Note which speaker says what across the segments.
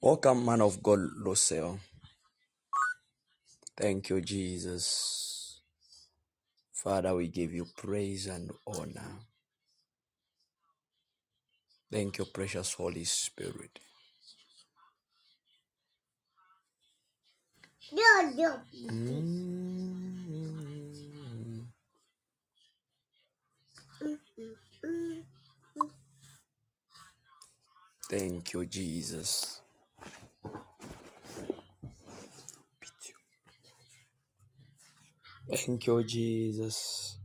Speaker 1: Welcome, man of God, Lucille. Thank you, Jesus. Father, we give you praise and honor. Thank you, precious Holy Spirit. Mm. Thank you, Jesus. Thank you, Jesus.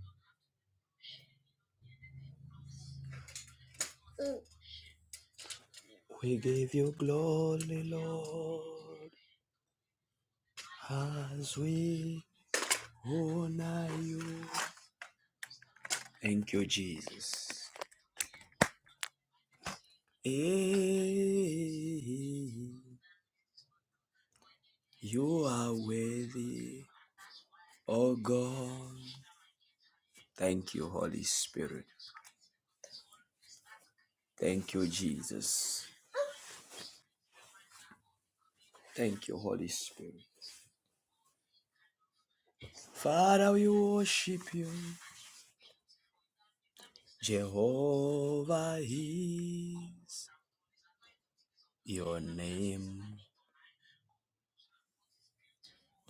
Speaker 1: We give you glory, Lord, as we honor you. Thank you, Jesus. Eh, You are worthy. Oh God, thank you, Holy Spirit. Thank you, Jesus. Thank you, Holy Spirit. Father, we worship you. Jehovah is your name.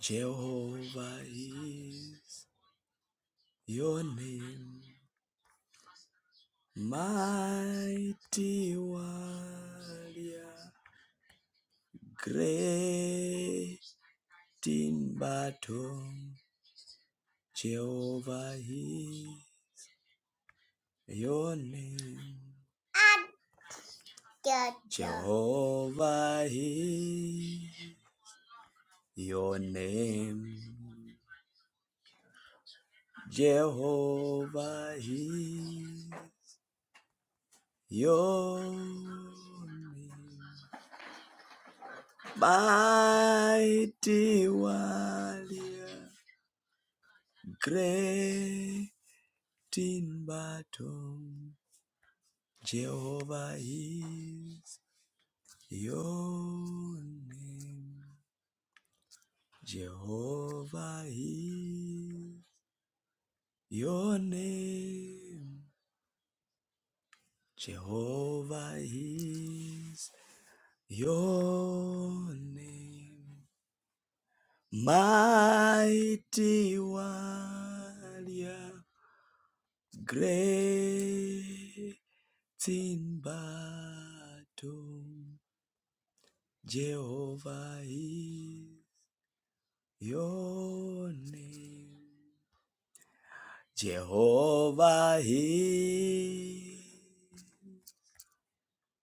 Speaker 1: Jehovah is your name. Mighty warrior, great in battle. Jehovah is Your name, Jehovah, is your name, Jehovah, is your name. Mighty warrior, great in battle, Jehovah is your name. Jehovah is Your name, Jehovah, is your name. Mighty warrior, great in battle, Jehovah is your name. Jehovah is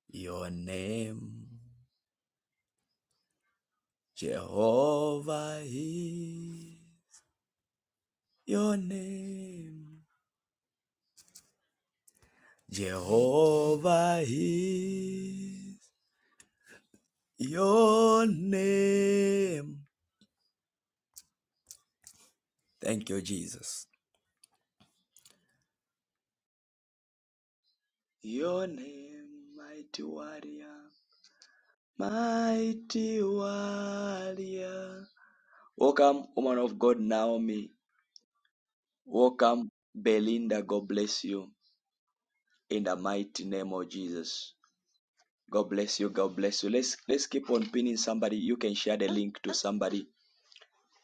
Speaker 1: your name. Jehovah is your name. Jehovah is your name. Thank you, Jesus. Your name, mighty warrior, mighty warrior. Welcome, woman of God, Naomi. Welcome, Belinda. God bless you in the mighty name of Jesus. God bless you. God bless you. Let's let's keep on pinning somebody. You can share the link to somebody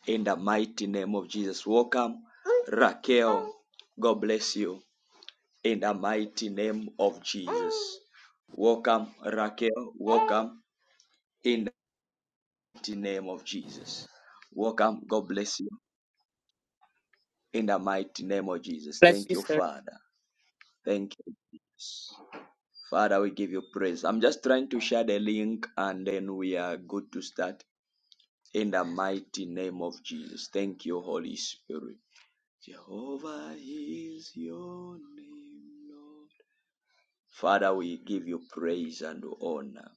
Speaker 1: in the mighty name of Jesus. Welcome, Raquel. God bless you in the mighty name of Jesus. Welcome, Raquel. Welcome in the mighty name of Jesus. Welcome. God bless you in the mighty name of Jesus.
Speaker 2: Bless
Speaker 1: Thank
Speaker 2: you,
Speaker 1: you,
Speaker 2: sir.
Speaker 1: Father. Thank you. Father, we give you praise. I'm just trying to share the link and then we are good to start. in the mighty name of Jesus. Thank you, Holy Spirit. Jehovah is your name, Lord. Father, we give you praise and honor.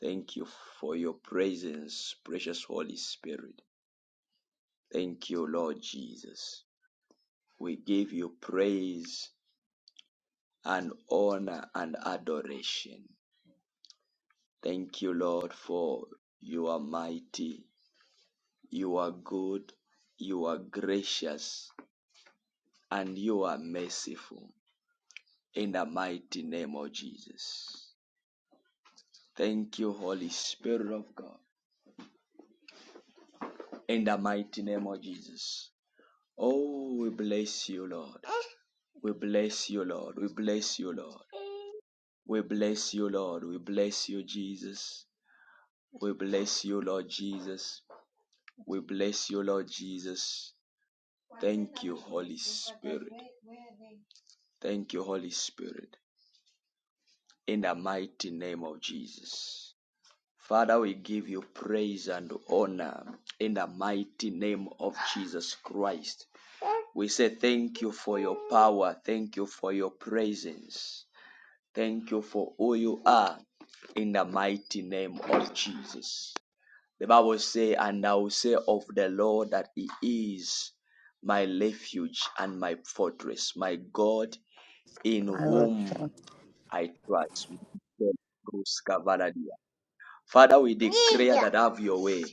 Speaker 1: Thank you for your presence, precious Holy Spirit. Thank you, Lord Jesus. We give you praise and honor and adoration. Thank you, Lord, for you are mighty, you are good, you are gracious, and you are merciful. in the mighty name of Jesus. Thank you, Holy Spirit of God, in the mighty name of Jesus. Oh, we bless you, Lord. We bless you, Lord. We bless you, Lord. We bless you, Lord. We bless you, Jesus. We bless you, Lord Jesus. We bless you, Lord Jesus. Thank you, Holy Spirit. Thank you, Holy Spirit. In the mighty name of Jesus. Father, we give you praise and honor in the mighty name of Jesus Christ. We say thank you for your power. Thank you for your presence. Thank you for who you are in the mighty name of Jesus. The Bible says, And I will say of the Lord that He is my refuge and my fortress, my God in whom I trust. Father, we declare that have your way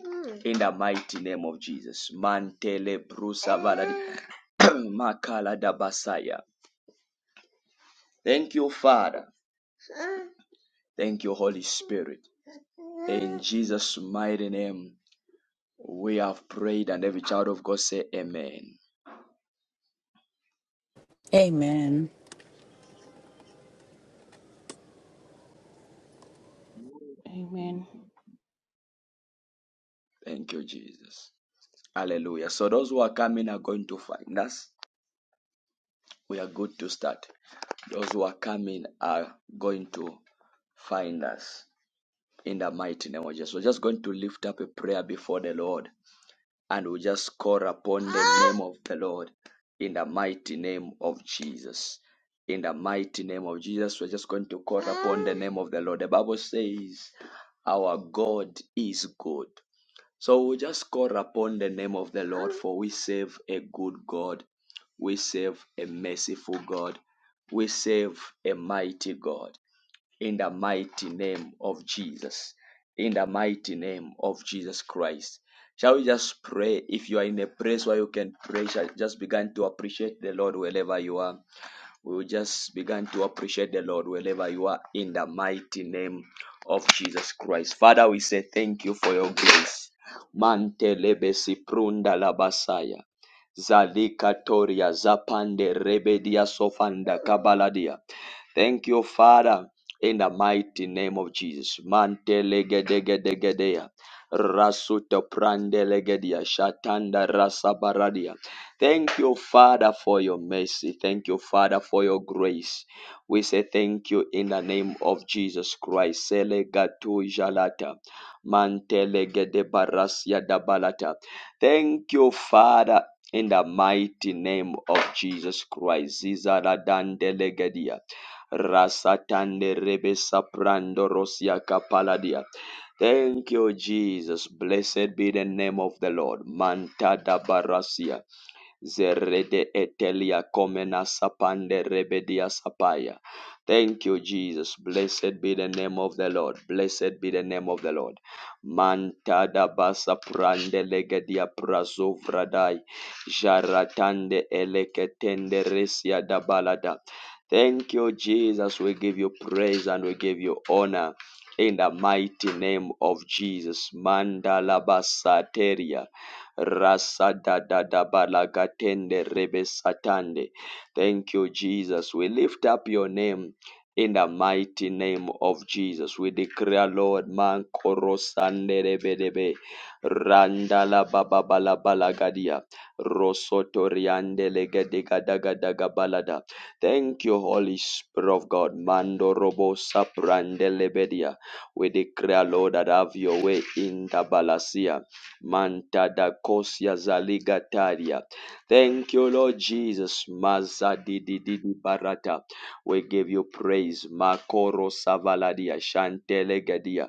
Speaker 1: in the mighty name of Jesus. Mantele brusa valadi makala dabasaya. Thank you, Father. Thank you, Holy Spirit. In Jesus' mighty name, we have prayed, and every child of God say, Amen.
Speaker 2: Amen.
Speaker 3: Amen.
Speaker 1: Thank you, Jesus. Hallelujah. So those who are coming are going to find us. We are good to start. Those who are coming are going to find us. in the mighty name of Jesus. We're just going to lift up a prayer before the Lord and we just call upon the name of the Lord in the mighty name of Jesus. In the mighty name of Jesus, we're just going to call upon the name of the Lord. The Bible says, Our God is good. So we just call upon the name of the Lord, for we serve a good God. We serve a merciful God. We serve a mighty God in the mighty name of Jesus. In the mighty name of Jesus Christ. Shall we just pray? If you are in a place where you can pray, shall- just begin to appreciate the Lord wherever you are. We will just begin to appreciate the Lord wherever you are in the mighty name of Jesus Christ. Father, we say thank you for your grace. Mante prunda labasaya. Zalika zapande rebedia sofanda kabaladia. Thank you, Father, in the mighty name of Jesus. Mantelegedegedegedea. Rasuto prandelegedia shatanda rasabaradia. Thank you, Father, for your mercy. Thank you, Father, for your grace. We say thank you in the name of Jesus Christ. Sele gatu jalata. Mantele gede barasia da Thank you, Father, in the mighty name of Jesus Christ. Zizara dandele gedia. Rasatande rebe saprando rosia kapaladia. Thank you, Jesus. Blessed be the name of the Lord. Manta da barasia. Zerede etelia komena sapande rebedia sapaya. Thank you, Jesus. Blessed be the name of the Lord. Blessed be the name of the Lord. Mantada basa prande legedia prazovradai. Jaratande eleketende resia da balada. Thank you, Jesus. We give you praise and we give you honor. In the mighty name of Jesus. Mandala basateria. Rasa da da da balagatende rebe satande. Thank you, Jesus. We lift up your name. In the mighty name of Jesus, we declare, Lord, man korosande rebe debe, randa la baba bala bala gadia, rosoto riande legede gada gada gabalada. Thank you, Holy Spirit of God, mando robo saprande lebedia. We declare, Lord, that have your way in the balasia. Mantadakosia zaligataria. Thank you, Lord Jesus. Maza di di di barata. We give you praise. Makoro savaladia shantelegadia.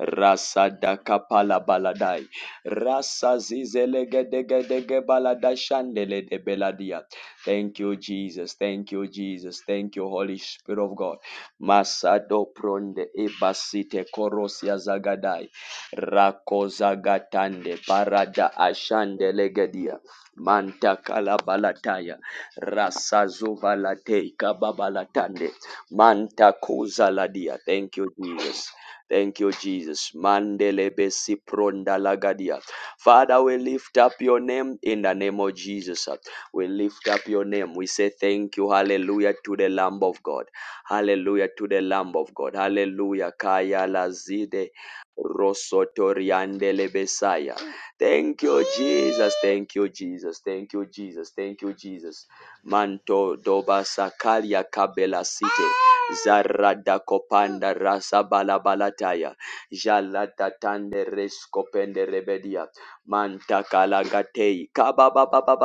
Speaker 1: Rasa da kapala baladai. Rasa zizelegedegedege balada shandele de beladia. Thank you, Jesus. Thank you, Jesus. Thank you, Holy Spirit of God. Masado pronde ebasite korosia zagadai. Rakoza gatande, parada ashande legedia manta kalabalataya rasazuvalatei kababalatande manta kuzaladia. Thank you, Jesus. Thank you, Jesus. Mandele besi pronda prondalagadia. Father, we lift up your name in the name of Jesus. We lift up your name. We say thank you. Hallelujah to the Lamb of God. Hallelujah to the Lamb of God. Hallelujah. Kaya lazide Rosotoriandele Besaya. Thank you, Jesus. Thank you, Jesus. Thank you, Jesus. Thank you, Jesus. Manto doba sakalia kabela site. Zarada kopanda rasa balabalataya. Jalata tande rescopende rebedia. Manta kalagatei. Kaba ba ba ba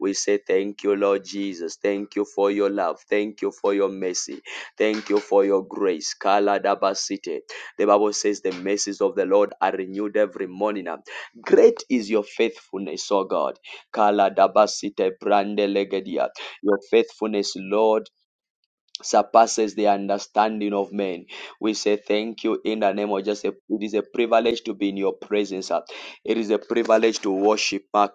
Speaker 1: We say thank you, Lord Jesus. Thank you for your love. Thank you for your mercy. Thank you for your grace. Kala dabasite. The Bible says the mercies of the Lord are renewed every morning. Great is your faithfulness, O God. Kala dabasite brande legedia. Your faithfulness, Lord, surpasses the understanding of men. We say thank you in the name of Jesus. It is a privilege to be in your presence. ah. It is a privilege to worship. ah.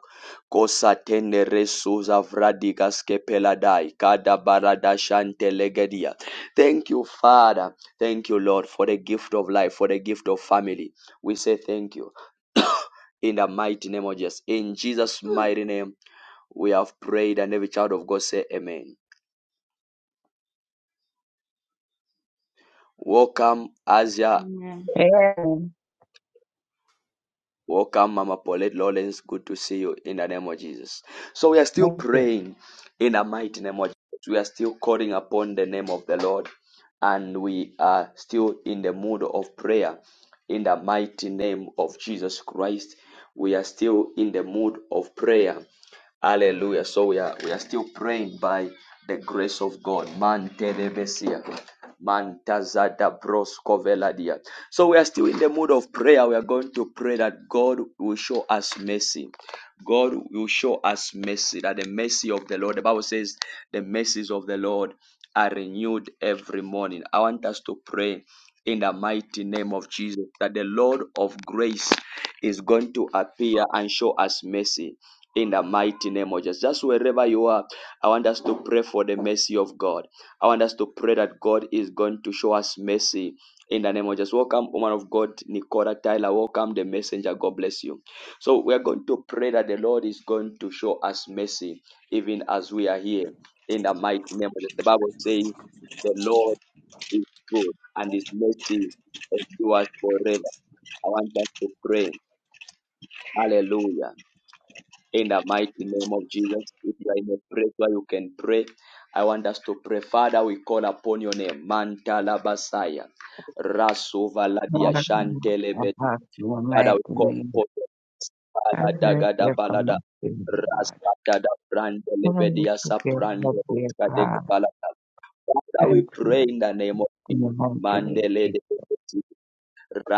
Speaker 1: Kosa tende resus avradigas kepeladai, kada barada shante legedia. Thank you, Father. Thank you, Lord, for the gift of life, for the gift of family. We say thank you in the mighty name of Jesus. In Jesus' mighty name, we have prayed, and every child of God say, Amen. Welcome, Asia
Speaker 3: Amen.
Speaker 4: Aaron,
Speaker 1: Welcome, Mama Paulette Lawrence. Good to see you in the name of Jesus. So we are still
Speaker 4: make it
Speaker 1: praying in the mighty name of Jesus. We are still calling upon the name of the Lord, and we are still in the mood of prayer in the mighty name of Jesus Christ. We are still in the mood of prayer Hallelujah. So we are we are still praying by the grace of God. Man telebesia. Man tazada broskoveladia. So we are still in the mood of prayer. We are going to pray that God will show us mercy. God will show us mercy. That the mercy of the Lord. The Bible says the mercies of the Lord are renewed every morning. I want us to pray in the mighty name of Jesus that the Lord of grace is going to appear and show us mercy in the mighty name of Jesus. Just wherever you are, I want us to pray for the mercy of God. I want us to pray that God is going to show us mercy in the name of Jesus. Welcome, woman of God, Nicola Tyler. Welcome, the messenger. God bless you. So, we are going to pray that the Lord is going to show us mercy even as we are here in the mighty name of Jesus. The Bible says, The Lord is good and his mercy endures forever. I want us to pray. Hallelujah in the mighty name of Jesus. If you are in a place where you can pray, I want us to pray. Father, we call upon your name. Mantala Basaya. Rasuvaladia
Speaker 4: not a
Speaker 1: Shantelebet.
Speaker 4: impossible,
Speaker 1: Father,
Speaker 4: make
Speaker 1: we call
Speaker 4: me
Speaker 1: upon your name. Balada
Speaker 4: diverse
Speaker 1: Gada
Speaker 4: your
Speaker 1: Balada.
Speaker 4: common God.
Speaker 1: Rastada
Speaker 4: Please
Speaker 1: Brandelebedia
Speaker 4: forgive me,
Speaker 1: Saprando.
Speaker 4: dear God.
Speaker 1: Father,
Speaker 4: Thank
Speaker 1: we
Speaker 4: you
Speaker 1: pray in the name of
Speaker 4: for
Speaker 1: Jesus.
Speaker 4: the mountain
Speaker 1: Mandele
Speaker 4: Jesus.
Speaker 1: de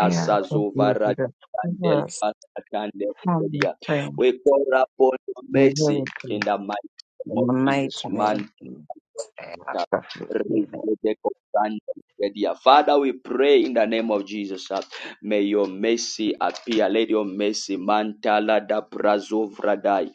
Speaker 4: I ask of you to
Speaker 1: Zuvara
Speaker 4: the
Speaker 1: Candel
Speaker 4: first
Speaker 1: Pastor Candel
Speaker 4: family,
Speaker 1: Media.
Speaker 4: friend,
Speaker 1: We call upon your
Speaker 4: and
Speaker 1: mercy in
Speaker 4: relative,
Speaker 1: the mighty name
Speaker 4: in
Speaker 1: of
Speaker 4: the
Speaker 1: Jesus.
Speaker 4: mighty name
Speaker 1: Man
Speaker 4: Jesus. I ask of you, healing.
Speaker 1: Father, we pray in the name of Jesus. uh, May your mercy appear. Let your mercy mantala da brazo vradai.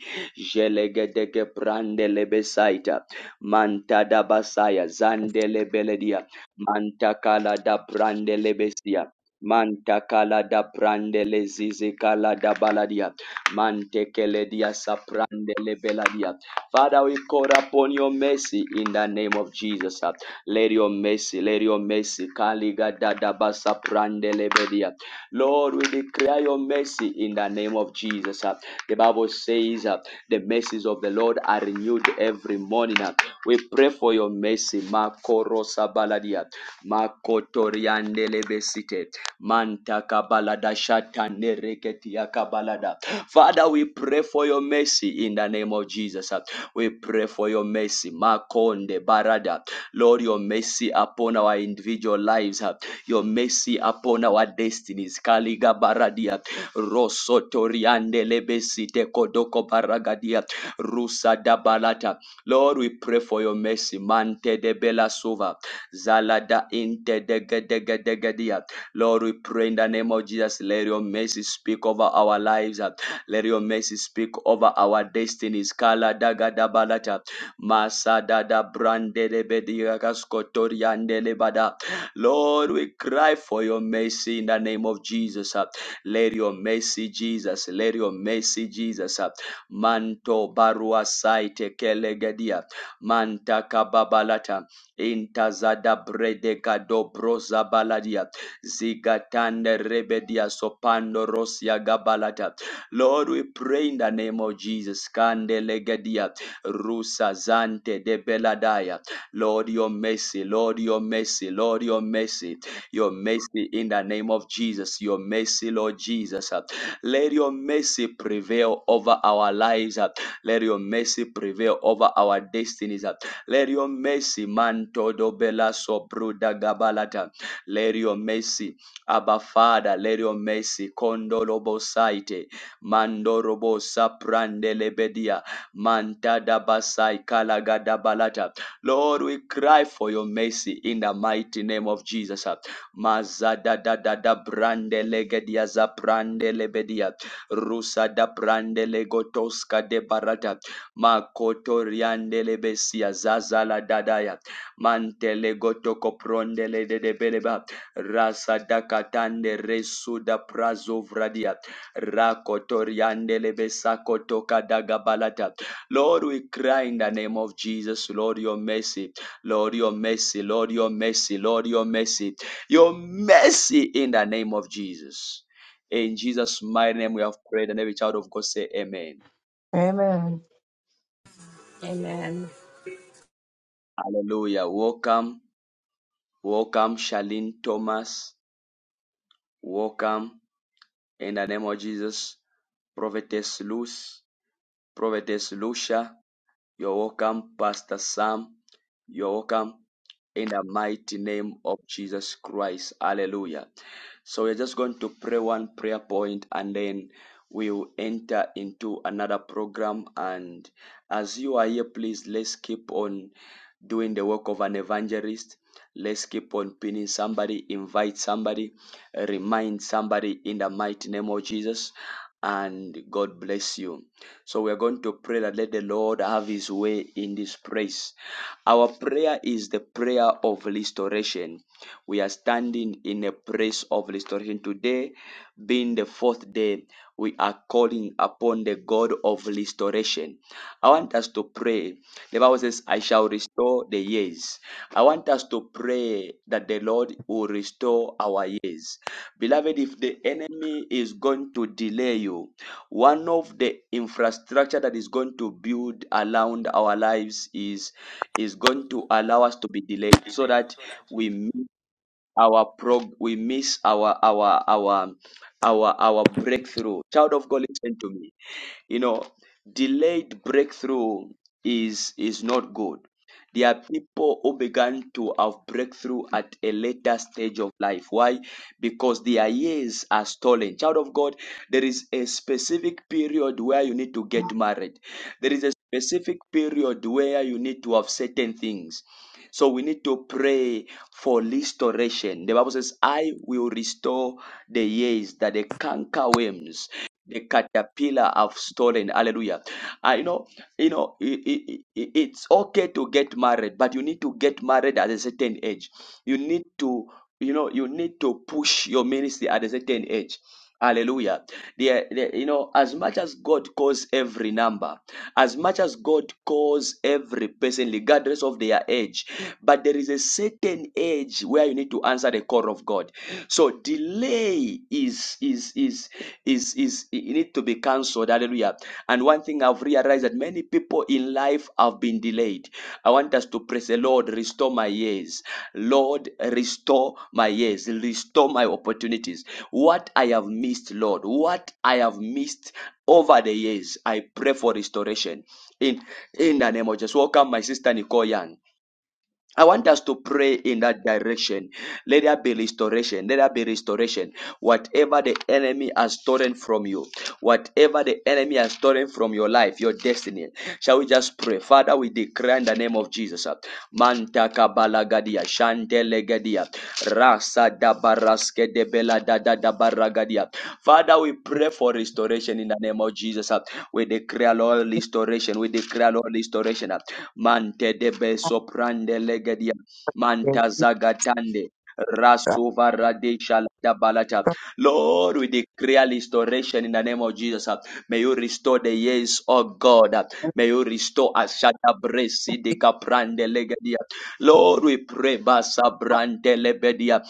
Speaker 1: Jelegedege brande lebesaita. Manta da basaya zandele lebeledia. Manta kala da brande lebesia. Manta kala da brande lezizi kala da baladia. Mante keledia saprande lebeladia. Father, we call upon your mercy in the name of Jesus. Let your mercy, let your mercy. Kaliga dadabasa prandelebedia. Lord, we declare your mercy in the name of Jesus. The Bible says uh, the mercies of the Lord are renewed every morning. We pray for your mercy. Makorosa baladia. Makotoriandelebesite. balada kabalada shatanereketia kabalada. Father, we pray for your mercy in the name of Jesus. We pray for your mercy. Makonde barada. Lord, your mercy upon our individual lives. ah. Your mercy upon our destinies. Kaliga baradia. Rosotoriande lebesite kodoko baragadia. Rusa dabalata. Lord, we pray for your mercy. Mante de bela suva. Zalada inte de gedegedegedia. Lord, we pray in the name of Jesus. Let your mercy speak over our lives. uh, let your mercy speak over our destinies. Kala daga da balata. Masada da brandele bediagaskotoriandele bada. Lord, we cry for your mercy in the name of Jesus. uh. Let your mercy, Jesus. Let your mercy, Jesus. uh. Manto barua saite kelegedia. Manta kababalata. Intazada bredeka dobroza baladia. Zigatande rebedia sopando rosia gabalata. Lord, we pray in the name of Jesus. Kandelegedia, Rusa Zante de Beladaya. Lord, your mercy, Lord, your mercy, Lord, your mercy, your mercy in the name of Jesus, your mercy, Lord Jesus. Let your mercy prevail over our lives. Let your mercy prevail over our destinies. Let your mercy, Manto Dobela Sobruda Gabalata. Let your mercy, Abba Father, let your mercy, Kondolobo Saite. Mandorobo Saprande Lebedia. Mantada Basai Kalagada Balata. Lord, we cry for your mercy in the mighty name of Jesus. Mazada da da da brande legedia za lebedia. Rusa da brande legotoska de barata. Makoto lebesia zazala dadaya. Mantele gotoko pronde de beleba. Rasa da katande resu da Rakotoriandelebesakotoka Lord, we cry in the name of Jesus, Lord, your mercy, Lord, your mercy, Lord, your mercy, Lord, your mercy, your mercy in the name of Jesus. In Jesus' mighty name, we have prayed, and every child of God say, Amen.
Speaker 4: Amen.
Speaker 2: Amen.
Speaker 1: Hallelujah. Welcome, welcome, Charlene Thomas. Welcome in the name of Jesus, Prophetess Luce, Prophetess Lucia. You're welcome, Pastor Sam. You're welcome in the mighty name of Jesus Christ. Hallelujah. So we're just going to pray one prayer point and then we'll enter into another program. And as you are here, please let's keep on doing the work of an evangelist. Let's keep on pinning somebody, invite somebody, remind somebody in the mighty name of Jesus. And God bless you. So we are going to pray that let the Lord have his way in this place. Our prayer is the prayer of restoration. We are standing in a place of restoration today, being the fourth day. We are calling upon the God of restoration. I want us to pray. The Bible says, I shall restore the years. I want us to pray that the Lord will restore our years. Beloved, if the enemy is going to delay you, one of the infrastructure that is going to build around our lives is is going to allow us to be delayed so that we miss our prog we miss our our our our our breakthrough. Child of God, listen to me you know, delayed breakthrough is is not good. There are people who began to have breakthrough at a later stage of life. Why? Because their years are stolen. Child of God, there is a specific period where you need to get married. There is a specific period where you need to have certain things. So we need to pray for restoration. The Bible says, I will restore the years that the canker worms the caterpillar have stolen. Hallelujah. I know, you know, i- i- i- it's okay to get married, but you need to get married at a certain age. You need to, you know, you need to push your ministry at a certain age. Hallelujah. There, there- you know, as much as God calls every number, as much as God calls every person, regardless of their age, but there is a certain age where you need to answer the call of God. So delay is is is is is, it need to be cancelled. Hallelujah. And one thing I thing I've realized that many people in life have been delayed. I want us to praise the Lord, restore my years. Lord, restore my years, restore my opportunities. What I have missed, Lord, what I have missed over the years, I pray for restoration. In in the name of Jesus. Welcome, my sister Nicole Young. I want us to pray in that direction. Let there be restoration. Let there be restoration. Whatever the enemy has stolen from you, whatever the enemy has stolen from your life, your destiny, shall we just pray? Father, we declare in the name of Jesus. uh, Manta kabala gadia Shandelegadia. Rasa da baraske de bela dada da da Father, we pray for restoration in the name of Jesus. ah. We declare, Lord, restoration. We declare, Lord, restoration. ah. Mante de beso legadia,
Speaker 4: Thank
Speaker 1: Manta
Speaker 4: you,
Speaker 1: zagatande.
Speaker 4: God,
Speaker 1: Rasova radesha la da balata.
Speaker 4: for
Speaker 1: Lord, we declare restoration in the name of Jesus. ah. May you restore the years, oh God. ah. May you restore Ashada Bresi de Gaprande Legadia. Lord, we pray, Basa Brandelebedia,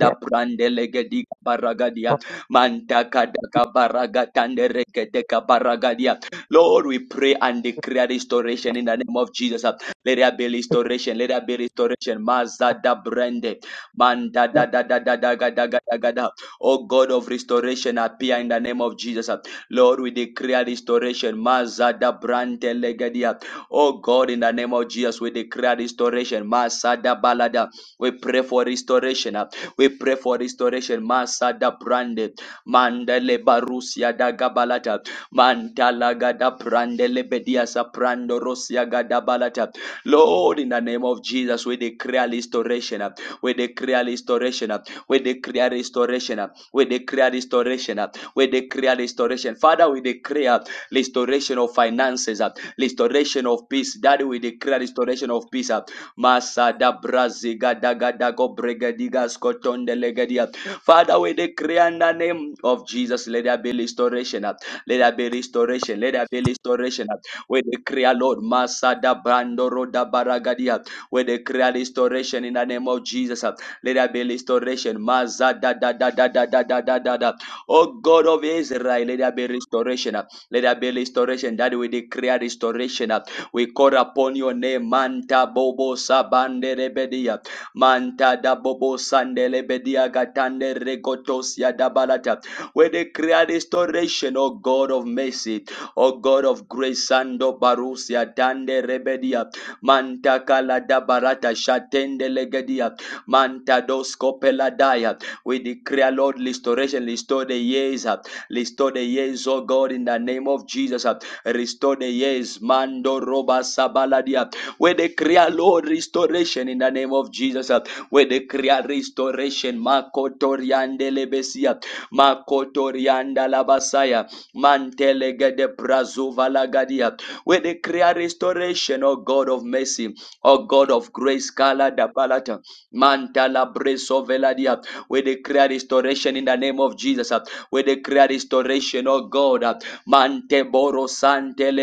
Speaker 4: your
Speaker 1: Brandelegedi Baragadia, Mantaka Daka Baragatanderekedeka Baragadia. Lord, we pray and declare restoration in the name of Jesus. Let there be restoration, let there be restoration. Mazada Brande, Manda da
Speaker 4: promise.
Speaker 1: da da da da ga da ga da da. Oh God of restoration, appear in the name of Jesus. Lord, we declare restoration. Mazada Brandelegedia. Oh God, in the name of Jesus, we declare restoration. Masada balada. We pray for restoration. ah. We pray for restoration. Masada brande. Mandele barusia da gabalata. Mantala gada brandele bediasa prando rosia gada balata. Lord, in the name of Jesus, we declare restoration. ah. We declare restoration. ah. We declare restoration. ah. We declare restoration. ah. We declare restoration. Father, we declare restoration of finances, uh, restoration of peace. Daddy, we declare restoration of peace. uh, Masada braziga daga dago bregadiga skotonde legadia. Father, we declare in the name of Jesus, let there be restoration. uh, Let there be restoration. Let there be restoration. uh, We declare, Lord, Masada brandoro da baragadia. We declare restoration in the name of Jesus. uh, Let there be restoration. Mazada da da da da da da da da da. Oh God of Israel, let there be restoration. uh, Let there be restoration. That we declare restoration. uh, We call upon your name, Manta Bobo Sabande Rebedia. Manta da Bobo Sande Lebedia Gatande Regotosia da Balata. We declare restoration, O God of mercy, O God of grace, Sando Barusia Dande Rebedia. Manta Kalada da Barata Shatende Legedia. Manta Doscopela Daya. We declare, Lord, restoration, restore the years, uh, restore the years, oh God, in the name of Jesus. uh, Restore the years, Mando Roba Sabaladia. We declare, Lord, restoration in the name of Jesus. uh, We declare restoration, Makotoriande Lebesia, Makotorianda Labasaya, Mantelega de Brazuva Lagadia. We declare restoration, O God of mercy, O God of grace, Kala Dabalata, Mantala Bresoveladia. We declare restoration in the name of Jesus. uh. We declare restoration, oh God. uh. Mante boro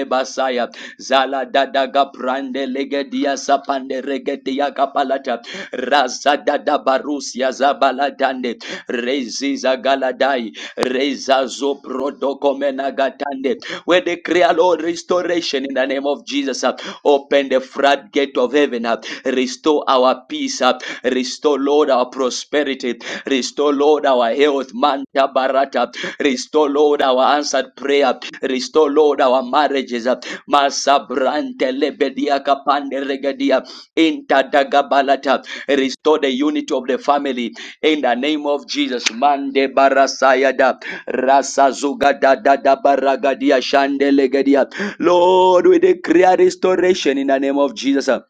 Speaker 1: basaya. Zala dada gaprande legedia sapande regedia kapalata. Raza dada barusia zabala dande. Reziza galadai. Reza zoprodoko menagatande. We declare, Lord, restoration in the name of Jesus. Open the floodgate of heaven. uh, Restore our peace. uh, Restore, Lord, our prosperity. Restore, Lord, our health. Manta barata. Restore, Lord, our answered prayer. Restore, Lord, our marriages. uh, Masa brante lebedia kapande regadia. Inta dagabalata. Restore the unity of the family. In the name of Jesus. Mande barasayada. Rasa zuga da da da baragadia shandelegadia. Lord, we declare restoration in the name of Jesus.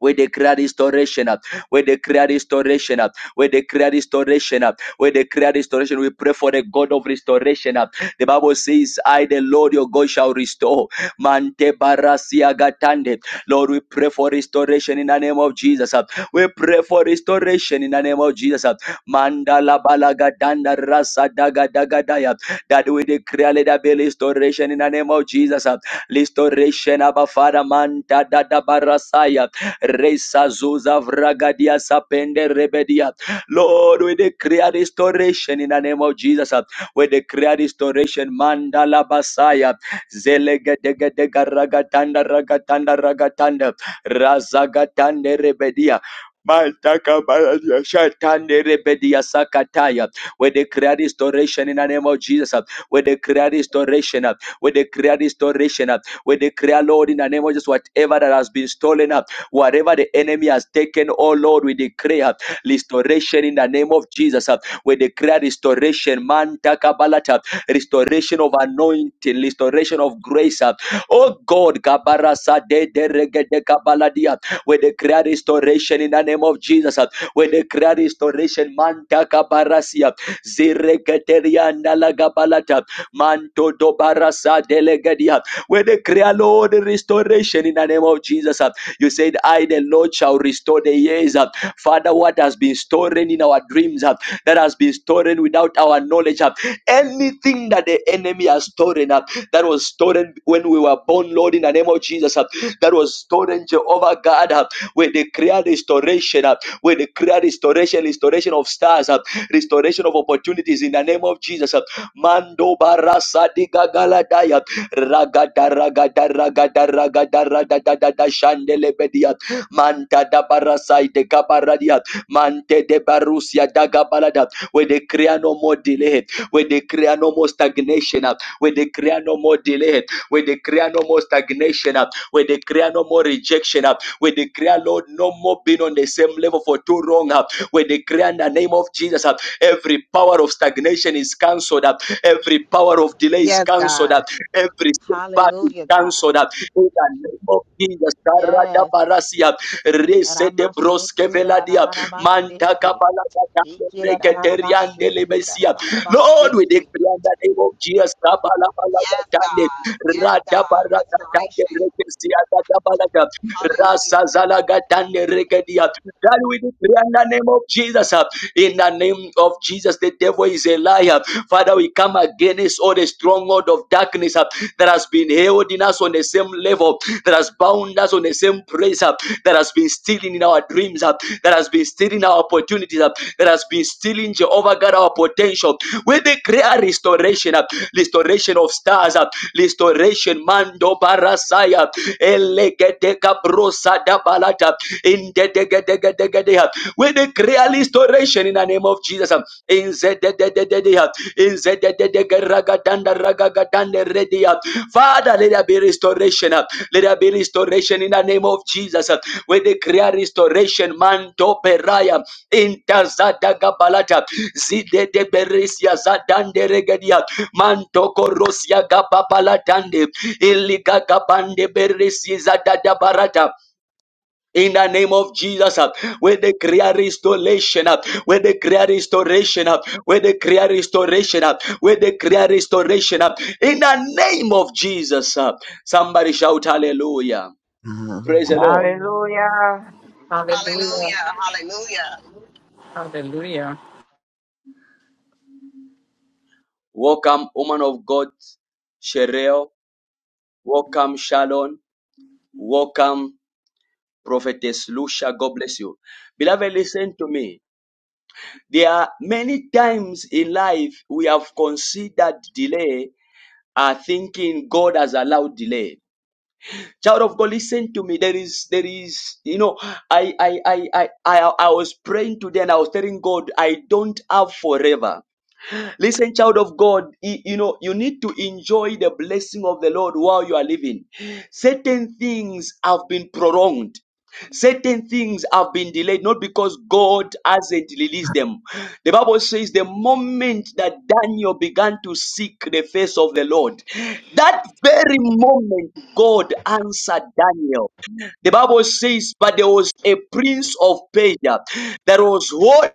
Speaker 1: We declare restoration. uh, We declare restoration. uh, We declare restoration. uh, We declare restoration. We pray for the God of restoration. uh. The Bible says, I, the Lord your God, shall restore. Mante barasia gatande. Lord, we pray for restoration in the name of Jesus. uh. We pray for restoration in the name of Jesus. uh. Mandala balagadanda rasa daga daga daya. That we declare let there be restoration in the name of Jesus. uh. Restoration, Abba Father, Manta da barasaya. Resa zuza vragadia sapende rebedia. Lord, we declare restoration in the name of Jesus. We declare restoration. Mandala basaya. Zelegedegedega ragatanda ragatanda ragatanda. Razagatande rebedia. Mantaka baladia shatande rebedia sakataya. We declare restoration in the name of Jesus. We declare restoration. We declare restoration. We declare, Lord, in the name of Jesus, whatever that has been stolen. Whatever the enemy has taken, oh Lord, we declare restoration in the name of Jesus. uh, We declare restoration, man, takabalata, restoration of anointing, restoration of grace. uh, Oh God, kabarasa de de rege de kabaladia. We declare restoration in the name of Jesus. uh, We declare restoration, man, takabarasia, zireketerianda la gabalata, manto do barasa de legedia. We declare, Lord, restoration in the name of Jesus. uh, you said, I, the Lord, shall restore the years. uh, Father, what has been stolen in our dreams, uh, that has been stolen without our knowledge, uh, anything that the enemy has stolen, uh, that was stolen when we were born, Lord, in the name of Jesus, uh, that was stolen, Jehovah God, uh, we declare restoration, uh, we declare restoration, restoration of stars, uh, restoration of opportunities in the name of Jesus. uh, Mando barasa diga galadaya. Ragada ragada ragada ragada ragada da da shandele bedia. Manta da barasai de gabaradia. Mante de barusia da gabalada. We declare no more delay. We declare no more stagnation. We declare no more delay. We declare no more stagnation. We declare no more rejection. We declare, Lord, no more being on the same level for too long. We declare in the name of Jesus, every power of stagnation is cancelled. Every power of delay is
Speaker 5: Yes,
Speaker 1: cancelled.
Speaker 5: God.
Speaker 1: Every setback is
Speaker 5: Hallelujah, God.
Speaker 1: cancelled uh, in the name of Jesus. Karada
Speaker 5: Yes.
Speaker 1: barasia, rese de broske
Speaker 5: Ramashiki, da, da, da,
Speaker 1: veladia,
Speaker 5: da, da, ba,
Speaker 1: manta
Speaker 5: siki.
Speaker 1: kapala kata,
Speaker 5: Iki, da, da, da, da, ba,
Speaker 1: reketeriande
Speaker 5: shiki, da, da,
Speaker 1: lebesia.
Speaker 5: da, da, ba,
Speaker 1: Lord, we declare
Speaker 5: siki.
Speaker 1: in the name of Jesus.
Speaker 5: Yes,
Speaker 1: Kabalabalakatande,
Speaker 5: God. Yes, God.
Speaker 1: radabarakatande,
Speaker 5: Restoration.
Speaker 1: rekesiakatabalaka,
Speaker 5: Hallelujah.
Speaker 1: rasazalakatande, rekedia. That we declare in the name of Jesus. uh, In the name of Jesus, the devil is a liar. Father, we come against all the stronghold of darkness uh, that has been held in us on the same level, that has bound us on the same place, uh, that has been stealing in our dreams, uh, that has been stealing our opportunities, uh, that has been stealing stealing, Jehovah God, our potential. We declare restoration, uh, restoration of stars, uh, restoration, Mando Barasaya, Elegedeka Brosa da Balata, in the Degedegedegedeha. We declare restoration in the name of Jesus. um, In the Dededededeha, in the Dededegeragagadanda Ragagadande Redia. Father, let there be restoration. uh, Let there be restoration in the name of Jesus. uh, We declare restoration, Mando Beraya. Inta Zadagabalata Zide de Beresia Zadande Regadia Mantoko Rosia Gababalatande Iliga Gabande Beresi Zadada Barata in the name of Jesus, uh, we declare restoration, uh, we declare restoration, uh, we declare restoration, uh, we declare restoration. uh, In the name of Jesus, uh, somebody shout hallelujah.
Speaker 6: Oh,
Speaker 1: Praise the Lord.
Speaker 4: Hallelujah.
Speaker 2: Hallelujah.
Speaker 5: Hallelujah. Hallelujah.
Speaker 2: Hallelujah.
Speaker 1: Welcome, woman of God, Shereo. Welcome, Shalom. Welcome, Prophetess Lucia. God bless you. Beloved, listen to me. There are many times in life we have considered delay, are thinking God has allowed delay. Child of God, listen to me. There is, there is, you know, I, I, I, I, I, I was praying today and I was telling God, I don't have forever. Listen, child of God, y- you know, you need to enjoy the blessing of the Lord while you are living. Certain things have been prolonged. Certain things have been delayed, not because God hasn't released them. The Bible says the moment that Daniel began to seek the face of the Lord, that very moment God answered Daniel. The Bible says, but there was a prince of Persia that was holding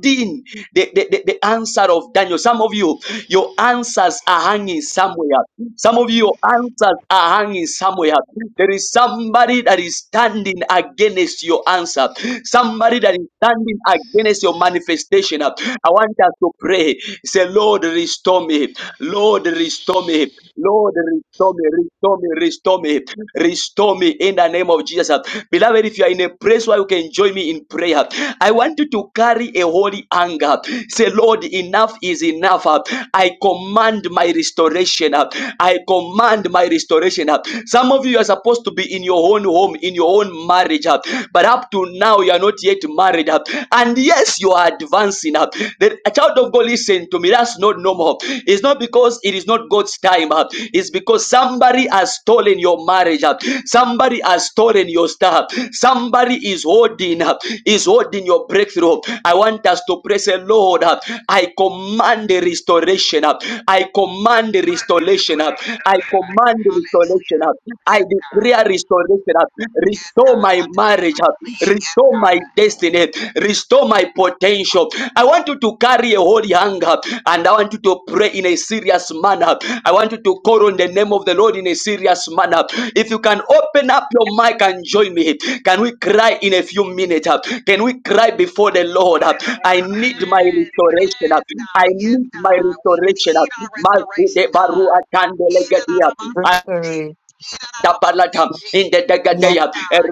Speaker 1: Dean, the, the, the, the answer of Daniel. Some of you, your answers are hanging somewhere. Some of you, your answers are hanging somewhere. There is somebody that is standing against your answer, somebody that is standing against your manifestation. I want us to pray. Say, Lord, restore me. Lord, restore me. Lord, restore me. Restore me. Restore me. Restore me me in the name of Jesus. Beloved, if you are in a place where you can join me in prayer, I want you to carry a holy anger. Say, Lord, enough is enough. I command my restoration. I command my restoration. Some of you are supposed to be in your own home, in your own marriage, but up to now you are not yet married. And yes, you are advancing. The child of God, listen to me. That's not normal. It's not because it is not God's time. uh, It's because somebody has stolen your marriage. uh, Somebody has stolen your stuff. Somebody is holding up, is holding your breakthrough. I want us to pray, say, Lord, uh, I command the restoration up. I command the
Speaker 5: Man, the
Speaker 1: restoration up.
Speaker 5: restoration of
Speaker 1: I
Speaker 5: life.
Speaker 1: command the
Speaker 5: Hallelujah.
Speaker 1: restoration up. I
Speaker 5: Yes, God.
Speaker 1: declare restoration up.
Speaker 5: Yes,
Speaker 1: Restore
Speaker 5: God.
Speaker 1: my
Speaker 5: I demand,
Speaker 1: marriage
Speaker 5: I
Speaker 1: up.
Speaker 5: command. Yes,
Speaker 1: Restore my my
Speaker 5: God.
Speaker 1: destiny, restore my potential. I want you to carry a holy hunger and I want you to pray in a serious manner. I want you to call on the name of the Lord in a serious manner. If you can open up your mic and join me, can we cry in a few minutes? Can we cry before the Lord?
Speaker 5: For the Lord.
Speaker 1: I need my
Speaker 5: Yes, yes,
Speaker 1: restoration. I
Speaker 5: God. Yes,
Speaker 1: need my
Speaker 5: God. We
Speaker 1: restoration.
Speaker 5: need our restoration,
Speaker 1: Maside
Speaker 5: God. Yes, God.
Speaker 4: Victory.
Speaker 1: Tabalata in the
Speaker 4: Nothing
Speaker 1: Degadea,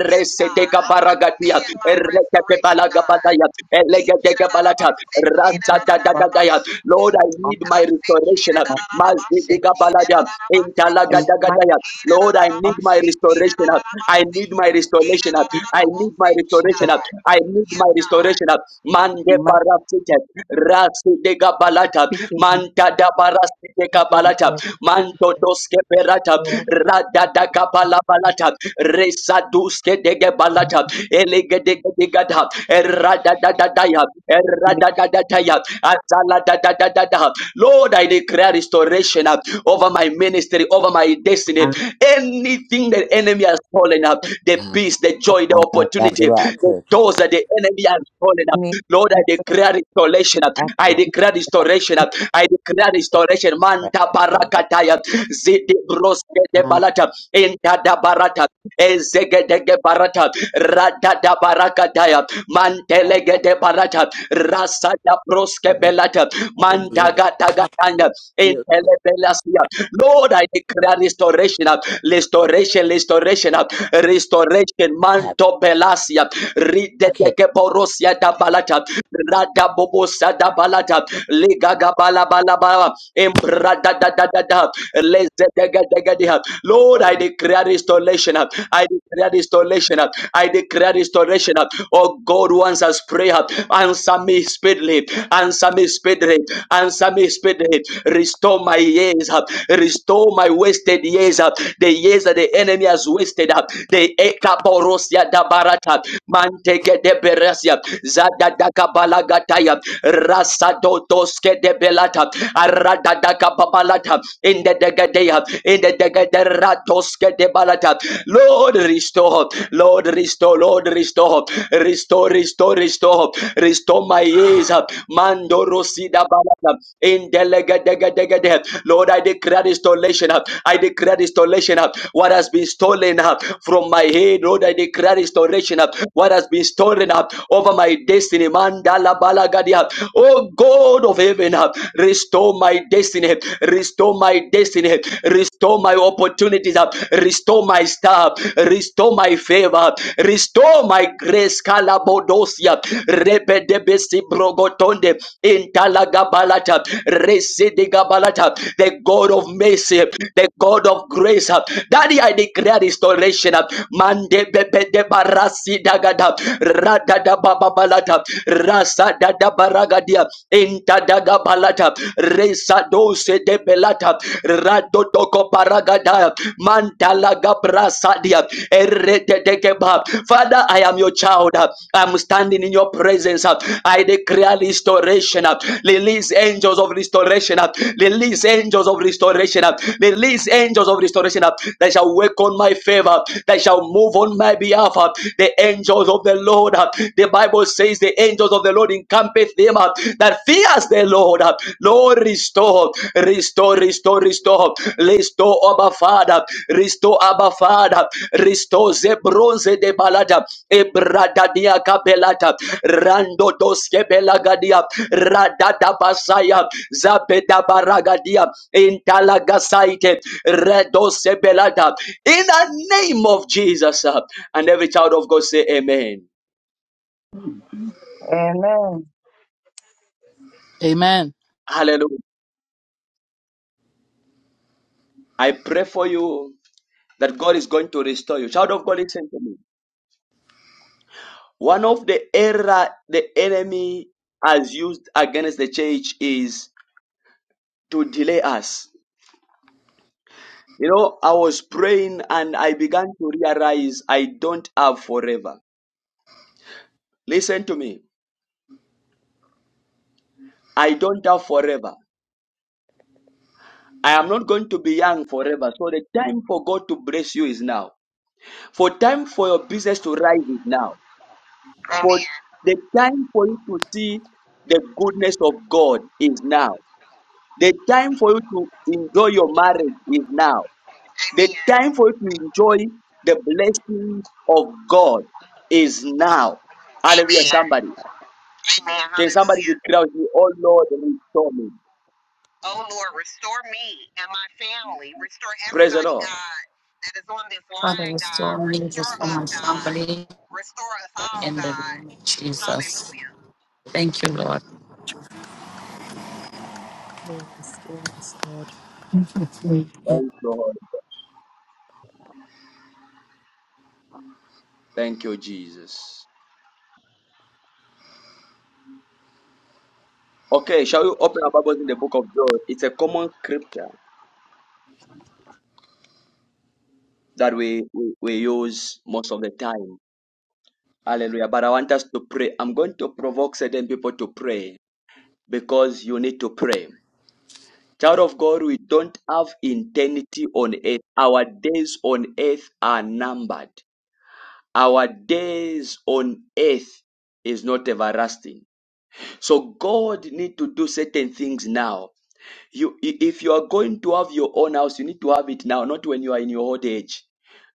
Speaker 5: Yes, God.
Speaker 1: Reseteca
Speaker 5: I
Speaker 1: Baragatia,
Speaker 5: command my
Speaker 1: Recate
Speaker 5: restoration, God.
Speaker 1: Balagabataya,
Speaker 5: And
Speaker 1: Elegateca
Speaker 5: I
Speaker 1: Balata,
Speaker 5: say, God.
Speaker 4: else
Speaker 1: Rasa
Speaker 4: but
Speaker 1: Dadagadaya. Lord, I need my restoration.
Speaker 4: God.
Speaker 1: Mazidica Balada, in
Speaker 4: And my
Speaker 1: Talagadagadaya. Lord, I need my restoration. I need my restoration.
Speaker 4: office
Speaker 1: I need my restoration.
Speaker 4: of
Speaker 1: I need
Speaker 5: Yes,
Speaker 1: my
Speaker 5: God.
Speaker 1: restoration. Mande
Speaker 4: my
Speaker 1: Barasite, Rasi de Gabalata,
Speaker 7: Thank you, Jesus.
Speaker 1: Manta da Barasi de Gabalata, Manto doske Berata, Rada da Gabalabalata, Resa Duske de Gabalata, Elige de Gada, Errada da da Daya,
Speaker 4: name
Speaker 1: Errada da da Daya, Azala da da da da da. Lord, I declare restoration uh, over my ministry, over my destiny. Anything that enemy has stolen up, the peace, the
Speaker 4: of
Speaker 1: joy, the
Speaker 6: I know got the
Speaker 1: opportunity,
Speaker 6: right
Speaker 1: the
Speaker 6: cookie.
Speaker 1: doors that the enemy has stolen up.
Speaker 4: me.
Speaker 1: Lord, I
Speaker 4: Jesus.
Speaker 1: declare restoration.
Speaker 6: Crack
Speaker 1: I
Speaker 6: up,
Speaker 1: declare restoration. I declare restoration.
Speaker 6: crack
Speaker 1: Manta
Speaker 6: up all day,
Speaker 1: barakataya. Zidi broske de
Speaker 6: that.
Speaker 1: balata. Inta da barata. Ezege de ge barata. Rada da barakataya. Mantelege de barata. Rasa da
Speaker 6: I
Speaker 1: broske
Speaker 6: done-
Speaker 1: belata.
Speaker 6: I done
Speaker 1: Manta
Speaker 6: did it.
Speaker 1: gata
Speaker 6: Something
Speaker 1: gatanda. Intele
Speaker 6: beautiful.
Speaker 1: belasia. Lord, I declare restoration.
Speaker 6: I
Speaker 1: Restoration, restoration, restoration.
Speaker 6: Have
Speaker 1: Manto belasia. Rite
Speaker 6: okay.
Speaker 1: teke porosia da balata. Rada
Speaker 6: okay,
Speaker 1: bobosa da balata. Liga gabala balaba. Embrada da da da da. Leze dega dega deha. Lord,
Speaker 6: What do
Speaker 1: I
Speaker 6: you?
Speaker 1: declare restoration. I declare restoration. I declare restoration. Oh God, who answers prayer, answer me speedily. Answer me speedily. Answer me speedily. Restore my years. Restore my wasted years. The years that the enemy has wasted. The Korosia da Barata, Manteke de Beresia, Zada da Kabalagataya, Rasado Doske de Belata, Arada da Kababalata, in the Degadea, in the Degaderatoske de Balata. Lord, restore, Lord, restore, Lord, restore, restore, restore, restore, restore my ears, Mando Rosida Balata, in the Legadegadegade. Lord, I declare restoration, I declare restoration, what has been stolen up from my head, Lord, I declare restoration. Up What has been stolen up over my destiny, Mandala Balagadia. Oh God of heaven, uh, restore my destiny, restore my destiny, restore my opportunities, Up, restore my star, restore my favor, restore my grace, Kalabodosia, Rebedebesi Brogotonde, Intala Gabalata, Residi Gabalata, the God of mercy, the God God of grace. uh, Daddy, I declare restoration. uh, Mande bebe de barasi dagada. Rada da baba balata. Rasa da da baragadia. Inta daga balata. Resa dose de belata. Rado toko baragada. Mantala gabrasa dia. de keba. Father, I am your child. uh, I'm standing in your presence. uh, I declare restoration. uh, Release angels of restoration. uh, Release angels angels of restoration. uh, Release angels of restoration uh, that shall work on my favor, that shall move on my behalf. uh, The angels of the Lord. uh, The Bible says the angels of the Lord encampeth them uh, that fears the Lord. uh, Lord, restore, restore, restore, restore, restore, Abba Father, restore, Abba Father, restore the bronze de balada, ebradadia capelata, rando doskebelagadia, radada basaya, zabeda baragadia, Intalagasite redosebelada. In the name of Jesus. uh, And every child of God say amen.
Speaker 4: Amen.
Speaker 8: Amen.
Speaker 1: Hallelujah. I pray for you that God is going to restore you. Child of God, listen to me. One of the error the enemy has used against the church is to delay us. You know, I was praying and I began to realize I don't have forever. Listen to me. I don't have forever. I am not going to be young forever. So the time for God to bless you is now. For time for your business to rise is now.
Speaker 5: Amen.
Speaker 1: For the time for you to see the goodness of God is now. The time for you to enjoy your marriage is now.
Speaker 5: Amen.
Speaker 1: The time for you to enjoy the blessing of God is now. Hallelujah,
Speaker 5: Amen.
Speaker 1: somebody.
Speaker 5: Amen.
Speaker 1: Can somebody
Speaker 5: Hallelujah.
Speaker 1: declare with me, oh Lord, restore me.
Speaker 5: Oh Lord, restore me and my family. Restore
Speaker 1: Praise the
Speaker 5: everybody,
Speaker 1: Lord.
Speaker 5: God, that is on this
Speaker 2: Father,
Speaker 5: line, God.
Speaker 2: restore me
Speaker 5: Restore
Speaker 2: restore
Speaker 5: us,
Speaker 2: my
Speaker 5: God.
Speaker 2: family
Speaker 5: Restore us all,
Speaker 2: in the
Speaker 5: God.
Speaker 2: name of Jesus.
Speaker 5: Hallelujah.
Speaker 2: Thank you, Lord.
Speaker 8: Lord, restore us, Lord.
Speaker 2: Thank
Speaker 1: Thank
Speaker 2: you.
Speaker 1: you, Lord. Thank you, Jesus. Okay, shall we open our Bibles in the book of Joel? It's a common scripture that we, we, we use most of the time. Hallelujah. But I want us to pray. I'm going to provoke certain people to pray because you need to pray. Child of God, we don't have eternity on earth. Our days on earth are numbered. Our days on earth is not everlasting. So God need to do certain things now You, i- if you are going to have your own house, you need to have it now, not when you are in your old age,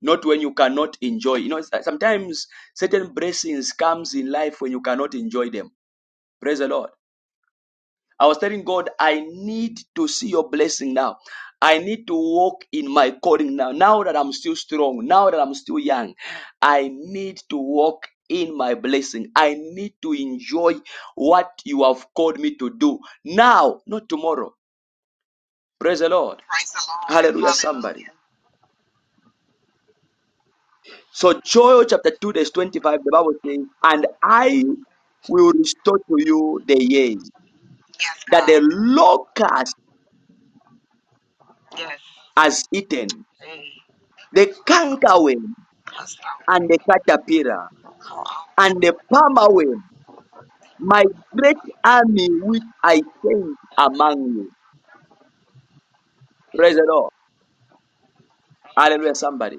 Speaker 1: not when you cannot enjoy. You know, it's like sometimes certain blessings comes in life when you cannot enjoy them. Praise the Lord. I was telling God, I need to see your blessing now. I need to walk in my calling now. Now that I'm still strong, now that I'm still young, I need to walk in my blessing. I need to enjoy what you have called me to do now, not tomorrow. Praise the Lord.
Speaker 5: Praise the Lord.
Speaker 1: Hallelujah, somebody.
Speaker 5: Hallelujah.
Speaker 1: So Joel chapter 2, verse 25, the Bible says, And I will restore to you the years
Speaker 5: Yes,
Speaker 1: that the
Speaker 5: God.
Speaker 1: locust
Speaker 5: Yes.
Speaker 1: has eaten,
Speaker 5: Hey,
Speaker 1: the cankerworm
Speaker 5: let's go.
Speaker 1: and the caterpillar
Speaker 5: Come on.
Speaker 1: and the palmerworm, my great army which I sent among you. Praise the Lord. Hallelujah, somebody.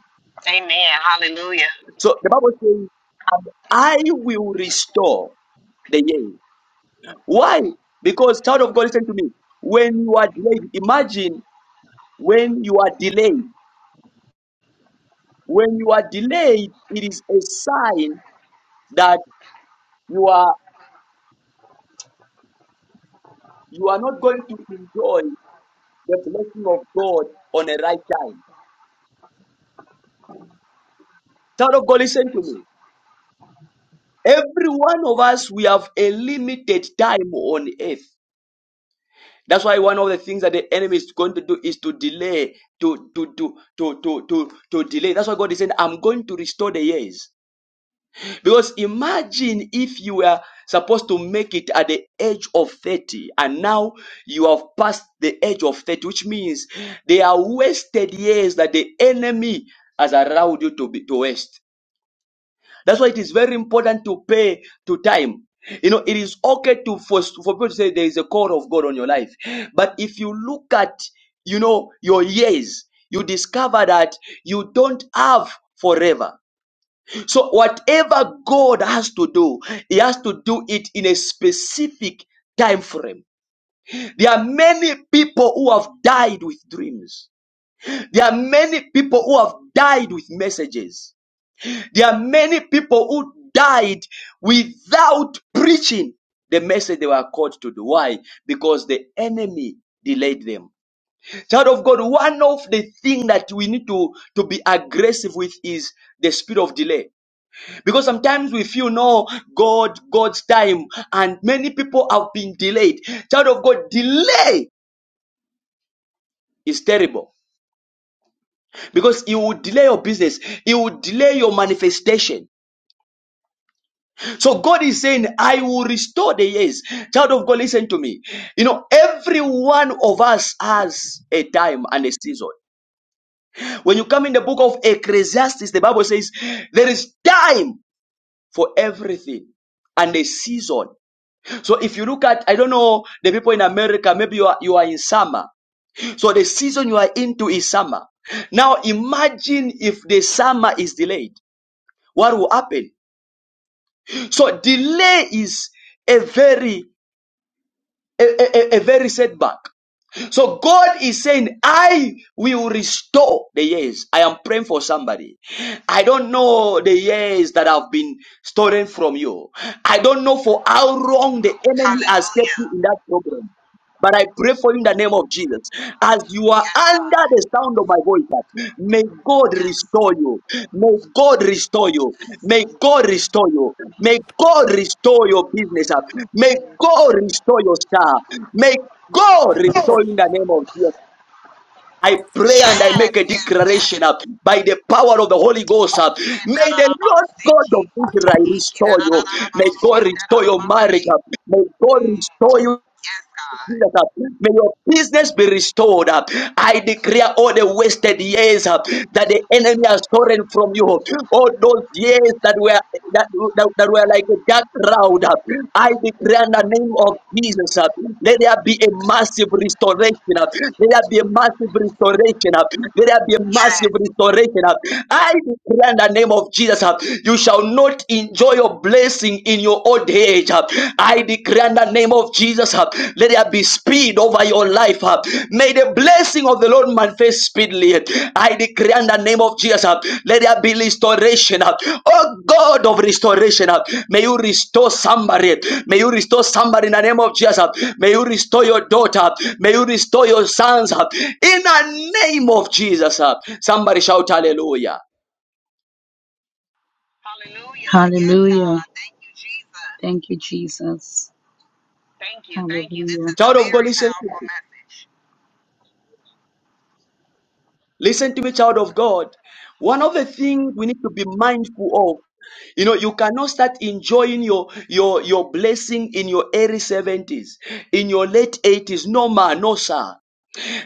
Speaker 1: So the Bible says, And I will restore the years. Why? Because, child of God, listen to me. When you are delayed, imagine when you are delayed when you are delayed it is a sign that you are you are not going to enjoy the blessing of god on a right time child of god listen to me every one of us we have a limited time on earth that's why one of the things that the enemy is going to do is to delay to to to to to to, to delay that's why god is saying i'm going to restore the years Because imagine if you were supposed to make it at the age of 30 and now you have passed the age of 30, which means they are wasted years that the enemy has allowed you to, be, to waste. That's why it is very important to pay to time. You know, it is okay to for, for people to say there is a call of God on your life. But if you look at, you know, your years, you discover that you don't have forever. So, whatever God has to do, He has to do it in a specific time frame. There are many people who have died with dreams. There are many people who have died with messages. There are many people who died without preaching the message they were called to do. Why? Because the enemy delayed them. Child of God, one of the things that we need to, to be aggressive with is the spirit of delay. Because sometimes we feel no God, God's time, and many people have been delayed. Child of God, delay is terrible because it will delay your business, it will delay your manifestation. So God is saying, I will restore the years. Child of God, listen to me. You know, every one of us has a time and a season. When you come in the book of Ecclesiastes, the Bible says there is time for everything and a season So if you look at, I don't know, the people in America, maybe you are, you are in summer. So the season you are into is summer. Now imagine if the summer is delayed, what will happen? So delay is a very, a, a, a a very setback. So God is saying, I will restore the years. I am praying for somebody. I don't know the years that have been stolen from you. I don't know for how long the enemy has kept
Speaker 5: Hallelujah.
Speaker 1: you in that problem. But I pray for you in the name of Jesus. As you are
Speaker 5: Yes,
Speaker 1: under
Speaker 5: God.
Speaker 1: the sound of my voice, Lord, may God
Speaker 5: Yes.
Speaker 1: restore you. May God restore you. May God restore you. May God restore your business. Lord. May God restore your star. May God restore you in the name of Jesus. I pray
Speaker 5: Yes.
Speaker 1: and I
Speaker 5: Yes.
Speaker 1: make a
Speaker 5: Yes. Yes.
Speaker 1: declaration up by the power of the Holy Ghost. Up,
Speaker 5: Yeah. Da
Speaker 1: may
Speaker 5: da
Speaker 1: the
Speaker 5: da ba
Speaker 1: Lord
Speaker 5: si
Speaker 1: God
Speaker 5: ki.
Speaker 1: of Israel
Speaker 5: Iki da
Speaker 1: restore
Speaker 5: da da
Speaker 1: you.
Speaker 5: da da ba
Speaker 1: May
Speaker 5: shi
Speaker 1: God
Speaker 5: da da
Speaker 1: restore
Speaker 5: da
Speaker 1: your
Speaker 5: ba
Speaker 1: marriage.
Speaker 5: si.
Speaker 1: Up, may God
Speaker 5: Mm.
Speaker 1: restore you
Speaker 5: Yes,
Speaker 1: Jesus.
Speaker 5: God.
Speaker 1: uh, May your business be restored. uh. I declare all the wasted years uh, that the enemy has stolen from you, all those years that were that, that, that were like a dark cloud. uh, I declare in the name of Jesus, uh, let there be a massive restoration. uh, Let there be a massive restoration. uh, Let there be a
Speaker 5: Yes.
Speaker 1: massive restoration. uh. I declare in the name of Jesus, uh, you shall not enjoy your blessing in your old age. uh, I declare in the name of Jesus, uh, let there be speed over your life. uh, May the blessing of the Lord manifest speedily. I declare in the name of Jesus, uh, let there be restoration. uh, Oh God of restoration, uh, may you restore somebody. May you restore somebody in the name of Jesus. uh, May you restore your daughter. May you restore your sons. uh, In the name of Jesus, uh, somebody shout hallelujah.
Speaker 5: Hallelujah. Yes,
Speaker 2: Hallelujah.
Speaker 5: God. Thank you, Jesus.
Speaker 2: Thank you, Jesus.
Speaker 5: Thank you. Thank you. This is
Speaker 2: Hallelujah.
Speaker 5: a
Speaker 1: Child of God,
Speaker 5: very
Speaker 1: listen to me.
Speaker 5: powerful message.
Speaker 1: Listen to me, child of God. One of the things we need to be mindful of, you know, you cannot start enjoying your your your blessing in your early 70s, in your late 80s. No man, no sir.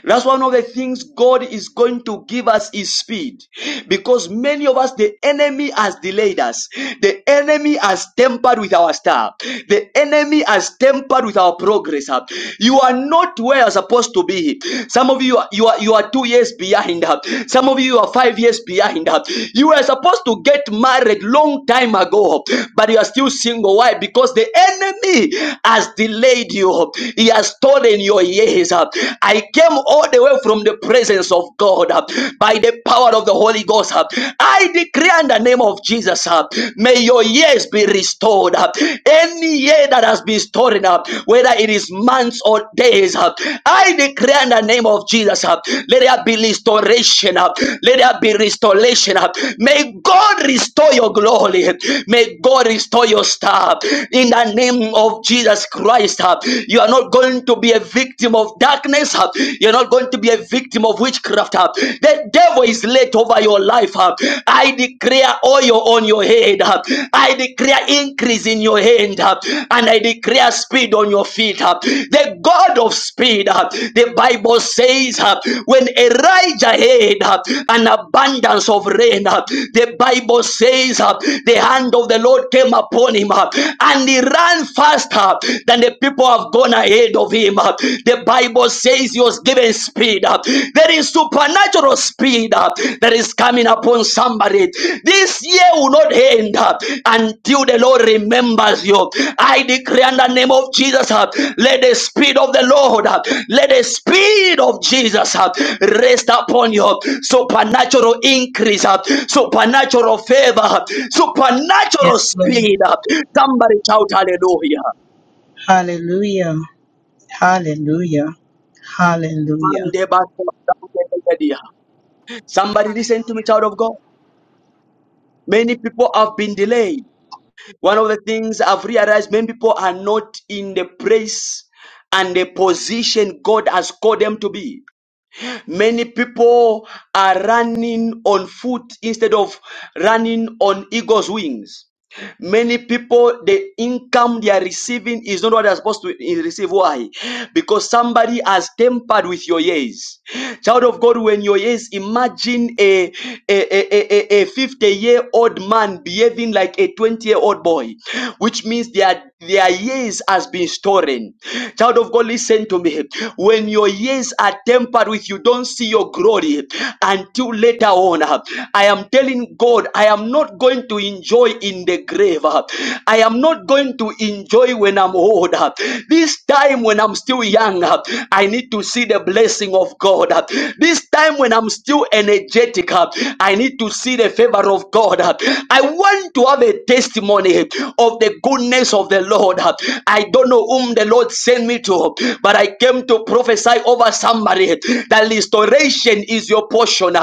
Speaker 1: That's one of the things God is going to give us is speed. Because many of us, the enemy has delayed us. The enemy has tempered with our star. The enemy has tempered with our progress. huh. You are not where you're supposed to be. Some of you are, you are, you are two years behind. huh. Some of you are five years behind. huh. You were supposed to get married long time ago, but you are still single. Why? Because the enemy has delayed you. He has stolen your years says, uh, I came all the way from the presence of God uh, by the power of the Holy Ghost. uh, I declare in the name of Jesus, uh, may your years be restored. uh, Any year that has been stolen up, whether it is months or days, uh, I declare in the name of Jesus, uh, let there be restoration. uh, Let there be restoration. uh, May God restore your glory. May God restore your star in the name of Jesus Christ. uh, You are not going going to be a victim of darkness. huh? You're not going to be a victim of witchcraft. huh? The devil is laid over your life. huh? I declare oil on your head. huh? I declare increase in your hand. huh? And I declare speed on your feet. huh? The God of speed, huh? the Bible says, huh, when Elijah had huh, an abundance of rain, huh, the Bible says, huh, the hand of the Lord came upon him huh, and he ran faster than the people People have gone ahead of him. The Bible says he was given speed. There is supernatural speed that is coming upon somebody. This year will not end until the Lord remembers you. I declare in the name of Jesus, let the speed of the Lord, let the speed of Jesus rest upon you. Supernatural increase, supernatural favor, supernatural
Speaker 2: Yes, Lord.
Speaker 1: speed. Somebody shout hallelujah.
Speaker 2: Hallelujah. Hallelujah. Hallelujah.
Speaker 1: Somebody listen to me,
Speaker 5: Hallelujah.
Speaker 1: child of God. Many people have been delayed. One of the things I've realized many people are not in the place and the position God has called them to be. Many people are running on foot instead of running on eagle's wings. Many people, the income they are receiving is not what they are supposed to receive. Why? Because somebody has tempered with your years. Child of God, when your years, imagine a, a, a, a, a 50 year old man behaving like a 20 year old boy, which means their, their years has been stolen. Child of God, listen to me. When your years are tempered with you, don't see your glory until later on. I am telling God, I I am not going to enjoy in the grave. I am not going to enjoy when I'm old. This time when I'm still young, I need to see the blessing of God. This time when I'm still energetic, I need to see the favor of God. I want to have a testimony of the goodness of the Lord. I don't know whom the Lord sent me to, but I came to prophesy over somebody that restoration is your portion.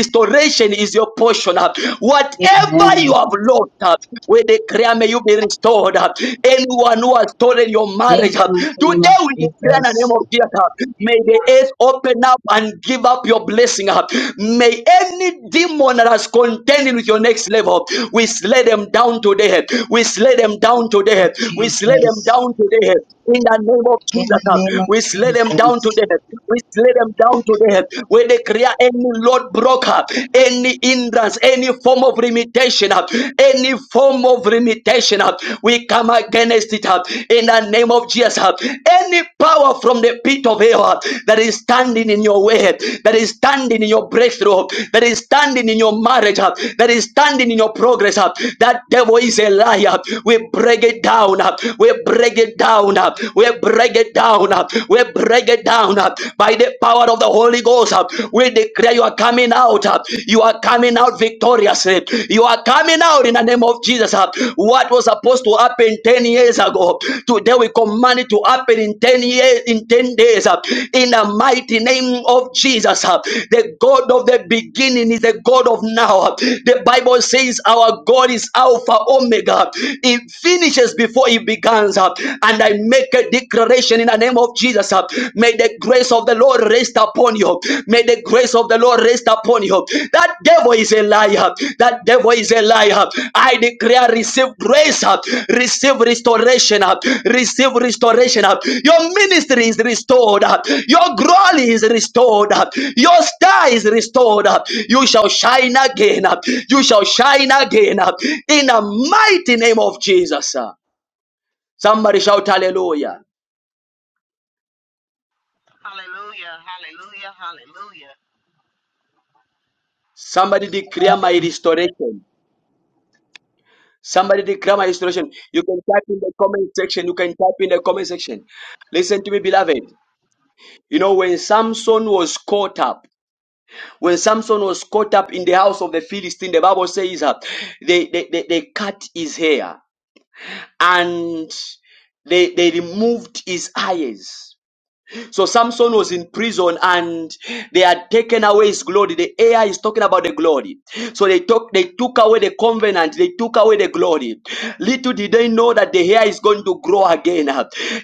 Speaker 1: Restoration is your portion. uh. Whatever you
Speaker 2: Amen.
Speaker 1: have lost, uh, we declare may you be restored. uh. Anyone who has stolen your marriage,
Speaker 2: In the
Speaker 1: uh,
Speaker 2: mighty name
Speaker 1: today
Speaker 2: of
Speaker 1: we declare in the name
Speaker 2: Jesus.
Speaker 1: of Jesus, uh, may the earth open up and give up your blessing. uh. May any demon that has contended with your next level, we slay them down today. We slay them down today.
Speaker 2: Of
Speaker 1: We slay them
Speaker 2: Jesus.
Speaker 1: down today. In the name of
Speaker 2: In
Speaker 1: Jesus,
Speaker 2: the
Speaker 1: uh,
Speaker 2: name of
Speaker 1: we slay them down
Speaker 2: Jesus.
Speaker 1: today. We slay them down today there where they create any Lord broker, any hindrance, any form of limitation, uh, any form of limitation. uh, We come against it uh, in the name of Jesus. uh, Any power from the pit of hell uh, that is standing in your way, uh, that is standing in your breakthrough, uh, that is standing in your marriage, uh, that is standing in your progress, uh, that devil is a liar. We break it down. uh, We break it down. uh, We break it down. uh, We break break it down uh, by the power of the Holy Ghost. uh. We declare you are coming out. uh, You are coming out victoriously. You are coming out in the name of Jesus. uh. What was supposed to happen 10 years ago, today we command it to happen in 10 years, in 10 days. uh, In the mighty name of Jesus, uh. the God of the beginning is the God of now. uh. The Bible says our God is Alpha Omega. He finishes before he begins. uh, And I make a declaration in the name of Jesus. uh, May the grace of the Lord rest upon you. May the grace of the Lord rest upon you. That devil is a liar. That devil is a liar. I declare, receive grace, uh, receive restoration, uh, receive restoration. uh. Your ministry is restored. uh. Your glory is restored. uh. Your star is restored. uh. You shall shine again. uh. You shall shine again. uh. In the mighty name of Jesus. uh. Somebody shout hallelujah.
Speaker 5: Hallelujah. Hallelujah. Hallelujah.
Speaker 1: Somebody declare my restoration. Somebody declare my restoration. You can type in the comment section. You can type in the comment section. Listen to me, beloved. You know, when Samson was caught up, when Samson was caught up in the house of the Philistine, the Bible says uh, they, they, they, they cut his hair and they, they removed his eyes. So Samson was in prison and they had taken away his glory. The air is talking about the glory. So they took they took away the covenant, they took away the glory. Little did they know that the hair is going to grow again.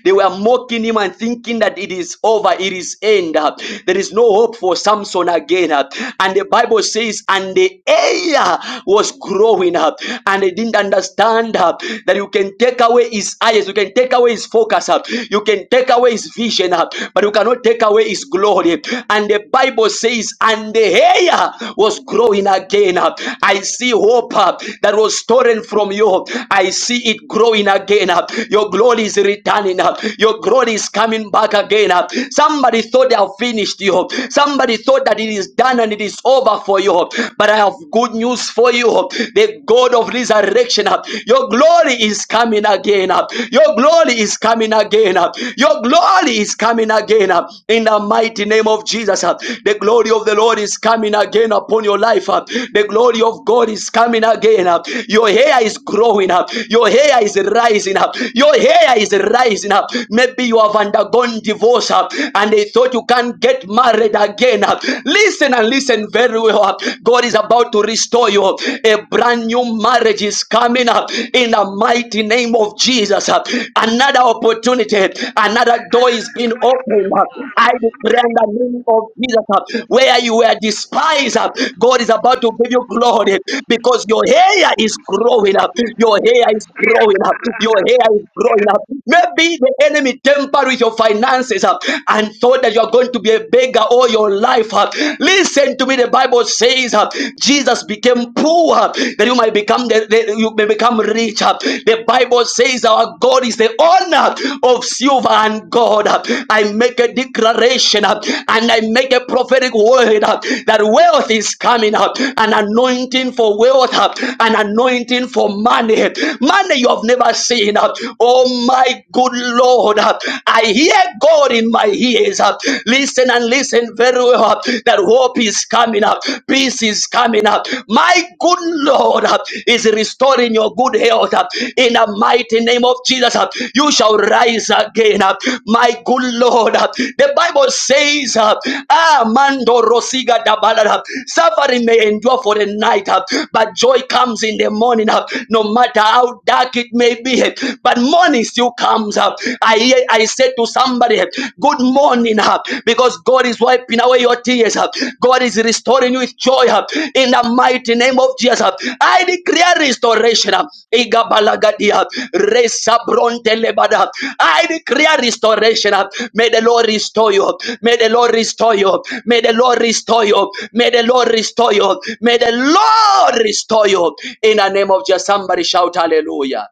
Speaker 1: They were mocking him and thinking that it is over, it is end. There is no hope for Samson again. And the Bible says, and the hair was growing up, and they didn't understand that you can take away his eyes, you can take away away his focus, uh, you can take away his vision, uh, but you cannot take away his glory. And the Bible says, and the hair was growing again. uh. I see hope uh, that was stolen from you. I see it growing again. uh. Your glory is returning. uh. Your glory is coming back again. uh. Somebody thought they have finished you. Somebody thought that it is done and it is over for you. But I have good news for you. The God of resurrection, uh, your your glory is coming again up. Your glory is coming again up. Your glory is coming again up. In the mighty name of Jesus, uh, the glory of the Lord is coming again upon your life. uh, The glory of God is coming again up. Your hair is growing up. Your hair is rising up. Your hair is rising up. Maybe you have undergone divorce uh, and they thought you can't get married again. uh. Listen and listen very well. uh. God is about to restore you you. A brand new marriage is coming up in the mighty name of Jesus. Another opportunity, another door is being opened. I declare in the name of Jesus, where you were despised, God is about to give you glory because your hair is growing up. Your hair is
Speaker 5: Yes,
Speaker 1: growing up. Your
Speaker 5: God.
Speaker 1: hair is growing up. Maybe the enemy tampered with your finances uh, and thought that you are going to be a beggar all your life. uh. Listen Listen to me. The Bible says uh, Jesus became poor uh, that you might become the, the- you may become rich. uh. The Bible says our God is the owner of silver and gold. uh. I make a declaration uh, and I make a prophetic word uh, that wealth is coming up, uh, an anointing for wealth, uh, an anointing for money, money you have never seen. uh. Oh my good Lord, uh, I hear God in my ears. Uh up. Listen and listen very well That hope is coming up. Peace is coming up. My good Lord up, is restoring your good health up. In the mighty name of Jesus up, you shall rise again up. My good Lord up. The Bible says up, Ah, Mando Rosiga Dabala up. Suffering may endure for the night up, but joy comes in the morning up. No matter how dark it may be, but morning still comes up. I I said to somebody, good morning, uh, because God is wiping away your tears. uh, God is restoring you with joy uh, in the mighty name of Jesus. uh. I declare restoration. uh, Igabalagadia, Resabrontelebada. I declare restoration. uh. May the Lord restore you. May the Lord restore you. May the Lord restore you. May the Lord restore you. May the Lord restore you. In the name of Jesus, somebody shout hallelujah.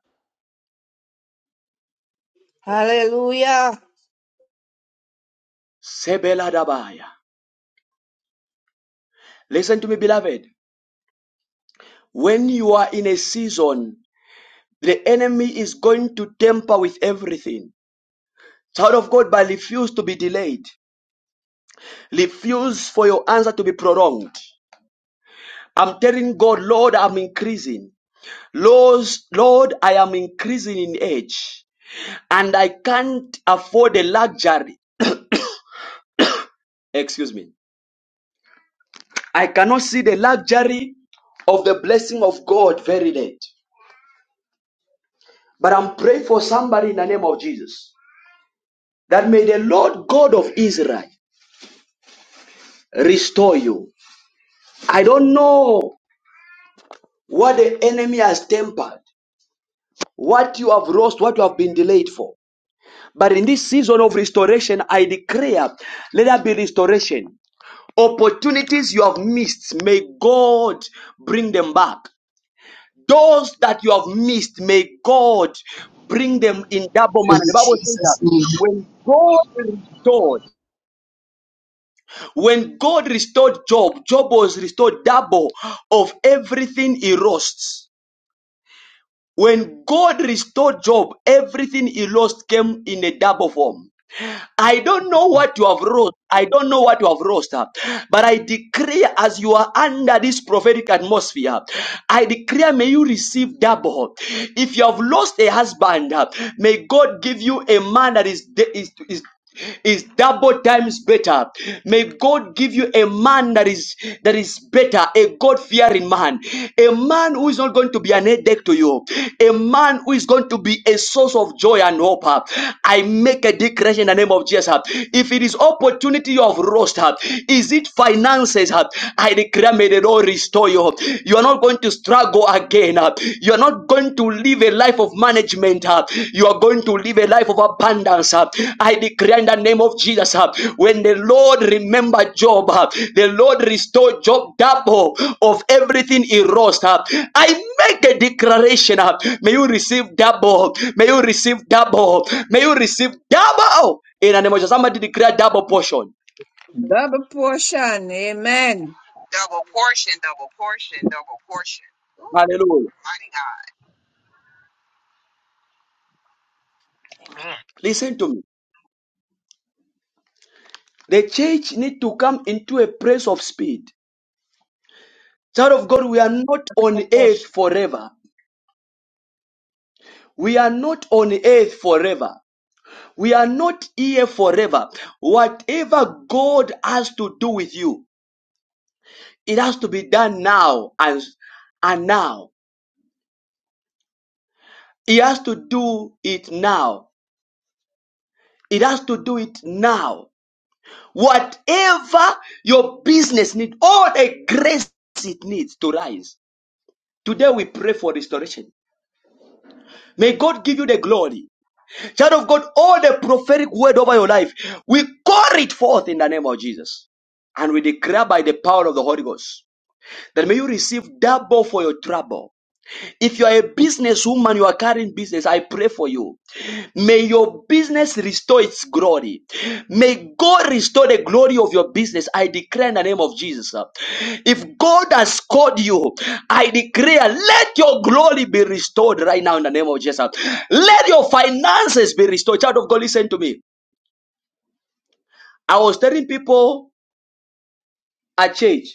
Speaker 1: Sebeladabaya. Listen to me, beloved. When you are in a season, the enemy is going to tamper with everything. Child of God, but refuse to be delayed. Refuse for your answer to be prolonged. I'm telling God, Lord, I'm increasing. Lord, Lord, I am increasing in age. And I can't afford the luxury. Excuse me. I cannot see the luxury of the blessing of God very late. But I'm praying for somebody in the name of Jesus. that may the Lord God of Israel restore you. I don't know what the enemy has tempered, what you have lost, what you have been delayed for. But in this season of restoration, I declare, let there be restoration. Opportunities you have missed, may God bring them back. Those that you have missed, may God bring them in double
Speaker 2: In
Speaker 1: manner. The Bible says that
Speaker 2: Jesus' name.
Speaker 1: when God restored, When God restored Job, Job was restored double of everything he lost. When God restored Job, everything he lost came in a double form. I don't know what you have wrought. I don't know what you have wrought. uh, But I declare as you are under this prophetic atmosphere, I declare may you receive double. If you have lost a husband, uh, may God give you a man that is, is, is is double times better. May God give you a man that is that is better, character, a God fearing man, a man who is not going to be an headache to you, a man who is going to be a source of joy and hope. uh. I make a declaration in the name of Jesus. uh. If it is opportunity you have lost, uh, is it finances? uh, I declare, may the Lord restore you. You are not going to struggle again. uh. You are not going to live a life of management uh, You are going to live a life of abundance. uh. I declare in the name of Jesus. uh, When the Lord remembered Job, uh, the Lord restored Job double of everything he lost. uh. I make a declaration. uh, May you receive double. May you receive double. May you receive double. In the name of Jesus, somebody declare double portion.
Speaker 4: Double portion. Amen.
Speaker 5: Double portion, double portion, double portion.
Speaker 1: Hallelujah.
Speaker 5: Mighty God.
Speaker 1: Listen to me. The church need to come into a place of speed. Child of God, we are not on
Speaker 9: no cost.
Speaker 1: earth forever. We are not on earth forever. We are not here forever. Whatever God has to do with you, it has to be done now and, and now. He has to do it now. It has to do it now. Whatever your business needs, all the grace it needs to rise. Today we pray for restoration. May God give you the glory. Child of God, all the prophetic word over your life, we call it forth in the name of Jesus. And we declare by the power of the Holy Ghost that may you receive double for your trouble. If you are a business woman, you are carrying business, I pray for you. May your business restore its glory. May God restore the glory of your business. I declare in the name of Jesus. uh, If God has called you, I declare, let your glory be restored right now in the name of Jesus. uh. Let your finances be restored. Child of God, listen to me. I was telling people at church,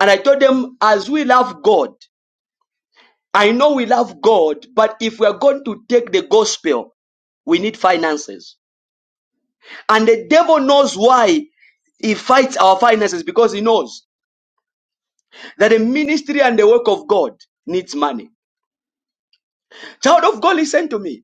Speaker 1: and I told them, as we love God, I know we love God, but if we are going to take the gospel, we need finances. And the devil knows why he fights our finances because he knows that the ministry and the work of God needs money. Child of God, listen to me.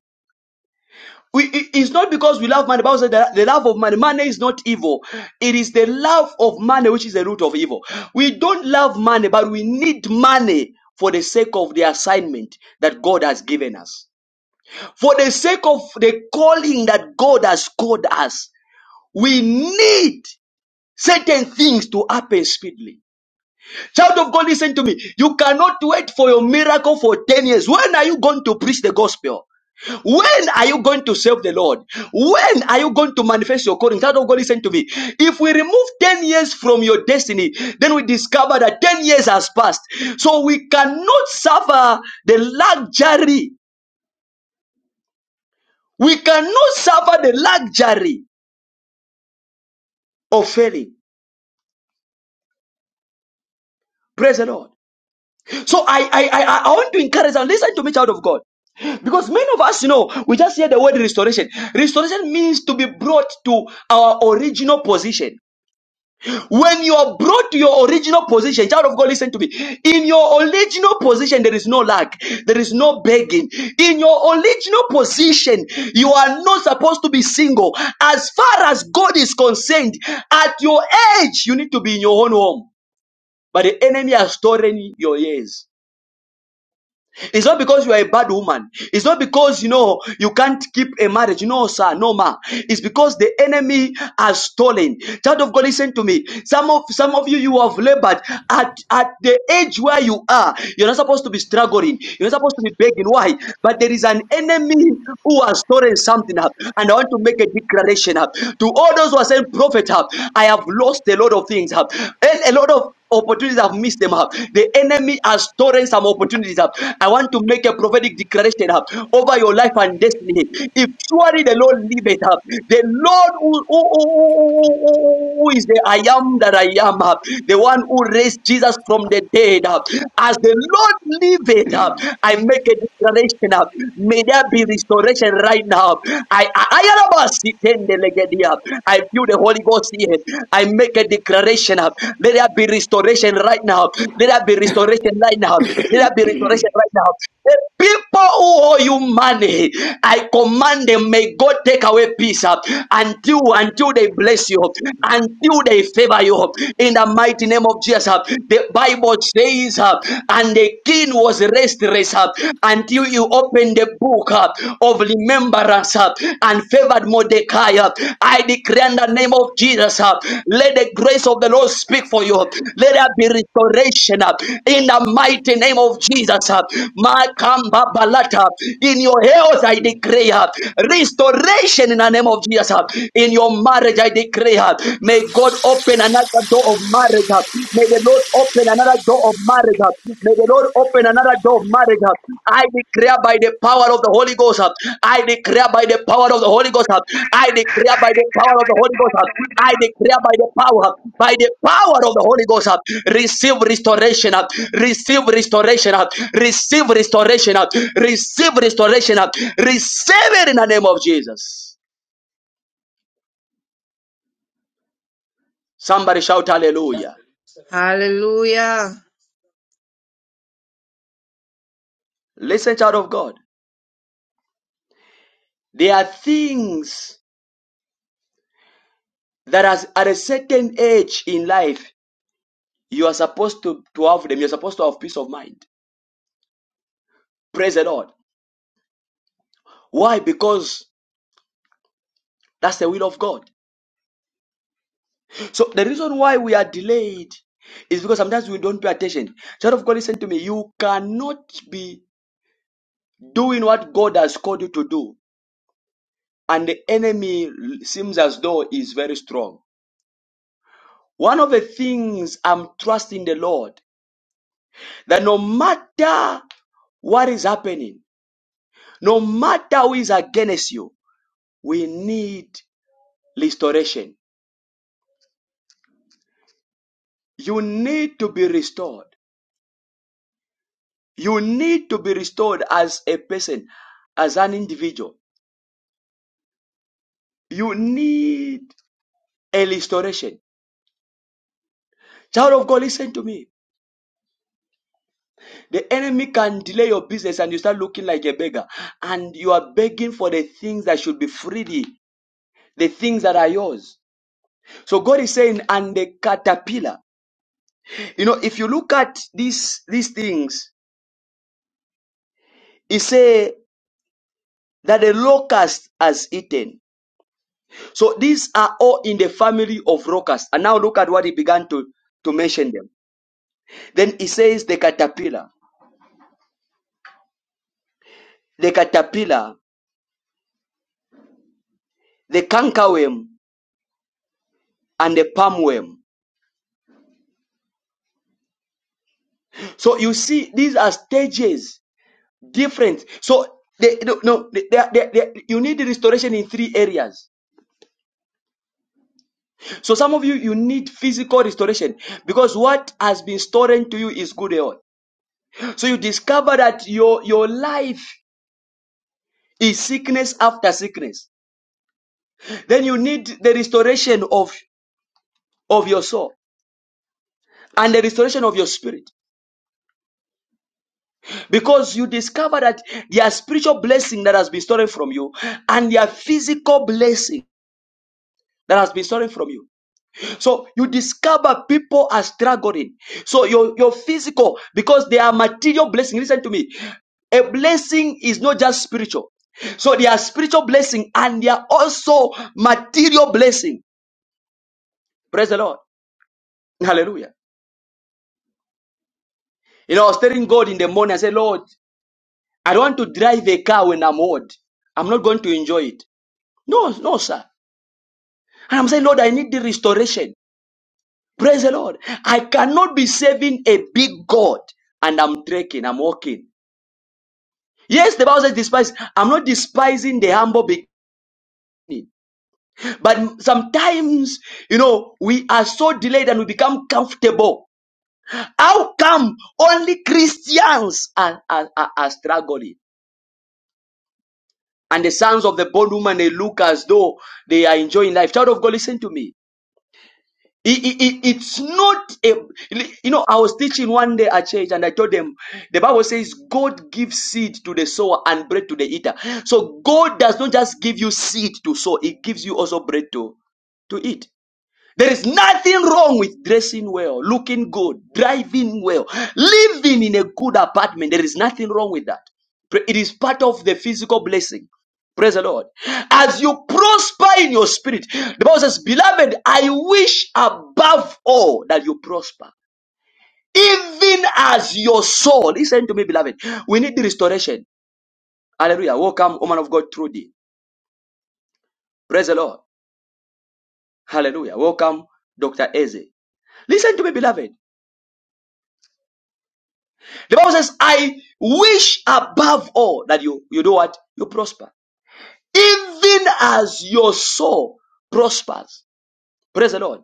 Speaker 1: We, it- it's not because we love money. The Bible says that the love of money. Money is not evil. It is the love of money which is the root of evil. We don't love money, but we need money for the sake of the assignment that God has given us. For the sake of the calling that God has called us, we need certain things to happen speedily. Child of God, listen to me. You cannot wait for your miracle for 10 years. When are you going to preach the gospel? When are you going to serve the Lord? When are you going to manifest your calling? Child of God, listen to me. If we remove 10 years from your destiny, then we discover that 10 years has passed. So we cannot suffer the luxury. We cannot suffer the luxury of failing. Praise the Lord. So I, I, I, I want to encourage and listen to me, child of God. Because many of us, you know, we just hear the word restoration. Restoration means to be brought to our original position. When you are brought to your original position, child of God, listen to me. In your original position, there is no lack. There is no begging. In your original position, you are not supposed to be single. As far as God is concerned, at your age, you need to be in your own home. But the enemy has stolen your years. It's not because you are a bad woman. It's not because you know you can't keep a marriage. No, sir, no, ma. It's because the enemy has stolen. Child of God, listen to me. Some of some of you you have labored at at the age where you are. You're not supposed to be struggling. You're not supposed to be begging. Why? But there is an enemy who has stolen something up. And I want to make a declaration up to all those who are saying, "Prophet, up, I have lost a lot of things up, and a lot of." Opportunities have missed them up. The enemy has stolen some opportunities up. I want to make a prophetic declaration up over your life and destiny. If surely the Lord liveth up, the Lord who, who, who, who who is the I am that I am up, the one who raised Jesus from the dead up. As the Lord liveth, uh, I make a declaration. uh, May there be restoration right now. I I I am a sitendelegedia. I feel the Holy Ghost here. I make a declaration. uh, Let there be restoration right now. Let there be restoration right now. Let there be restoration right now. The people who owe you money, I command them, may God take away peace uh, until until they bless you, until they favor you. In the mighty name of Jesus, uh, the Bible says, uh, and the king was restless uh, until you opened the book uh, of remembrance uh, and favored Mordecai. uh. I declare Father, in the name of Jesus, uh, let the grace of the Lord speak for you. Let there be restoration uh, in the mighty name of Jesus. uh, Makamba balata. In your health, I declare uh, restoration in the name of Jesus. uh, In your marriage, I declare, uh, may God open another door of marriage. uh, May the Lord open another door of marriage. uh, May the Lord open another door of marriage. uh. I declare by the power of the Holy Ghost. uh, I declare by the power of the Holy Ghost. uh, I declare by the power of the Holy Ghost. uh, I declare by the power, by the power of the Holy Ghost. uh, Receive restoration. uh, Receive restoration. uh, Receive restoration. uh, Receive restoration. uh, Receive it in the name of Jesus. Somebody shout hallelujah.
Speaker 4: Hallelujah.
Speaker 1: Listen, child of God. There are things that as, at a certain age in life You are supposed to, to have them. You're supposed to have peace of mind. Praise the Lord. Why? Because that's the will of God. So the reason why we are delayed is because sometimes we don't pay attention. Child of God, listen to me. You cannot be doing what God has called you to do, and the enemy seems as though is very strong. One of the things I'm trusting the Lord that no matter what is happening, no matter who is against you, we need restoration. You need to be restored. You need to be restored as a person, as an individual. You need a restoration. Child of God, listen to me. The enemy can delay your business and you start looking like a beggar. And you are begging for the things that should be freely, the things that are yours. So God is saying, and the caterpillar. You know, if you look at these these things, he say that the locust has eaten So these are all in the family of locusts. And now look at what he began to, to mention them. Then he says the caterpillar, the caterpillar, the cankerworm, and the palmworm. So you see, these are stages different. So they, no, no, they, they, they, you need restoration in three areas. So some of you, you need physical restoration because what has been stolen to you is good health. So you discover that your, your life is sickness after sickness. then you need the restoration of, of your soul and the restoration of your spirit because you discover that there are spiritual blessing that has been stolen from you and there are physical blessing that has been stolen from you so you discover people are struggling so your, your physical because they are material blessing listen to me a blessing is not just spiritual so they are spiritual blessing and they are also material blessing praise the lord hallelujah you know i was telling god in the morning i said lord I don't want to drive a car when I'm old. I'm not going to enjoy it. No, no, sir. And I'm saying, Lord, I need the restoration. Praise the Lord. I cannot be serving a big God and I'm trekking, I'm walking. Yes, the Bible says despise. I'm not despising the humble beginning. But sometimes, you know, we are so delayed and we become comfortable. How come only Christians are, are, are, are struggling? And the sons of the bondwoman, they look as though they are enjoying life. Child of God, listen to me. It- it- it- it's not a you know i was teaching one day at church and i told them the bible says god gives seed to the sower and bread to the eater so god does not just give you seed to sow he gives you also bread to to eat there is nothing wrong with dressing well, looking good, driving well, living in a good apartment. There is nothing wrong with that. Pra- It is part of the physical blessing. Praise the Lord. As you prosper in your spirit, the Bible says, Beloved, I wish above all that you prosper, even as your soul. Listen to me, beloved. We need the restoration. Hallelujah. Welcome, woman of God, Trudy. Praise the Lord. Hallelujah. Welcome, Dr. Eze. Listen to me, beloved. The Bible says, I wish above all that you, you do what? You prosper. Even as your soul prospers. Praise the Lord.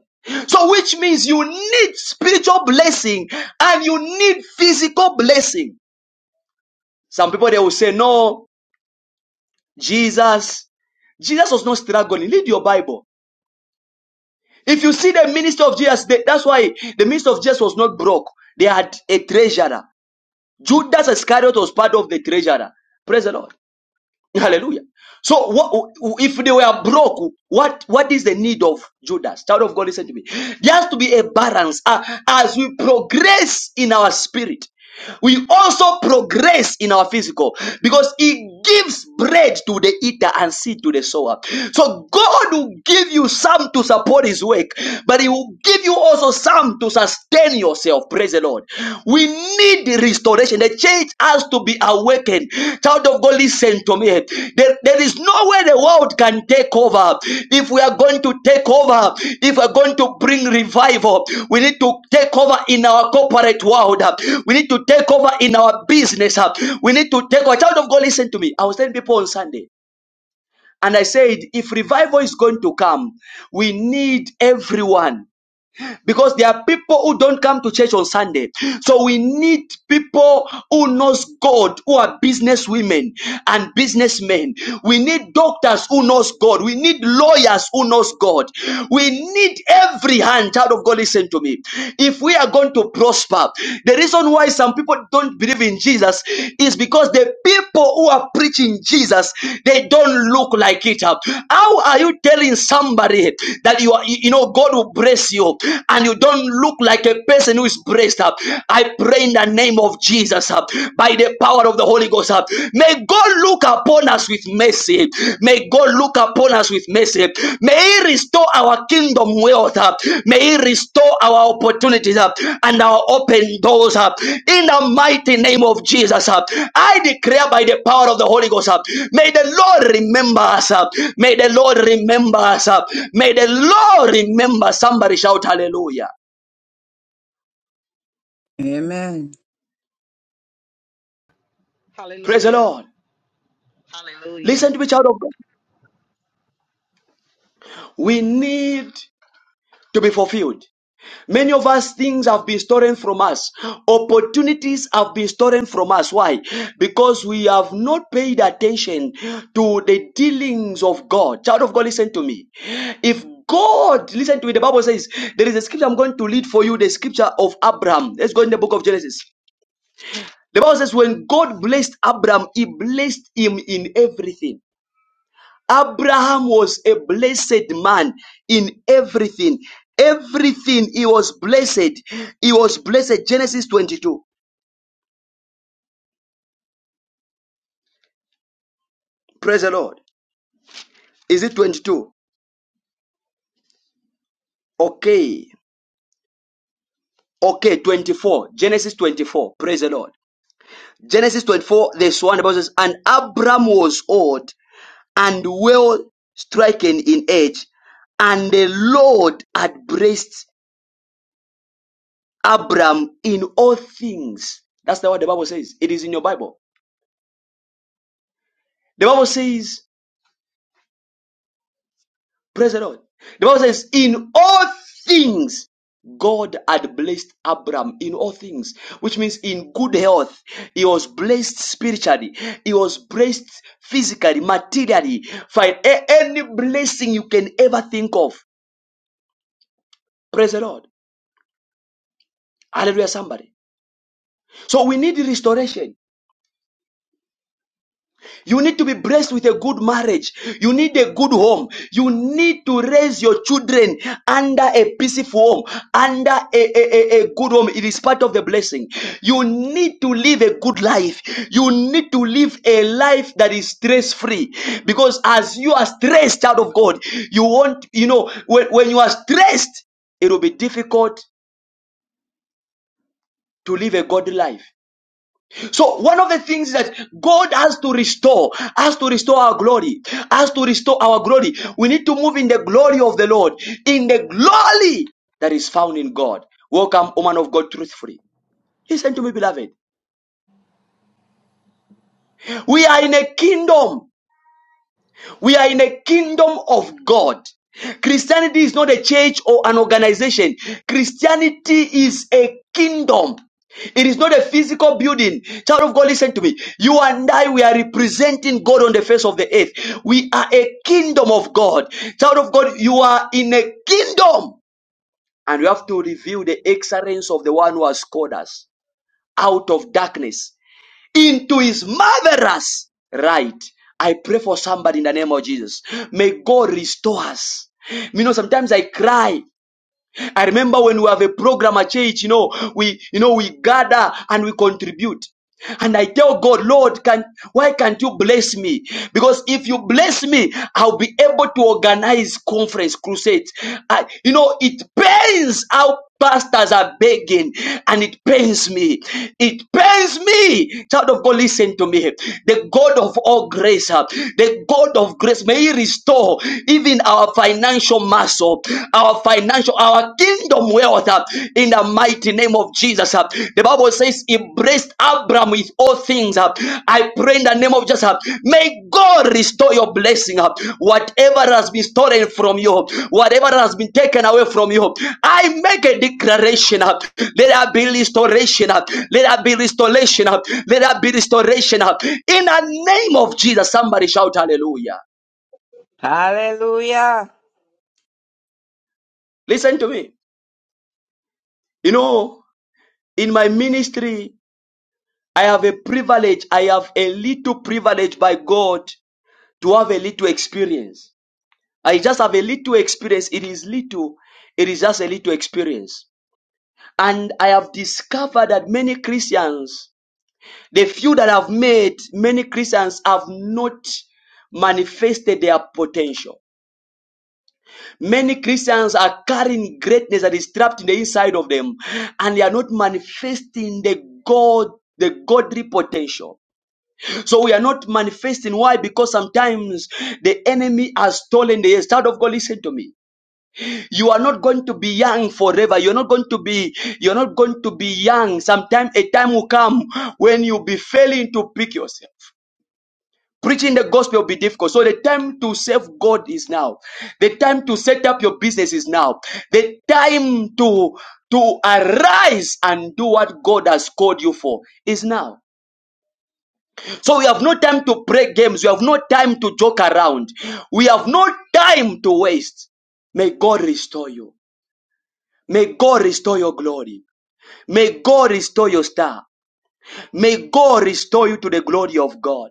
Speaker 1: So, which means you need spiritual blessing and you need physical blessing. Some people they will say, No, Jesus, Jesus was not struggling. Read your Bible. If you see the minister of Jesus, they- that's why the minister of Jesus was not broke. They had a treasurer. Judas Iscariot was part of the treasurer. Praise the Lord. Hallelujah. So what, if they were broke, what, what is the need of Judas? Child of God, listen to me. There has to be a balance uh, as we progress in our spirit. We also progress in our physical because it gives bread to the eater and seed to the sower. So God will give you some to support his work, but he will give you also some to sustain yourself. Praise the Lord. We need the restoration. The church has to be awakened. Child of God, listen to me. There, there is no way the world can take over. If we are going to take over, if we are going to bring revival, we need to take over in our corporate world. We need to take over in our business. We need to take over. Child of God, listen to me. I was telling people on Sunday, and I said, if revival is going to come, we need everyone because there are people who don't come to church on Sunday. So we need people who knows God, who are business women and businessmen. We need doctors who knows God. We need lawyers who knows God. We need every hand. Child of God, listen to me. If we are going to prosper, the reason why some people don't believe in Jesus Jesus is because the people who are preaching Jesus, they don't look like it. How are you telling somebody that you are, you you know, God will bless you and you don't look like a person who is blessed? I pray in the name of Jesus by the power of the Holy Ghost. May God look upon us with mercy. May God look upon us with mercy. May He restore our kingdom wealth. uh, May He restore our opportunities uh, and our open doors. uh, In the mighty name of Jesus, uh, I declare by the power of the Holy Ghost, uh, may the Lord remember us. uh, May the Lord remember us. uh, May the Lord remember. Somebody shout hallelujah.
Speaker 4: Amen.
Speaker 1: Praise the
Speaker 5: Hallelujah.
Speaker 1: Lord.
Speaker 5: Hallelujah.
Speaker 1: Listen to me, child of God. We need to be fulfilled. Many of us, things have been stolen from us. Opportunities have been stolen from us. Why? Because we have not paid attention to the dealings of God. Child of God, listen to me. If God, listen to me, the Bible says, there is a scripture I'm going to read for you, the scripture of Abraham. Let's go in the book of Genesis. The Bible says, when God blessed Abraham, he blessed him in everything. Abraham was a blessed man in everything. Everything he was blessed. He was blessed. Genesis 22. Praise the Lord. Is it 22? Okay. Okay, 24. Genesis 24. Praise the Lord. Genesis 24, this one the Bible says, And Abraham was old and well stricken in age, and the Lord had blessed Abraham in all things. That's not what the Bible says. It is in your Bible. The Bible says Praise the Lord. The Bible says, in all things, God had blessed Abraham in all things, which means in good health. He was blessed spiritually. He was blessed physically, materially. Find a- any blessing you can ever think of. Praise the Lord. Hallelujah, somebody. So we need restoration. You need to be blessed with a good marriage. You need a good home. You need to raise your children under a peaceful home, under a, a, a, a good home. It is part of the blessing. You need to live a good life. You need to live a life that is stress free. Because as you are stressed out of God, you want, you know, when, when you are stressed, it will be difficult to live a godly life. So one of the things that God has to restore, has to restore our glory, has to restore our glory. We need to move in the glory of the Lord, in the glory that is found in God. Welcome, woman of God, truthfully. Listen to me, beloved. We are in a kingdom We are in a kingdom of God. Christianity is not a church or an organization. Christianity is a kingdom. It is not a physical building. Child of God, listen to me. You and I, we are representing God on the face of the earth. We are a kingdom of God. Child of God, you are in a kingdom. And we have to reveal the excellence of the one who has called us out of darkness into his marvelous right. I pray for somebody in the name of Jesus. May God restore us. You know, sometimes I cry. I remember when we have a program at church, you know, we, you know, we gather and we contribute. And I tell God, Lord, can, why can't you bless me? Because if you bless me, I'll be able to organize conference crusades. I, you know, it pains out. Pastors are begging, and it pains me. It pains me. Child of God, listen to me. The God of all grace, uh, the God of grace, may He restore even our financial muscle, our financial, our kingdom wealth uh, in the mighty name of Jesus. uh. The Bible says, He blessed Abraham with all things. uh, I pray in the name of Jesus. uh, May God restore your blessing. uh, Whatever has been stolen from you, whatever has been taken away from you, I make a declaration. uh, Let there be restoration. uh, Let there be restoration. uh, Let there be restoration. uh, In the name of Jesus, somebody shout hallelujah.
Speaker 4: Hallelujah.
Speaker 1: Listen to me. You know, in my ministry, I have a privilege. I have a little privilege by God to have a little experience. I just have a little experience. It is little, it is just a little experience. And I have discovered that many Christians, the few that I've made, many Christians have not manifested their potential. Many Christians are carrying greatness that is trapped in the inside of them, and they are not manifesting the God, the godly potential. So we are not manifesting. Why? Because sometimes the enemy has stolen the yes. Child of God, listen to me. you are not going to be young forever you're not going to be you're not going to be young sometime a time will come when you'll be failing to pick yourself preaching the gospel will be difficult so the time to serve god is now the time to set up your business is now the time to to arise and do what god has called you for is now so we have no time to play games we have no time to joke around we have no time to waste may god restore you May God restore your glory. May God restore your star. May God restore you to the glory of God.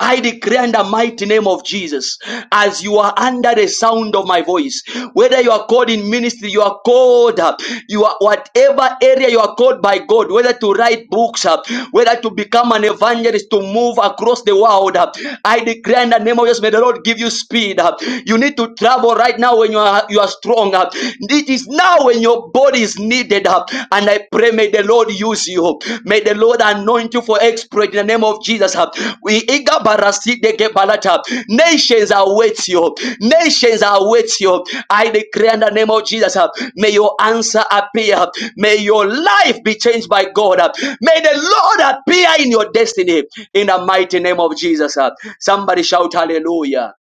Speaker 1: I declare in the mighty name of Jesus, as you are under the sound of my voice, whether you are called in ministry, you are called, uh, you are whatever area you are called by God, whether to write books, uh, whether to become an evangelist, to move across the world, uh, I declare in the name of Jesus, may the Lord give you speed. uh, You need to travel right now when you are you are strong. uh, It is now when your body is needed. Uh, And I pray, may the Lord use you. May the Lord anoint you for exploit in the name of Jesus. Uh, We eager baraside gebalata. balata. Nations await you. Nations await you. I declare in the name of Jesus. uh, May your answer appear. May your life be changed by God. uh. May the Lord appear in your destiny in the mighty name of Jesus. uh. Somebody shout hallelujah.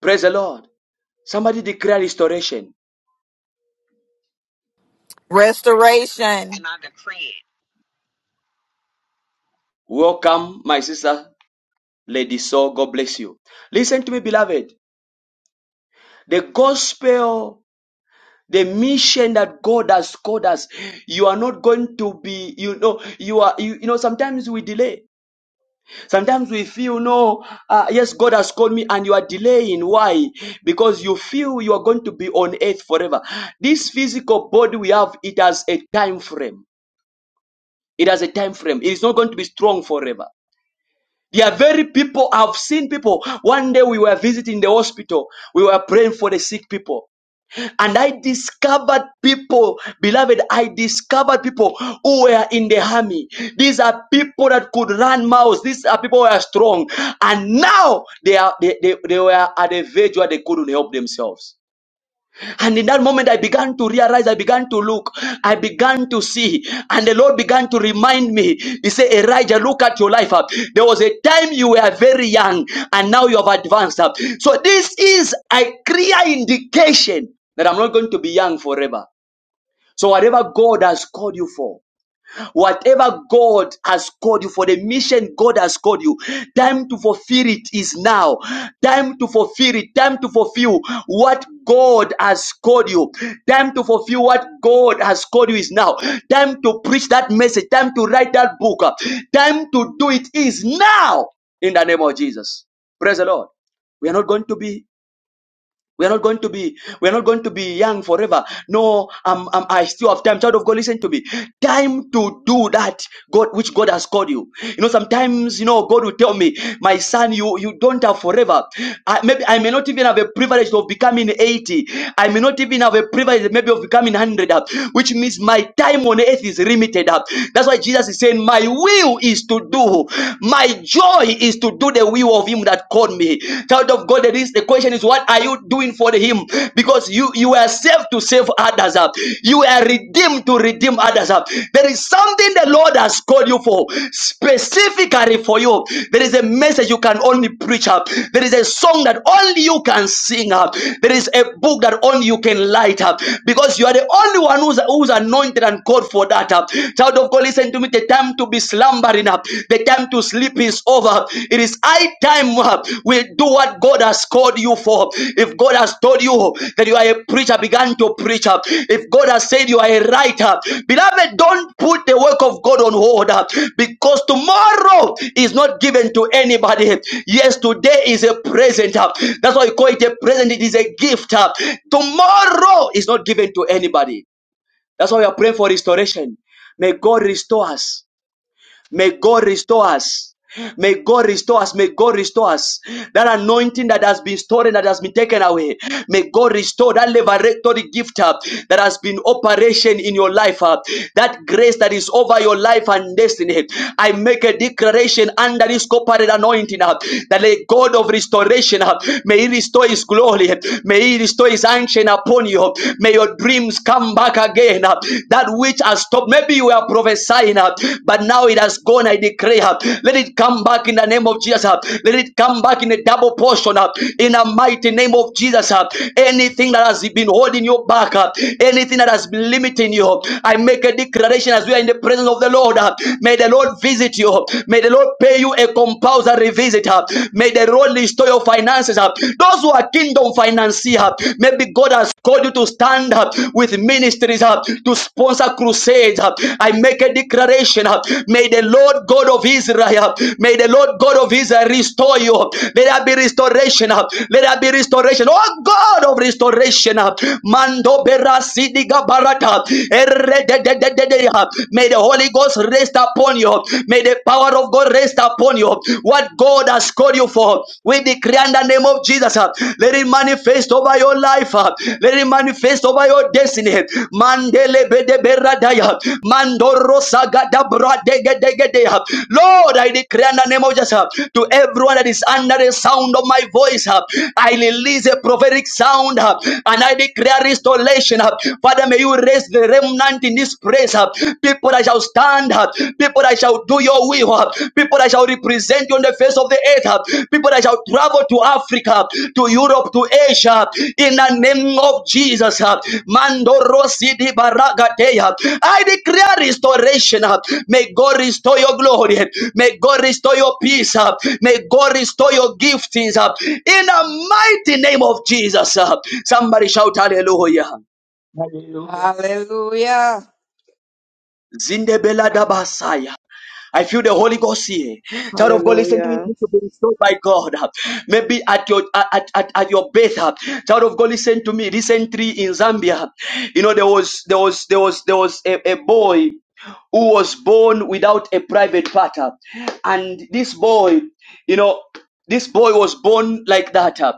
Speaker 1: Praise the Lord. Somebody declare restoration.
Speaker 10: Restoration.
Speaker 5: And I decree it.
Speaker 1: Welcome, my sister. Lady Soul, God bless you. Listen to me, beloved. The gospel, the mission that God has called us, you are not going to be, you know, you are, you, you know, sometimes we delay. Sometimes we feel, no, uh, yes, God has called me and you are delaying. Why? Because you feel you are going to be on earth forever. This physical body we have, it has a time frame. It has a time frame. It is not going to be strong forever. They are very people. I've seen people. One day we were visiting the hospital. We were praying for the sick people. And I discovered people, beloved, I discovered people who were in the army. These are people that could run mouths. These are people who are strong. And now they are they, they, they were at a verge where they couldn't help themselves. And in that moment, I began to realize, I began to look, I began to see, and the Lord began to remind me. He said, Elijah, look at your life up. There was a time you were very young, and now you have advanced up. So, this is a clear indication that I'm not going to be young forever. So, whatever God has called you for, Whatever God has called you for the mission God has called you, time to fulfill it is now. Time to fulfill it. Time to fulfill what God has called you. Time to fulfill what God has called you is now. Time to preach that message. Time to write that book. Time to do it is now. In the name of Jesus. Praise the Lord. We are not going to be we are not going to be, we are not going to be young forever. No, um, um, I still have time. Child of God, listen to me. Time to do that God, which God has called you. You know, sometimes, you know, God will tell me, my son, you, you don't have forever. I, maybe I may not even have a privilege of becoming 80. I may not even have a privilege maybe of becoming 100, uh, which means my time on earth is limited. uh. That's why Jesus is saying, my will is to do, my joy is to do the the will of him that called me. Child of God, there is the question is what are you doing for him? Because you you are saved to save others up. You are redeemed to redeem others up. There is something the Lord has called you for specifically for you. There is a message you can only preach up. There is a song that only you can sing up. There is a book that only you can light up because you are the only one who's, who's anointed and called for that up. Child of God, listen to me. The time to be slumbering up. The time to sleep is over. It is high time uh, we do what God has called you for. If God has told you that you are a preacher, begin to preach up. If God has said you are a writer, beloved, don't put the work of God on hold uh, because tomorrow is not given to anybody. Yes, today is a present. uh, That's why we call it a present. It is a gift. uh, Tomorrow is not given to anybody. That's why we are praying for restoration. May God restore us. May God restore us. May God restore us. May God restore us. That anointing that has been stolen, that has been taken away. May God restore that liberatory gift uh, that has been operation in your life. uh, that grace that is over your life and destiny. I make a declaration under this corporate anointing uh, that the God of restoration uh, may He restore His glory. May He restore His ancient upon you. May your dreams come back again again. uh, That which has stopped, maybe you were prophesying, uh, but now it has gone. I declare, uh, let it come back in the name of Jesus. uh, Let it come back in a double portion uh, in the mighty name of Jesus. uh, Anything that has been holding you back, uh, anything that has been limiting you, I make a declaration as we are in the presence of the Lord. uh, May the Lord visit you. May the Lord pay you a compulsory visit. uh, May the Lord restore your finances. uh, Those who are kingdom financiers, financier. Maybe God has called you to stand up with ministries uh, to sponsor crusades. uh. I make a declaration. uh, May the Lord God of Israel, uh, may the Lord God of Israel restore you. Let there be restoration. uh, Let there be restoration. Oh God of restoration. uh, Mando berasi diga barata. uh. May the Holy Ghost rest upon you. May the power of God rest upon you. What? what God has called you for. We declare in the name of Jesus. uh, Let it manifest over your life. uh, Let it manifest over your destiny. Mandele bede beradaya. Mandoro sagada bradegedegede, uh. Lord, I declare in the name of Jesus uh, to everyone that is under the sound of my voice. uh, I release a prophetic sound uh, and I declare restoration. uh. Father, may you raise the remnant in this place. uh. People that shall stand, uh, people that shall do your will, uh, people that shall represent you on the face of the earth, uh, people that shall travel to Africa, to Europe, to Asia, in the name of Jesus. uh, Mando Rosi di Baragateya. I declare restoration. uh, May God restore your glory. May God restore your peace. uh, May God restore your giftings. uh, In the mighty name of Jesus. uh. Somebody shout hallelujah.
Speaker 4: Hallelujah. Hallelujah.
Speaker 1: Zindebela dabasaya. I feel the Holy Ghost here. Child of God, listen to me. You
Speaker 11: Hallelujah.
Speaker 1: need to be restored by God. Maybe at your at, at, at your birth. Child of God, listen to me. Recently in Zambia, you know, there was there was there was there was a, a boy who was born without a private parter. And this boy, you know, this boy was born like that. uh,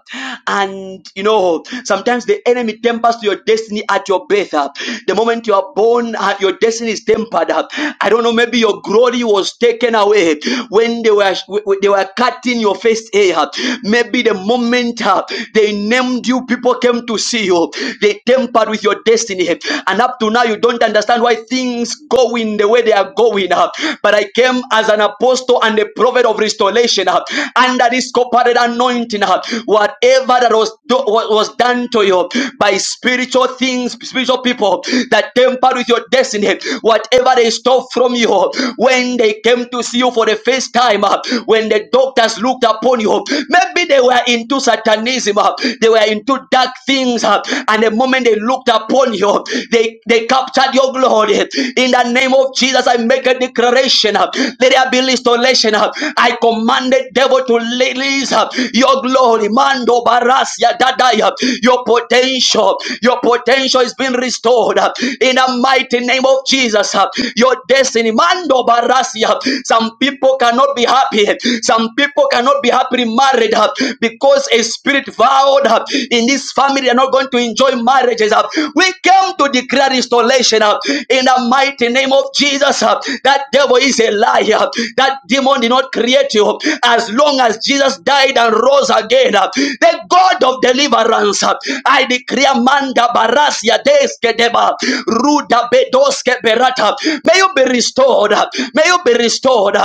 Speaker 1: And you know, sometimes the enemy tempers your destiny at your birth. uh. The moment you are born, uh, your destiny is tempered. uh. I don't know, maybe your glory was taken away when they were they were cutting your first hair. uh. Maybe the moment uh, they named you, people came to see you. They tempered with your destiny. And up to now, you don't understand why things going the way they are going. uh, But I came as an apostle and a prophet of restoration uh, under this corporate anointing. uh, Whatever that was, do- was done to you by spiritual things, spiritual people that tempered with your destiny, whatever they stole from you when they came to see you for the first time, uh, when the doctors looked upon you upon you. Maybe they were into satanism, uh, they were into dark things, uh, and the moment they looked upon you, they, they captured your glory. In the name of Jesus, I make a declaration. uh, Let there be restoration. uh, I command the devil to release uh, your glory. Mando Barasia Dadaya. Your potential, your potential is being restored uh, in the mighty name of Jesus. uh, Your destiny. Rimando Barasia. Some people cannot be happy. Some people cannot be happily married uh, because a spirit vowed uh, in this family they are not going to enjoy marriages. uh. We came to declare restoration uh, in the mighty name of Jesus. uh. That devil is a liar. huh? That demon did not create you. huh? As long as Jesus died and rose again, uh, the God of deliverance, uh, I declare Manda Barasia. Barasia Deske Deba, Ruda Bedoske Berata. May you be restored. May you be restored.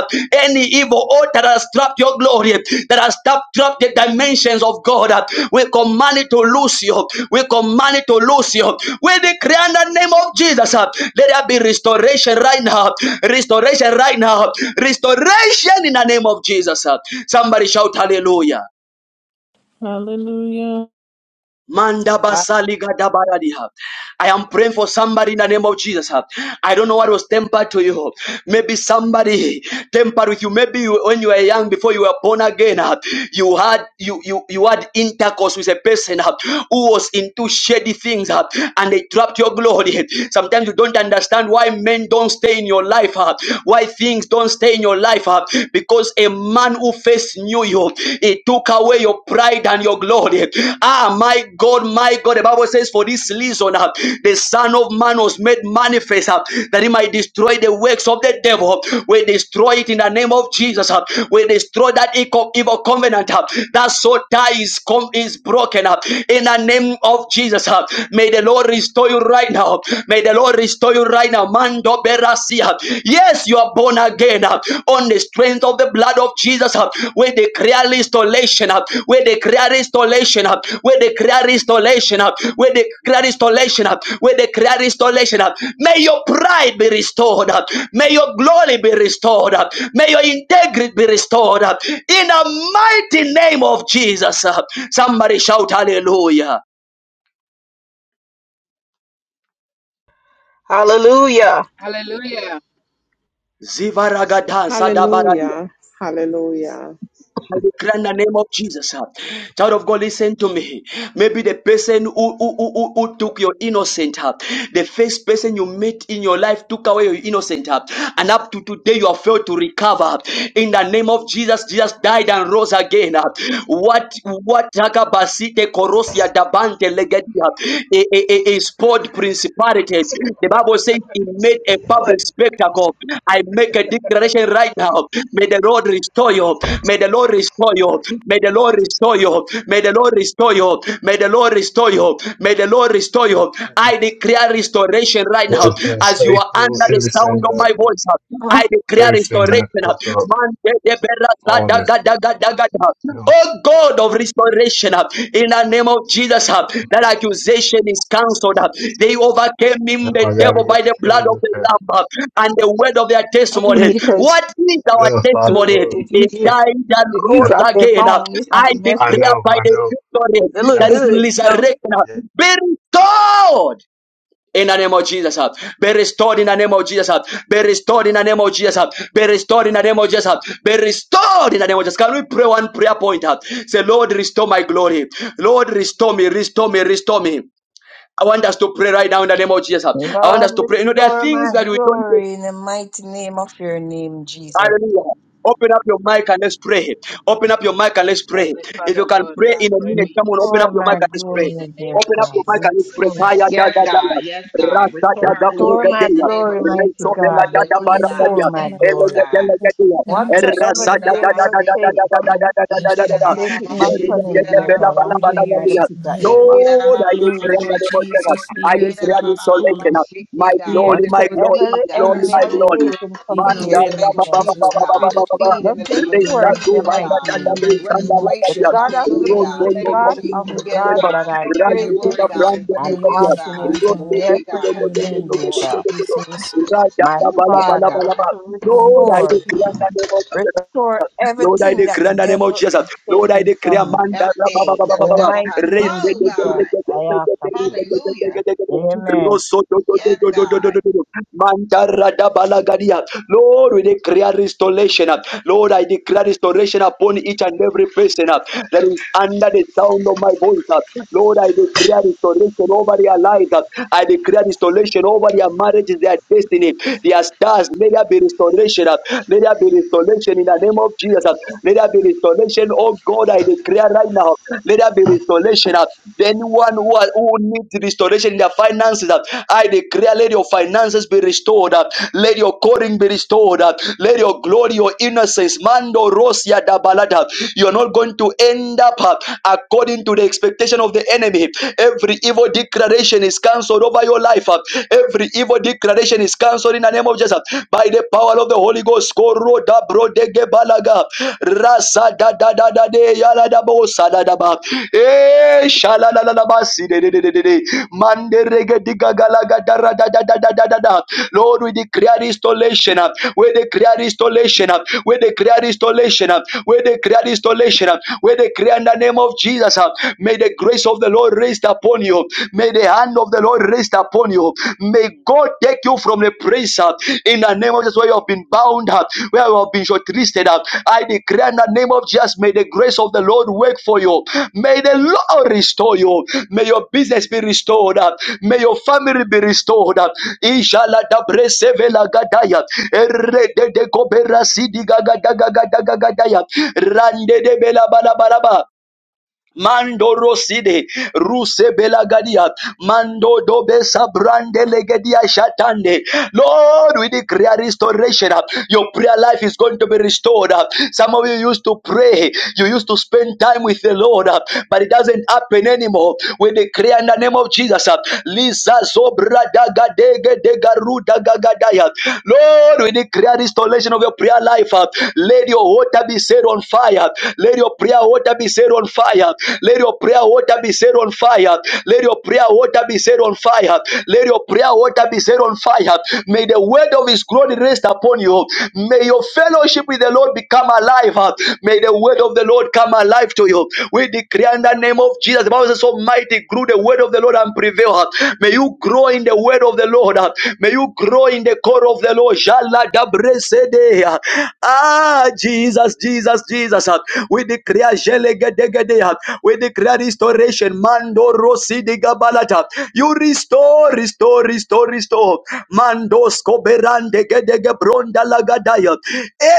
Speaker 1: Any evil order that has trapped your glory, that has trapped, the dimensions of God, we command it to loose you. We command it to loose you. We decree in the name of Jesus. Let there be restoration right now. Restoration right now. Restoration in the name of Jesus. Somebody shout hallelujah.
Speaker 12: Hallelujah.
Speaker 1: Manda
Speaker 4: Ha-
Speaker 1: basali basaliga ha. I am praying for somebody in the name of Jesus. huh. I don't know what was tempered to you. Maybe somebody tempered with you. Maybe you, when you were young, before you were born again, huh, you had you you you had intercourse with a person huh, who was into shady things, huh, and they trapped your glory. Sometimes you don't understand why men don't stay in your life, huh, why things don't stay in your life, huh, because a man man who first knew you, he took away your pride and your glory. Ah, my God, my God. The Bible says, For this reason, uh, the Son of Man was made manifest uh, that he might destroy the works of the devil. We destroy it in the name of Jesus. uh, We destroy that evil covenant. uh, That so tie is, com- is broken up in the name of Jesus. uh. May the Lord restore you right now. May the Lord restore you right now. Yes, you are born again uh, on the strength of the blood of Jesus. uh, We declare restoration. uh, We declare restoration. uh, We declare restoration. uh, We declare restoration. uh, We declare restoration. uh. May your pride be restored. uh, May your glory be restored. uh, May your integrity be restored. uh, In the mighty name of Jesus. uh. Somebody shout hallelujah.
Speaker 10: Hallelujah.
Speaker 8: Hallelujah.
Speaker 1: Zivaragada sadabaradi.
Speaker 11: Hallelujah. Hallelujah.
Speaker 1: I declare in the name of Jesus. uh, Child of God, listen to me. Maybe the person who, who, who, who who took your innocent, uh, the first person you met in your life took away your innocent, uh, and up to today you have failed to recover. In the name of Jesus, Jesus died and rose again. uh. What what takabasite korosia dabante legedia is poured parted. The Bible says he made a
Speaker 10: What?
Speaker 1: public spectacle. I make a declaration right now. May the Lord restore you. May the Lord restore you. May the Lord restore you. May the Lord restore you. May the Lord restore you. May the Lord restore you. I declare restoration right now.
Speaker 10: Everything
Speaker 1: As you are
Speaker 10: faithful,
Speaker 1: under the
Speaker 10: everything
Speaker 1: sound of
Speaker 10: that
Speaker 1: my voice, I declare
Speaker 10: everything
Speaker 1: restoration.
Speaker 10: that hook up,
Speaker 1: Man,
Speaker 10: all this. You know,
Speaker 1: Oh God of restoration, uh, in the name of Jesus,
Speaker 10: you
Speaker 1: uh, that accusation is cancelled. uh. They overcame
Speaker 10: know.
Speaker 1: him,
Speaker 10: Now
Speaker 1: the
Speaker 10: I gotta
Speaker 1: devil,
Speaker 10: get
Speaker 1: by
Speaker 10: the
Speaker 1: the blood
Speaker 10: string
Speaker 1: of
Speaker 10: to
Speaker 1: the
Speaker 10: pass.
Speaker 1: Lamb uh, and the word of their
Speaker 10: And you
Speaker 1: testimony.
Speaker 10: need it because
Speaker 1: What is our
Speaker 10: Yeah, five because love.
Speaker 1: testimony?
Speaker 10: if you
Speaker 1: It
Speaker 10: get Hey,
Speaker 1: died and
Speaker 10: if you yeah,
Speaker 1: rose
Speaker 10: drop that
Speaker 1: again. uh.
Speaker 10: phone, it's gonna
Speaker 1: I
Speaker 10: be messed I with.
Speaker 1: declare
Speaker 10: know,
Speaker 1: by
Speaker 10: I
Speaker 1: the
Speaker 10: know.
Speaker 1: victory
Speaker 10: They look That
Speaker 1: that
Speaker 10: was good,
Speaker 1: it is
Speaker 10: don't it?
Speaker 1: resurrection, uh,
Speaker 10: yeah.
Speaker 1: be restored in the name of Jesus. uh, Be restored in the name of Jesus. uh, Be restored in the name of Jesus. uh, Be restored in the name of Jesus. uh, Be restored in the name of Jesus. Can we pray one prayer point? uh? Say, Lord, restore my glory. Lord, restore me, restore me, restore me. I want us to pray right now in the name of Jesus. uh. I want
Speaker 4: Lord,
Speaker 1: us to pray. You know, there are
Speaker 4: restore
Speaker 1: things
Speaker 4: my
Speaker 1: that we don't do.
Speaker 4: glory in the mighty name of your name, Jesus.
Speaker 1: Hallelujah. Open up your mic and let's pray. Open up your mic and let's pray.
Speaker 8: Heavenly
Speaker 1: If
Speaker 8: Father,
Speaker 1: you can
Speaker 8: Lord,
Speaker 1: pray
Speaker 8: I
Speaker 1: in a
Speaker 8: pray may
Speaker 1: minute,
Speaker 8: you
Speaker 1: come on, open
Speaker 8: restore
Speaker 1: up
Speaker 4: Restore
Speaker 1: your mic
Speaker 8: our
Speaker 4: my
Speaker 1: and let's pray.
Speaker 8: glory in the
Speaker 4: glory,
Speaker 8: name
Speaker 4: dear
Speaker 1: Open
Speaker 8: of
Speaker 1: up
Speaker 4: God.
Speaker 1: your mic and let's
Speaker 8: Jesus.
Speaker 1: pray.
Speaker 4: Restore.
Speaker 1: Fire,
Speaker 8: Amen.
Speaker 1: da,
Speaker 5: Yes,
Speaker 1: da, da, da.
Speaker 5: God. Yes, God.
Speaker 1: Rasta,
Speaker 5: Restore
Speaker 1: da, da,
Speaker 5: our
Speaker 4: Restore
Speaker 1: brega,
Speaker 5: glory
Speaker 1: da,
Speaker 4: my
Speaker 5: in the
Speaker 1: da.
Speaker 5: name
Speaker 4: glory,
Speaker 5: of
Speaker 4: mighty
Speaker 1: Rezo,
Speaker 5: Jesus.
Speaker 1: de la,
Speaker 4: God.
Speaker 1: da,
Speaker 4: Just
Speaker 1: da,
Speaker 5: Hallelujah,
Speaker 1: bara, da,
Speaker 12: Lord,
Speaker 5: God. We
Speaker 4: restore
Speaker 1: da.
Speaker 12: restore
Speaker 4: my
Speaker 5: thank
Speaker 12: my
Speaker 5: you,
Speaker 1: Ele,
Speaker 5: Lord
Speaker 12: glory,
Speaker 1: de,
Speaker 4: glory.
Speaker 1: de,
Speaker 5: God.
Speaker 1: le, de,
Speaker 12: restore
Speaker 1: de,
Speaker 12: my
Speaker 5: That I
Speaker 1: da.
Speaker 12: kingdom,
Speaker 5: shake
Speaker 12: restore
Speaker 4: Whatsoever
Speaker 1: Rasta,
Speaker 5: it,
Speaker 4: the
Speaker 12: my
Speaker 1: da,
Speaker 5: that I
Speaker 1: da,
Speaker 5: my
Speaker 1: da,
Speaker 4: devil
Speaker 1: da,
Speaker 5: sick
Speaker 1: da,
Speaker 4: take
Speaker 1: da,
Speaker 5: it.
Speaker 1: da,
Speaker 4: from
Speaker 1: da,
Speaker 4: me,
Speaker 1: da, da, da, da,
Speaker 5: Eat
Speaker 1: da, da,
Speaker 5: it,
Speaker 1: da,
Speaker 5: that
Speaker 12: blessing,
Speaker 1: da.
Speaker 4: take
Speaker 5: I my
Speaker 4: it
Speaker 12: restore
Speaker 1: De,
Speaker 4: back
Speaker 12: me,
Speaker 1: de,
Speaker 5: shake
Speaker 4: from
Speaker 1: de,
Speaker 5: it,
Speaker 12: mighty
Speaker 4: him,
Speaker 1: de,
Speaker 5: that
Speaker 4: dear
Speaker 1: de,
Speaker 12: God,
Speaker 5: I
Speaker 1: la,
Speaker 4: God,
Speaker 1: ba,
Speaker 5: my
Speaker 1: la,
Speaker 4: and
Speaker 12: restore
Speaker 1: ba,
Speaker 12: the
Speaker 4: train
Speaker 1: la,
Speaker 5: sick
Speaker 1: da,
Speaker 4: me at
Speaker 1: da,
Speaker 4: the
Speaker 12: years
Speaker 5: it.
Speaker 1: da.
Speaker 12: of
Speaker 4: pit of
Speaker 12: my,
Speaker 4: hell
Speaker 5: Eat it,
Speaker 4: back.
Speaker 5: that I
Speaker 1: Lord,
Speaker 12: my
Speaker 5: my
Speaker 1: I
Speaker 12: glory,
Speaker 1: declare in the
Speaker 5: shake
Speaker 12: Lord
Speaker 1: name of
Speaker 5: it.
Speaker 1: Jesus.
Speaker 12: Jesus, the
Speaker 1: I
Speaker 5: Eat it,
Speaker 12: years that
Speaker 1: declare this
Speaker 12: was
Speaker 5: that I
Speaker 12: stolen,
Speaker 5: my
Speaker 1: solation.
Speaker 5: shake
Speaker 1: My
Speaker 5: it,
Speaker 12: the
Speaker 5: God. We
Speaker 1: glory,
Speaker 12: years that
Speaker 1: my
Speaker 5: decree
Speaker 12: was,
Speaker 1: glory,
Speaker 4: Whatsoever
Speaker 5: seed,
Speaker 1: my
Speaker 4: the
Speaker 5: God.
Speaker 1: glory,
Speaker 4: enemy
Speaker 12: was
Speaker 1: my
Speaker 4: has
Speaker 5: Seed.
Speaker 12: oh
Speaker 1: glory.
Speaker 12: God,
Speaker 4: taken from me,
Speaker 12: eaten
Speaker 5: Feed
Speaker 1: Manda
Speaker 4: dear
Speaker 5: in
Speaker 12: away,
Speaker 5: the
Speaker 12: Lord
Speaker 5: name
Speaker 1: raba ba
Speaker 5: of
Speaker 1: ba
Speaker 4: Jesus,
Speaker 1: ba ba
Speaker 12: Jesus.
Speaker 5: Jesus,
Speaker 1: ba
Speaker 12: I
Speaker 1: ba
Speaker 5: God.
Speaker 12: pray
Speaker 1: ba
Speaker 12: that
Speaker 1: ba
Speaker 12: you
Speaker 1: ba.
Speaker 12: restore
Speaker 5: Feed in
Speaker 4: just
Speaker 5: the name
Speaker 12: my
Speaker 5: of
Speaker 1: Reza
Speaker 4: restore it
Speaker 12: glory
Speaker 4: in the
Speaker 5: Jesus,
Speaker 1: zuba
Speaker 4: mighty
Speaker 1: na
Speaker 5: God.
Speaker 1: da
Speaker 12: in
Speaker 1: da
Speaker 12: the
Speaker 1: de
Speaker 4: name.
Speaker 12: mighty
Speaker 1: sanda
Speaker 12: name
Speaker 1: la
Speaker 12: of
Speaker 1: da
Speaker 4: The
Speaker 5: Restoration,
Speaker 1: dia.
Speaker 4: God
Speaker 12: Jesus.
Speaker 4: of
Speaker 12: Let
Speaker 4: the,
Speaker 5: hallelujah,
Speaker 12: my
Speaker 1: Rosso
Speaker 5: God.
Speaker 4: the
Speaker 12: name
Speaker 1: do
Speaker 5: Thank
Speaker 12: be
Speaker 5: you,
Speaker 1: do
Speaker 4: God
Speaker 1: do do do
Speaker 12: written,
Speaker 1: do
Speaker 4: of
Speaker 5: Jesus.
Speaker 4: the
Speaker 12: oh
Speaker 5: Yes,
Speaker 12: God,
Speaker 4: God
Speaker 5: God.
Speaker 4: that I
Speaker 1: do.
Speaker 5: For
Speaker 12: in
Speaker 5: your
Speaker 4: pray
Speaker 1: Razi
Speaker 12: your
Speaker 1: di
Speaker 4: to,
Speaker 1: da
Speaker 5: glory,
Speaker 12: book
Speaker 5: God,
Speaker 12: with
Speaker 5: and
Speaker 1: brande
Speaker 5: for
Speaker 12: a
Speaker 1: me
Speaker 4: I'm
Speaker 5: your
Speaker 1: da dia.
Speaker 5: will,
Speaker 12: newness,
Speaker 4: asking
Speaker 5: God.
Speaker 12: Lord
Speaker 4: him
Speaker 1: Rosso
Speaker 4: in
Speaker 12: God,
Speaker 5: Thank
Speaker 1: do
Speaker 4: your
Speaker 5: you,
Speaker 1: do
Speaker 5: God.
Speaker 1: do
Speaker 12: in
Speaker 1: do
Speaker 4: precious
Speaker 12: the
Speaker 1: do do
Speaker 5: Thank
Speaker 4: name,
Speaker 12: name
Speaker 1: do do
Speaker 12: of
Speaker 5: you,
Speaker 4: dear
Speaker 1: do
Speaker 5: Lord.
Speaker 4: God.
Speaker 1: do do
Speaker 12: Jesus.
Speaker 1: do. Raja
Speaker 4: My
Speaker 1: da ba
Speaker 5: Ooh,
Speaker 1: la ba
Speaker 5: yes,
Speaker 1: la
Speaker 4: Father,
Speaker 1: ba la
Speaker 5: God.
Speaker 4: just
Speaker 1: ba.
Speaker 4: to
Speaker 12: In the name
Speaker 1: Lord,
Speaker 12: of
Speaker 1: I
Speaker 4: restore,
Speaker 12: Jesus.
Speaker 1: declare in the name of Jesus.
Speaker 4: restore
Speaker 1: Lord, I
Speaker 4: everything that
Speaker 1: declare
Speaker 4: the
Speaker 1: in the name of
Speaker 4: devil
Speaker 1: Jesus.
Speaker 4: has
Speaker 1: Lord, I
Speaker 4: taken from
Speaker 1: declare,
Speaker 4: me.
Speaker 1: Manda, Rabba,
Speaker 5: Everything
Speaker 1: Baba,
Speaker 5: that
Speaker 1: Baba,
Speaker 4: In
Speaker 5: the
Speaker 4: the
Speaker 5: devil
Speaker 4: mighty
Speaker 5: has
Speaker 1: Raise
Speaker 4: name,
Speaker 1: it,
Speaker 5: sold,
Speaker 1: it,
Speaker 4: Jesus,
Speaker 1: it,
Speaker 5: God.
Speaker 1: it, it,
Speaker 4: I ask
Speaker 1: it, it, it,
Speaker 4: of
Speaker 1: it,
Speaker 4: you.
Speaker 1: it, it,
Speaker 5: Hallelujah.
Speaker 1: raise it, raise it,
Speaker 4: Amen.
Speaker 1: Rosso, do, do, do,
Speaker 5: Yes,
Speaker 1: do, do, do,
Speaker 5: God.
Speaker 1: do, do, do. Manda, Rada, Lord, we declare restoration. Lord, I declare restoration upon each and every person that is under the sound of my voice. Lord, I declare restoration over their lives. I declare restoration over their marriages, their destiny, their stars. May there be restoration. uh, May there be restoration in the name of Jesus. uh, May there be restoration. Oh God, I declare right now. Let there be restoration. uh, Anyone who, are- who needs restoration in their finances, uh, I declare, let your finances be restored. uh, Let your calling be restored. uh, Let your glory, your innocence, Mando Rosia Dabalata. You're not going to end up uh, according to the expectation of the enemy. Every Every evil declaration is cancelled over your life. uh. Every evil declaration is cancelled in the name of Jesus. By the power of the Holy Ghost. Eh, si Lord, we declare restoration. uh. We declare restoration. uh. We declare restoration. uh. We declare restoration. uh. We declare in the name of Jesus. uh. May the grace of the Lord rest upon you. May the hand of the Lord rest upon you. May God take you from the place uh, in the name of Jesus where you have been bound, up, where you have been shortlisted. uh. I declare in the name of Jesus, may the grace of the Lord work for you. May the Lord restore you. May your business be restored. uh. May your family be restored. uh. Inshallah, da breseve la gadaya. Erre de de kobera sidi gaga gaga gaga gaga gadaya. Rande de bela bala bala ba. Mando Roside, Ruse Belagadia, Mando Dobesa Brande Legedia Shatande. Lord, we declare restoration. Your prayer life is going to be restored. Some of you used to pray, you used to spend time with the Lord, but it doesn't happen anymore. We declare in the name of Jesus. Lisa Sobra Daga Dege Dega Ruda Lord, we declare restoration of your prayer life. Let your water be set on fire fire. Let your prayer water be set on fire. Let your prayer water be set on fire. Let your prayer water be set on fire. Let your prayer water be set on fire. May the word of his glory rest upon you. May your fellowship with the Lord become alive. May the word of the Lord come alive to you. We declare in the name of Jesus. The Bible says, Almighty grew the word of the Lord and prevail. May you grow in the word of the Lord. May you grow in the core of the Lord. Jala da bresede. Ah, Jesus, Jesus, Jesus. Ah, We declare jelegedegede. We declare restoration. Mando rosidi gabalata. You restore, restore, restore, restore. Mando skoberande gedege bronda lagadaya.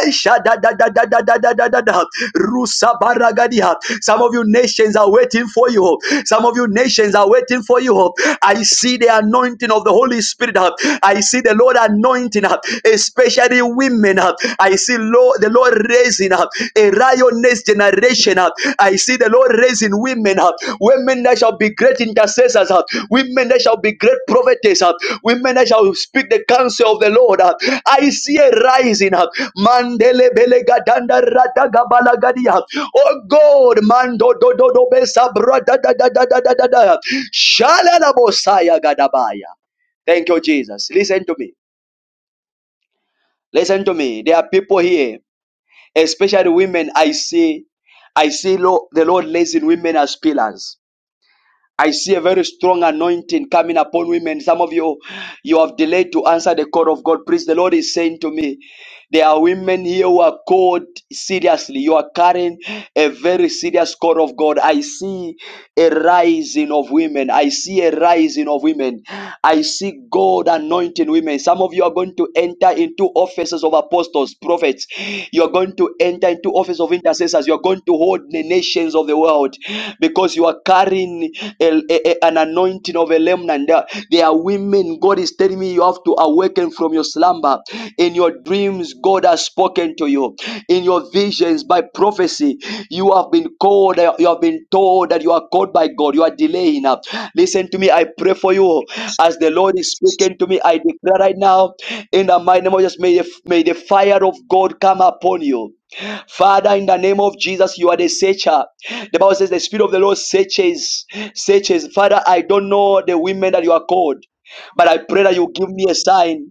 Speaker 1: Esha da da da da da da da da da da. Rusa baragadia. Some of you nations are waiting for you. Some of you nations are waiting for you. I see the anointing of the Holy Spirit. Ah, I see the Lord anointing anointing up, especially women up. I see Lord, the Lord raising up a lioness generation up. I see the Lord raising women up, women that shall be great intercessors up, women that shall be great prophetess up, women that shall speak the counsel of the Lord up. I see a rising up. Mandele belega danda rata gabala Oh God, mando do do do besa bra da da da da da da da. Shalala bosaya gadabaya. Thank you, Jesus. Listen to me. Listen to me. There are people here, especially women. I see, I see Lo- the Lord raising women as pillars. I see a very strong anointing coming upon women. Some of you, you have delayed to answer the call of God. Please, the Lord is saying to me, there are women here who are called seriously. You are carrying a very serious call of God. I see a rising of women. I see a rising of women. I see God anointing women. Some of you are going to enter into offices of apostles, prophets. You are going to enter into office of intercessors. You are going to hold the nations of the world because you are carrying a- a- a- an anointing of a remnant. There are women, God is telling me you have to awaken from your slumber. In your dreams, God has spoken to you. In your visions, by prophecy, you have been called, you have been told that you are called by God. You are delaying. Listen to me. I pray for you. As the Lord is speaking to me, I declare right now, in the mighty name of Jesus, may the, may the fire of God come upon you. Father, in the name of Jesus, you are the searcher. The Bible says the Spirit of the Lord searches, searches. Father, I don't know the women that you are called, but I pray that you give me a sign.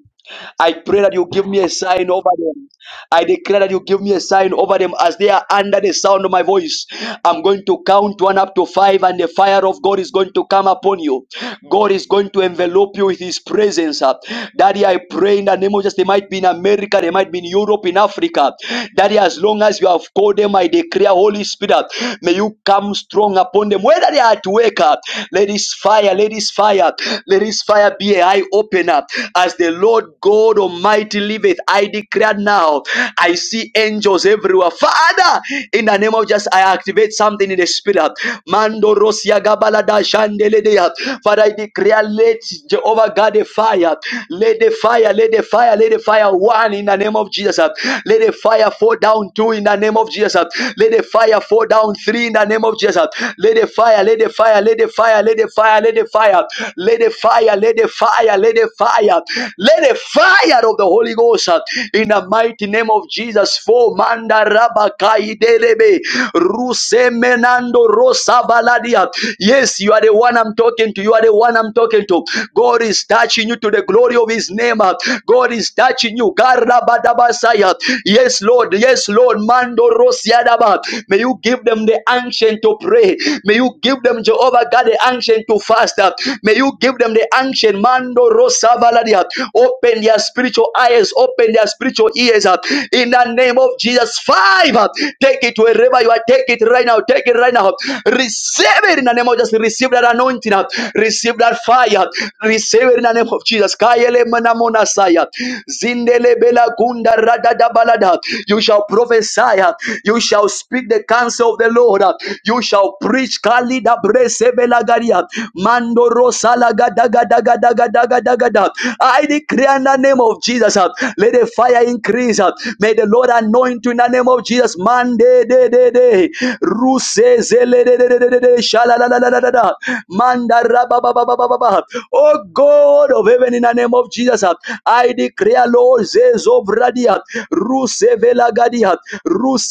Speaker 1: I pray that you give me a sign over them. I declare that you give me a sign over them as they are under the sound of my voice. I'm going to count one up to five, and the fire of God is going to come upon you. God is going to envelop you with His presence. uh. Daddy, I pray in the name of Jesus. They might be in America, they might be in Europe, in Africa. Daddy, as long as you have called them, I declare, Holy Spirit, uh, may you come strong upon them. Whether they are at work, uh, let this fire, let this fire, let this fire be a eye opener as the Lord God. God Almighty liveth. I declare now, I see angels everywhere. Father, in the name of Jesus, I activate something in the spirit. Mando Rosia Gabalada Shandeledea. Father, I declare, let Jehovah God the fire, let the fire, let the fire, let the fire one in the name of Jesus. Let the fire fall down two in the name of Jesus. Let the fire fall down three in the name of Jesus. Let the fire, let the fire, let the fire, let the fire, let the fire, let the fire, let the fire, let let the fire, let the fire, let the fire of the Holy Ghost uh, in the mighty name of Jesus. For manda Rabakai rabakaidelebe rusemenando Rosa Baladia. Yes, you are the one I'm talking to. You are the one I'm talking to. God is touching you to the glory of His name. uh. God is touching you. Garabadabasaya. Yes, Lord. Yes, Lord. Mando rosiadaba. May you give them the ancient to pray. May you give them Jehovah God the the ancient to fast. May you give them the ancient mando rosa valadia. Open their spiritual eyes, open their spiritual ears in the name of Jesus. Five, uh, take it wherever you are. Take it right now. Take it right now. Receive it in the name of Jesus. Receive that anointing. uh, Receive that fire. Receive it in the name of Jesus. Kayele manamona saya. Zindele bela gunda radada balada. You shall prophesy. uh, You shall speak the counsel of the Lord. uh, you shall preach Kali da Bresebelagaria. Mando Rosalagadagadagadagadagada. I declare in the name of Jesus. uh, Let the fire increase. uh, May the Lord anoint you in the name of Jesus. Mande de de de. Ruse zele de de de de de de. Shalalalalalalala. Manda rababababababa. Oh God of heaven, in the name of Jesus, uh, I declare, Lord, Zezobradia, Rusevela Gadia,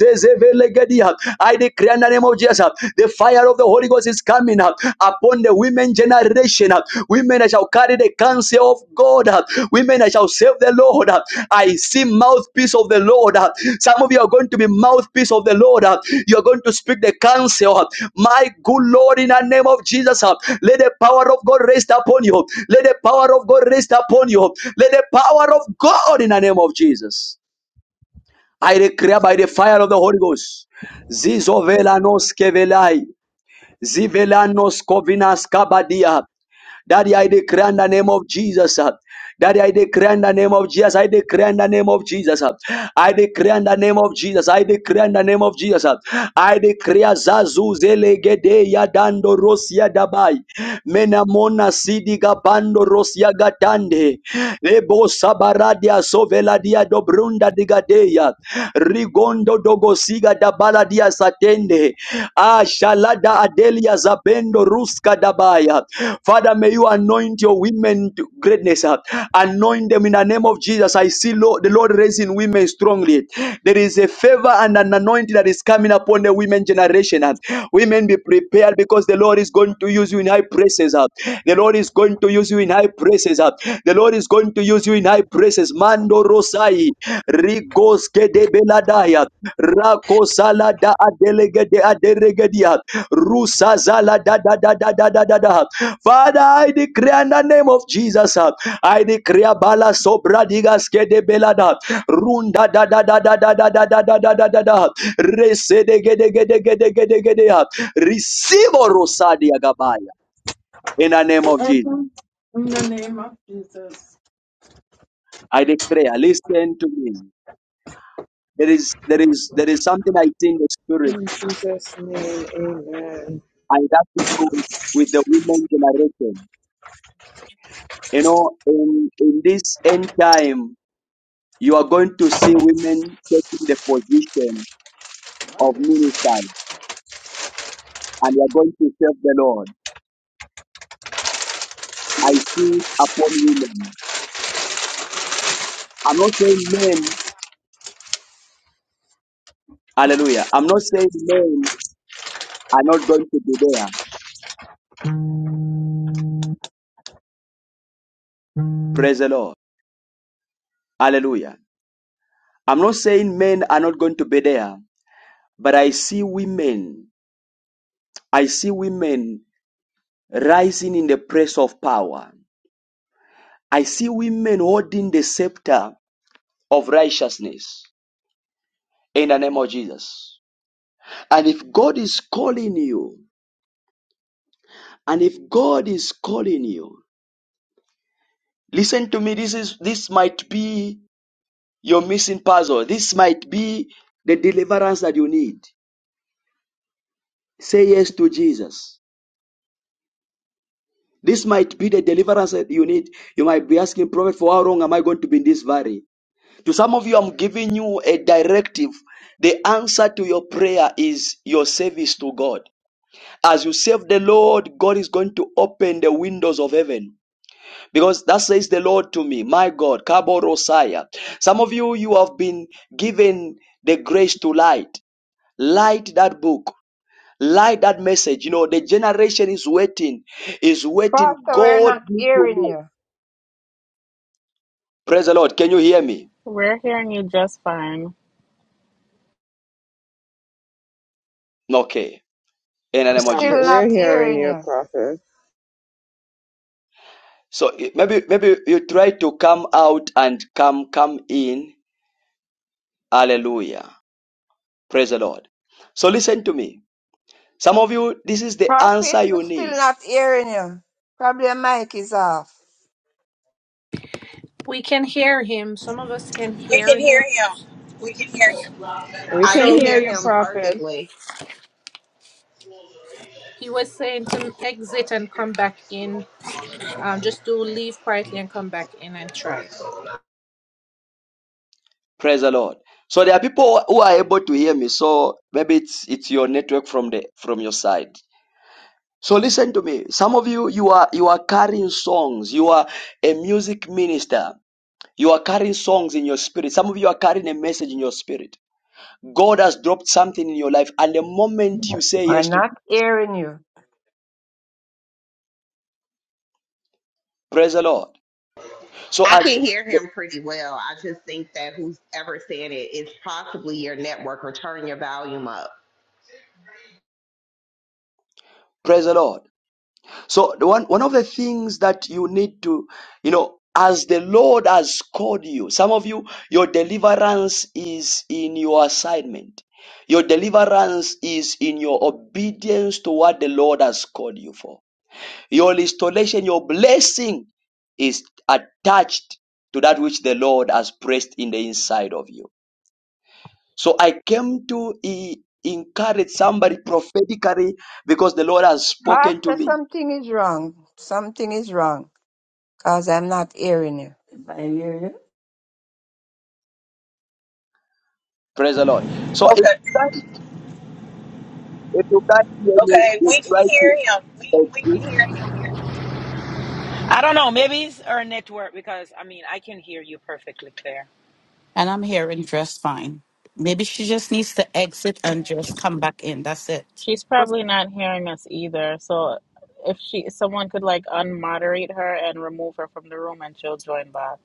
Speaker 1: Sezevelegedia. I declare in the name of Jesus, uh, the fire of the Holy Ghost is coming up upon the women generation. uh, Women that shall carry the counsel of God. uh, Women that shall serve the Lord. uh, I see mouthpiece of the Lord. uh, Some of you are going to be mouthpiece of the Lord. uh, You are going to speak the counsel. uh, My good Lord, in the name of Jesus, uh, let the power of God rest upon you. Let the power of God rest upon you. Let the power of God in the name of Jesus. I declare by the fire of the Holy Ghost. Zizovelanos kevelai. Zivelanos kovinas kabadia. Daddy, I declare in the name of Jesus. uh, Daddy, I declare in the name of Jesus. I declare in the name of Jesus. uh, I declare in the name of Jesus. I declare in the name of Jesus. uh, I declare Zazu Zelegede Yadando Rosia Dabai. Menamona Sidi Gabando Rosia Gatande. Lebo Sabaradia Soveladia Dobrunda Digadeya. Rigondo Mando dogo siga da baladia satende. Ah, shalada adelia zabendo ruska dabaya. Father, may you anoint your women to greatness. ah. Anoint them in the name of Jesus. I see Lord, the Lord raising women strongly. There is a favor and an anointing that is coming upon the women generation. ah. Women be prepared because the Lord is going to use you in high places. ah. The Lord is going to to use you in high places. uh. The Lord is going to use you in high places. Mando Rosai, Rigos Kedebeladaya, Rako Salada Adelegede Aderegedia, Rusa Zala da da da da da da da da. Father, I declare in the name of Jesus, uh, I declare Bala Sobra Digas Kedebelada, Runda da da da da da da da da da da da da da. Resedegedegedegedegedegedea. Receive O Rosadia Gabaya in the name of Jesus.
Speaker 13: Mhm. In the name of Jesus.
Speaker 1: I declare, listen to me. There is there is there is something I see in the spirit,
Speaker 11: In Jesus' name, amen.
Speaker 1: and that to do with, the women generation. You know, in in this end time, you are going to see women taking the position of
Speaker 13: Hallelujah.
Speaker 1: ministers, and you are going to serve the Lord. I see upon women. I'm not saying men. Hallelujah. I'm not saying men are not going to be there. Praise the Lord. Hallelujah. I'm not saying men are not going to be there, but I see women I see women rising in the place of power. I see women holding the scepter of righteousness in the name of Jesus. And if God is calling you, and if God is calling you, listen to me, this is this might be your missing puzzle. This might be the deliverance that you need. Say yes to Jesus. This might be the deliverance that you need. You might be asking, Prophet, for how long am I going to be in this valley? To some of you, I'm giving you a directive. The answer to your prayer is your service to God. As you serve the Lord, God is going to open the windows of heaven. Because that says the Lord to me, my God, Kaborosaya. Some of you, you have been given the grace to light. Light that book. Light that message. You know, the generation is waiting, is waiting.
Speaker 4: Pastor, we're
Speaker 1: God,
Speaker 4: not hearing you.
Speaker 1: praise the Lord. Can you hear me?
Speaker 14: We're hearing you just fine.
Speaker 1: Okay. In the
Speaker 4: We're
Speaker 1: name of
Speaker 11: Prophet,
Speaker 4: Still
Speaker 1: Jesus.
Speaker 11: we're
Speaker 4: not
Speaker 11: hearing
Speaker 4: hearing
Speaker 11: you,
Speaker 4: you.
Speaker 11: Prophet.
Speaker 1: So i- maybe maybe you try to come out and come come in. Hallelujah. Praise the Lord. So listen to me. Some of you, this is the
Speaker 4: Prophet,
Speaker 1: answer
Speaker 4: we're
Speaker 1: you
Speaker 4: still
Speaker 1: need.
Speaker 4: not hearing you. Probably your mic is off.
Speaker 12: We can hear him. Some of us can hear him.
Speaker 10: him. We can hear
Speaker 11: We
Speaker 5: I
Speaker 11: can
Speaker 12: So
Speaker 5: can
Speaker 11: hear
Speaker 5: hear
Speaker 11: you,
Speaker 5: him
Speaker 11: Prophet.
Speaker 5: perfectly.
Speaker 12: he was saying to exit and come back in. Um, just do leave quietly and come back in and try.
Speaker 1: Praise the Lord. So there are people who are able to hear me. So maybe it's it's your network from the from your side. So listen to me. Some of you you are you are carrying songs. You are a music minister. You are carrying songs in your spirit. Some of you are carrying a message in your spirit. God has dropped something in your life, and the moment you say
Speaker 4: We're
Speaker 1: yes
Speaker 4: not
Speaker 1: to
Speaker 4: hearing you.
Speaker 1: Praise the Lord. So
Speaker 5: I
Speaker 1: as
Speaker 5: can hear him pretty well. I just think that who's ever said it is possibly your network or turn your volume up.
Speaker 1: praise the Lord. So the one one of the things that you need to, you know, as the Lord has called you, some of you, your deliverance is in your assignment. Your deliverance is in your obedience to what the Lord has called you for. Your restoration, your blessing is attached to that which the Lord has placed in the inside of you. So I came to e- encourage somebody prophetically because the Lord has spoken to
Speaker 4: Pastor,
Speaker 1: me.
Speaker 4: something is wrong. Something is wrong. Cause I'm not hearing you. I hear you.
Speaker 1: Praise the Lord.
Speaker 10: him.
Speaker 1: So if
Speaker 10: Okay.
Speaker 1: you can't, if you can't hear me,
Speaker 10: Okay.
Speaker 1: you
Speaker 10: We can
Speaker 1: try to
Speaker 10: hear him. We, we can
Speaker 1: exit
Speaker 10: hear him.
Speaker 15: I don't know. Maybe it's our network because I mean I can hear you perfectly clear.
Speaker 2: And I'm here and dressed fine. Maybe she just needs to exit and just come back in. That's it.
Speaker 14: She's probably not hearing us either. So if she someone could like unmoderate her and remove her from the room and she'll join back.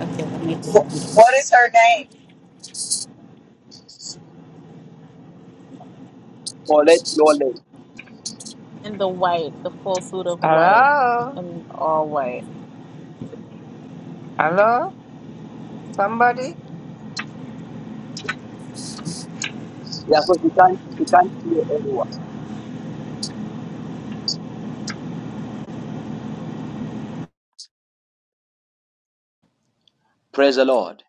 Speaker 2: Okay, that makes
Speaker 10: Wh-
Speaker 2: sense.
Speaker 10: What is her name?
Speaker 1: or let know
Speaker 14: In the white, the full suit of white
Speaker 4: Hello?
Speaker 14: and all white.
Speaker 4: Hello? Somebody?
Speaker 1: Yeah, so she can't, she can't hear anyone. Praise the Lord.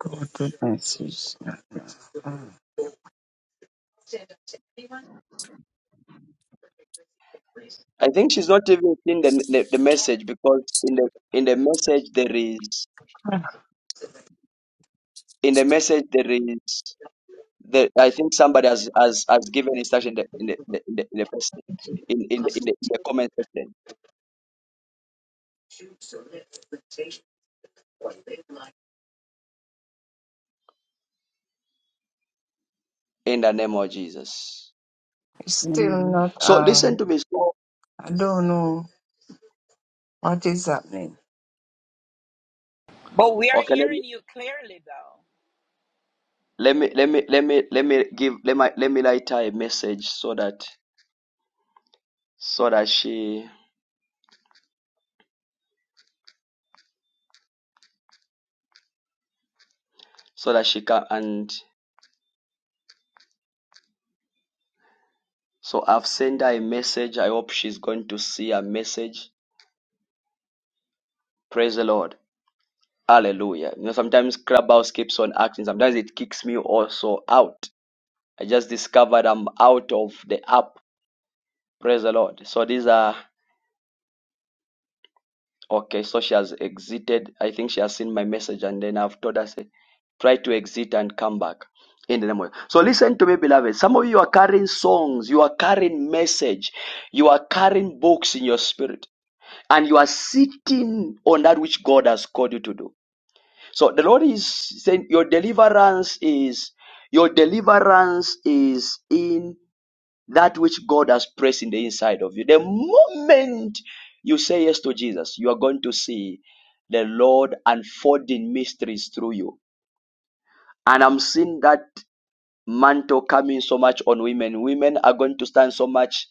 Speaker 4: Go to message.
Speaker 1: I think she's not even seeing the, the, the message because in the in the message there is in the message there is the, I think somebody has has, has given instruction in the in the, in the, in the, in in, in the, in
Speaker 4: It's
Speaker 1: the in the comment section. in the name of Jesus.
Speaker 4: still
Speaker 2: Amen.
Speaker 4: not
Speaker 1: So listen
Speaker 4: on.
Speaker 1: to me. So
Speaker 4: I don't know what is happening.
Speaker 15: But we are
Speaker 1: okay,
Speaker 15: hearing you clearly though.
Speaker 1: let me let me let me let me let me give let me let me write her a message so that so that she so that she can and so I've sent her a message. I hope she's going to see a message. Praise the Lord. Hallelujah. You know, sometimes Clubhouse keeps on acting. Sometimes it kicks me also out. I just discovered I'm out of the app. Praise the Lord. So these are Okay, so she has exited. I think she has seen my message, and then I've told her, say, try to exit and come back. In the name of so listen to me, beloved. Some of you are carrying songs, you are carrying message, you are carrying books in your spirit, and you are sitting on that which God has called you to do. So the Lord is saying your deliverance is your deliverance is in that which God has placed in the inside of you. The moment you say yes to Jesus, you are going to see the Lord unfolding mysteries through you. And I'm seeing that mantle coming so much on women. Women are going to stand so much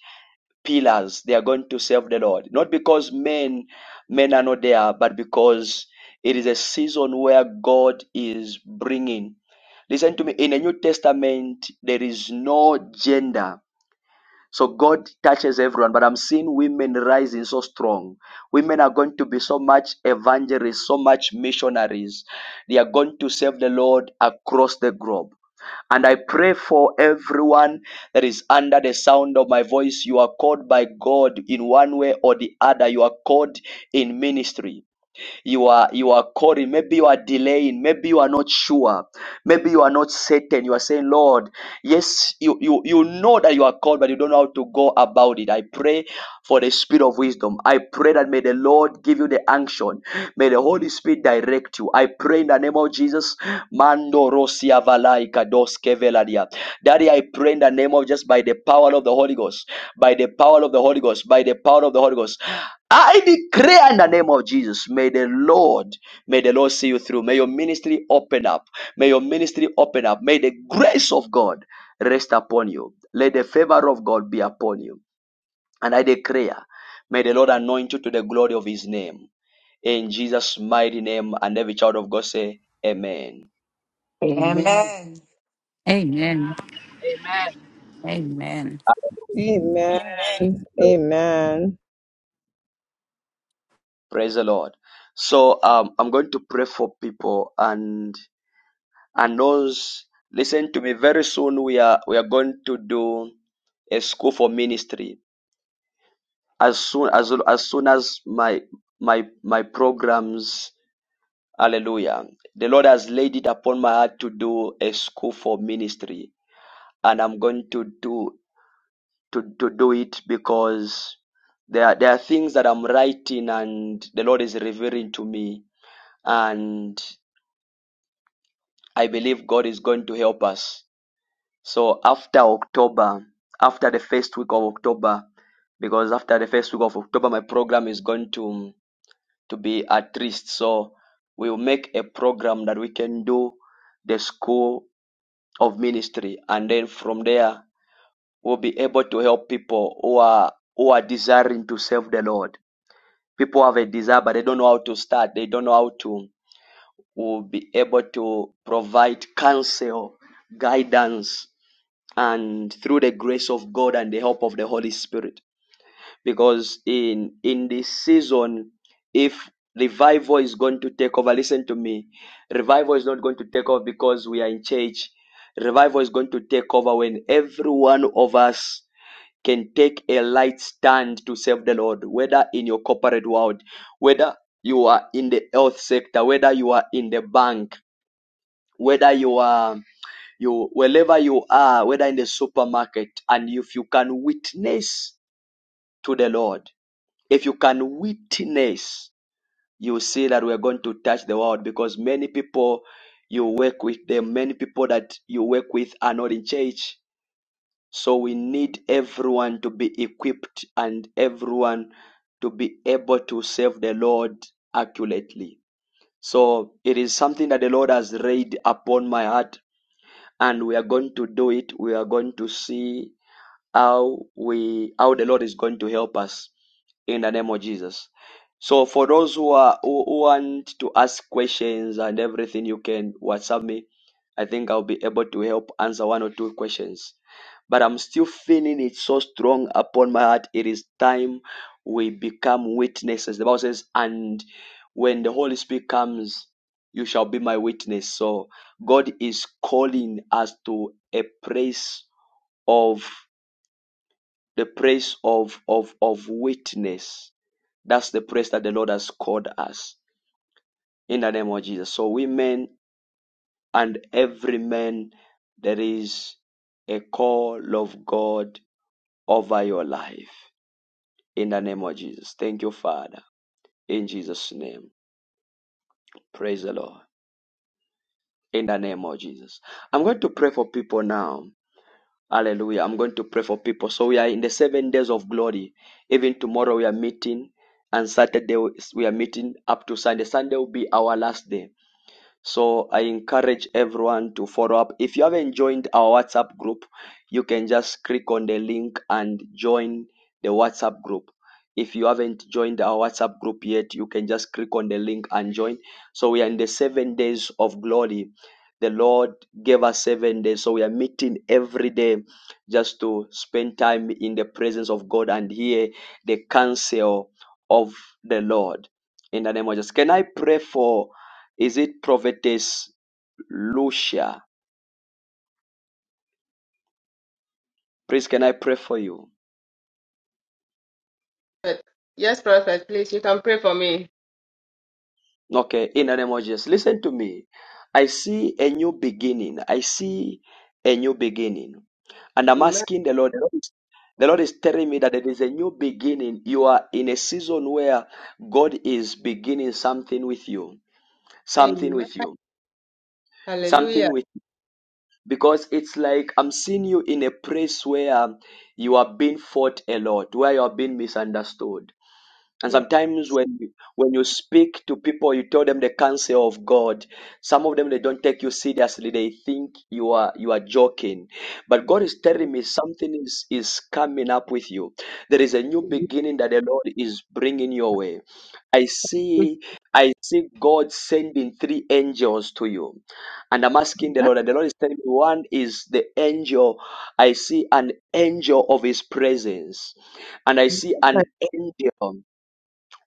Speaker 1: pillars. They are going to serve the Lord. Not because men men are not there, but because it is a season where God is bringing. Listen to me. In the New Testament, there is no gender so God touches everyone, but I'm seeing women rising so strong. Women are going to be so much evangelists, so much missionaries. They are going to serve the Lord across the globe. And I pray for everyone that is under the sound of my voice. You are called by God in one way or the other. You are called in ministry you are you are calling maybe you are delaying maybe you are not sure maybe you are not certain you are saying lord yes you you you know that you are called but you don't know how to go about it i pray for the spirit of wisdom i pray that may the lord give you the unction may the Holy Spirit, direct you. I pray in the name of Jesus. Mando Rosia Valai Kados Keveladia. Daddy, I pray in the name of just by the power of the Holy Ghost, by the power of the Holy Ghost, by the power of the Holy Ghost. I declare in the name of Jesus, may the Lord, may the Lord see you through. May your ministry open up. May your ministry open up. May the grace of God rest upon you. Let the favor of God be upon you. And I declare, may the Lord anoint you to the glory of his name. In Jesus' mighty name, and every child of God say, Amen.
Speaker 4: Amen. Amen.
Speaker 2: Amen.
Speaker 8: Amen.
Speaker 2: Amen.
Speaker 11: Amen.
Speaker 16: Amen.
Speaker 11: Amen.
Speaker 1: Praise the Lord. So um, I'm going to pray for people and and those listen to me. Very soon we are we are going to do a school for ministry. As soon as as soon as my my my programs, Hallelujah. The Lord has laid it upon my heart to do a school for ministry, and I'm going to do to, to do it because there are, there are things that I'm writing and the Lord is revealing to me and I believe God is going to help us. So after October, after the first week of October, because after the first week of October, my program is going to to be at least. So we'll make a program that we can do the school of ministry, and then from there we'll be able to help people who are who are desiring to serve the Lord. people have a desire but they don't know how to start they don't know how to will be able to provide counsel guidance and through the grace of god and the help of the holy spirit because in in this season if revival is going to take over listen to me revival is not going to take over because we are in church revival is going to take over when every one of us can take a light stand to save the Lord, whether in your corporate world, whether you are in the health sector, whether you are in the bank, whether you are you wherever you are, whether in the supermarket, and if you can witness to the Lord, if you can witness, you see that we're going to touch the world because many people you work with them, many people that you work with are not in church So we need everyone to be equipped and everyone to be able to serve the Lord accurately. So it is something that the Lord has laid upon my heart, and we are going to do it. We are going to see how we how the Lord is going to help us in the name of Jesus. So for those who are who who want to ask questions and everything, you can WhatsApp me. I think I'll be able to help answer one or two questions. But I'm still feeling it so strong upon my heart. It is time we become witnesses. The Bible says, and when the Holy Spirit comes, you shall be my witness. So God is calling us to a place of the praise of of of witness. That's the praise that the Lord has called us in the name of Jesus. So women and every man, there is a call of God over your life in the name of Jesus. Thank you, Father. In Jesus' name, praise the Lord. In the name of Jesus, I'm going to pray for people now. Hallelujah. I'm going to pray for people. So we are in the seven days of glory. Even tomorrow we are meeting, and Saturday we are meeting up to Sunday. Sunday will be our last day. So I encourage everyone to follow up. If you haven't joined our WhatsApp group, you can just click on the link and join the WhatsApp group. If you haven't joined our WhatsApp group yet, you can just click on the link and join. So we are in the seven days of glory. The Lord gave us seven days. So we are meeting every day just to spend time in the presence of God and hear the counsel of the Lord. In the name of Jesus. Can I pray for is it Prophetess Lucia? Please, can I pray for you?
Speaker 17: Prophet. Yes, Prophet, please, you can pray for me.
Speaker 1: Okay, in the name of Jesus. Listen to me. I see a new beginning. I see a new beginning. And I'm
Speaker 17: Amen.
Speaker 1: asking the Lord, the Lord is the Lord is telling me that it is a new beginning. You are in a season where God is beginning something with you. Something
Speaker 17: Amen.
Speaker 1: with you.
Speaker 17: Hallelujah.
Speaker 1: Something with because it's like I'm seeing you in a place where you are being fought a lot, where you are being misunderstood And
Speaker 17: Yes.
Speaker 1: sometimes when you- when you speak to people, you tell them the counsel of God. Some of them they don't take you seriously. They think you are you are joking. But God is telling me something is is coming up with you. There is a new beginning that the Lord is bringing your way. I
Speaker 17: We
Speaker 1: see I see God sending three angels to you, and I'm asking the Lord. And the Lord is telling me one is the angel. I see an angel of His presence, and I see an
Speaker 17: thank
Speaker 1: angel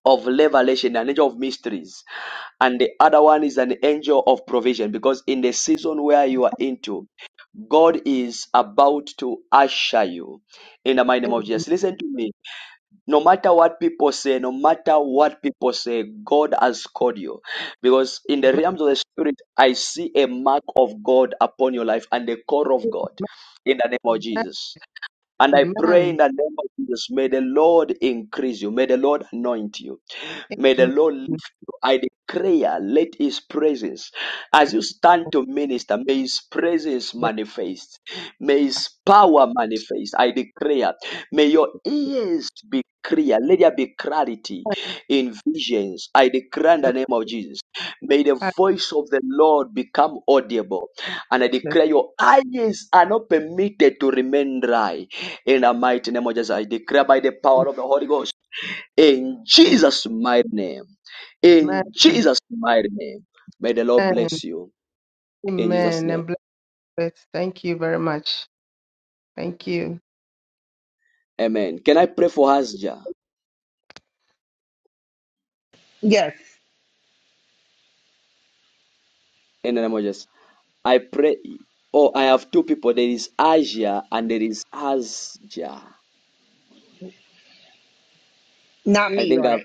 Speaker 1: of revelation, an angel of mysteries, and the other one is an angel of provision. Because in the season where you are into, God is about to usher you in the mighty name of
Speaker 17: you.
Speaker 1: Jesus. Listen to me. No matter what people say, no matter what people say, God has called you. Because in the realms of the spirit, I see a mark of God upon your life and the core of God in the name of Jesus. And I pray in
Speaker 17: Amen.
Speaker 1: the name of Jesus, may the Lord increase you. May the Lord anoint you. May the
Speaker 17: Amen.
Speaker 1: Lord lift you. I declare, let His presence, as you stand to minister, may His presence manifest. May His power manifest. I declare, may your ears be clear. Let there be clarity in visions. I declare in the name of Jesus. May the
Speaker 17: Amen.
Speaker 1: voice of the Lord become audible. And I declare your eyes are not permitted to remain dry. In the mighty name of Jesus, I declare by the power of the Holy Ghost. In Jesus' mighty name. In
Speaker 17: Amen.
Speaker 1: Jesus' mighty name. May the Lord bless you. In Jesus'
Speaker 17: Amen.
Speaker 1: name.
Speaker 17: And bless it. Thank you very much. Thank you.
Speaker 1: Amen. Can I pray for Asja?
Speaker 5: Yes,
Speaker 1: In the name of Jesus. I pray. Oh, I have two people. There is Asia and there is Asja.
Speaker 5: not
Speaker 1: I
Speaker 5: me,
Speaker 1: think I've
Speaker 5: right?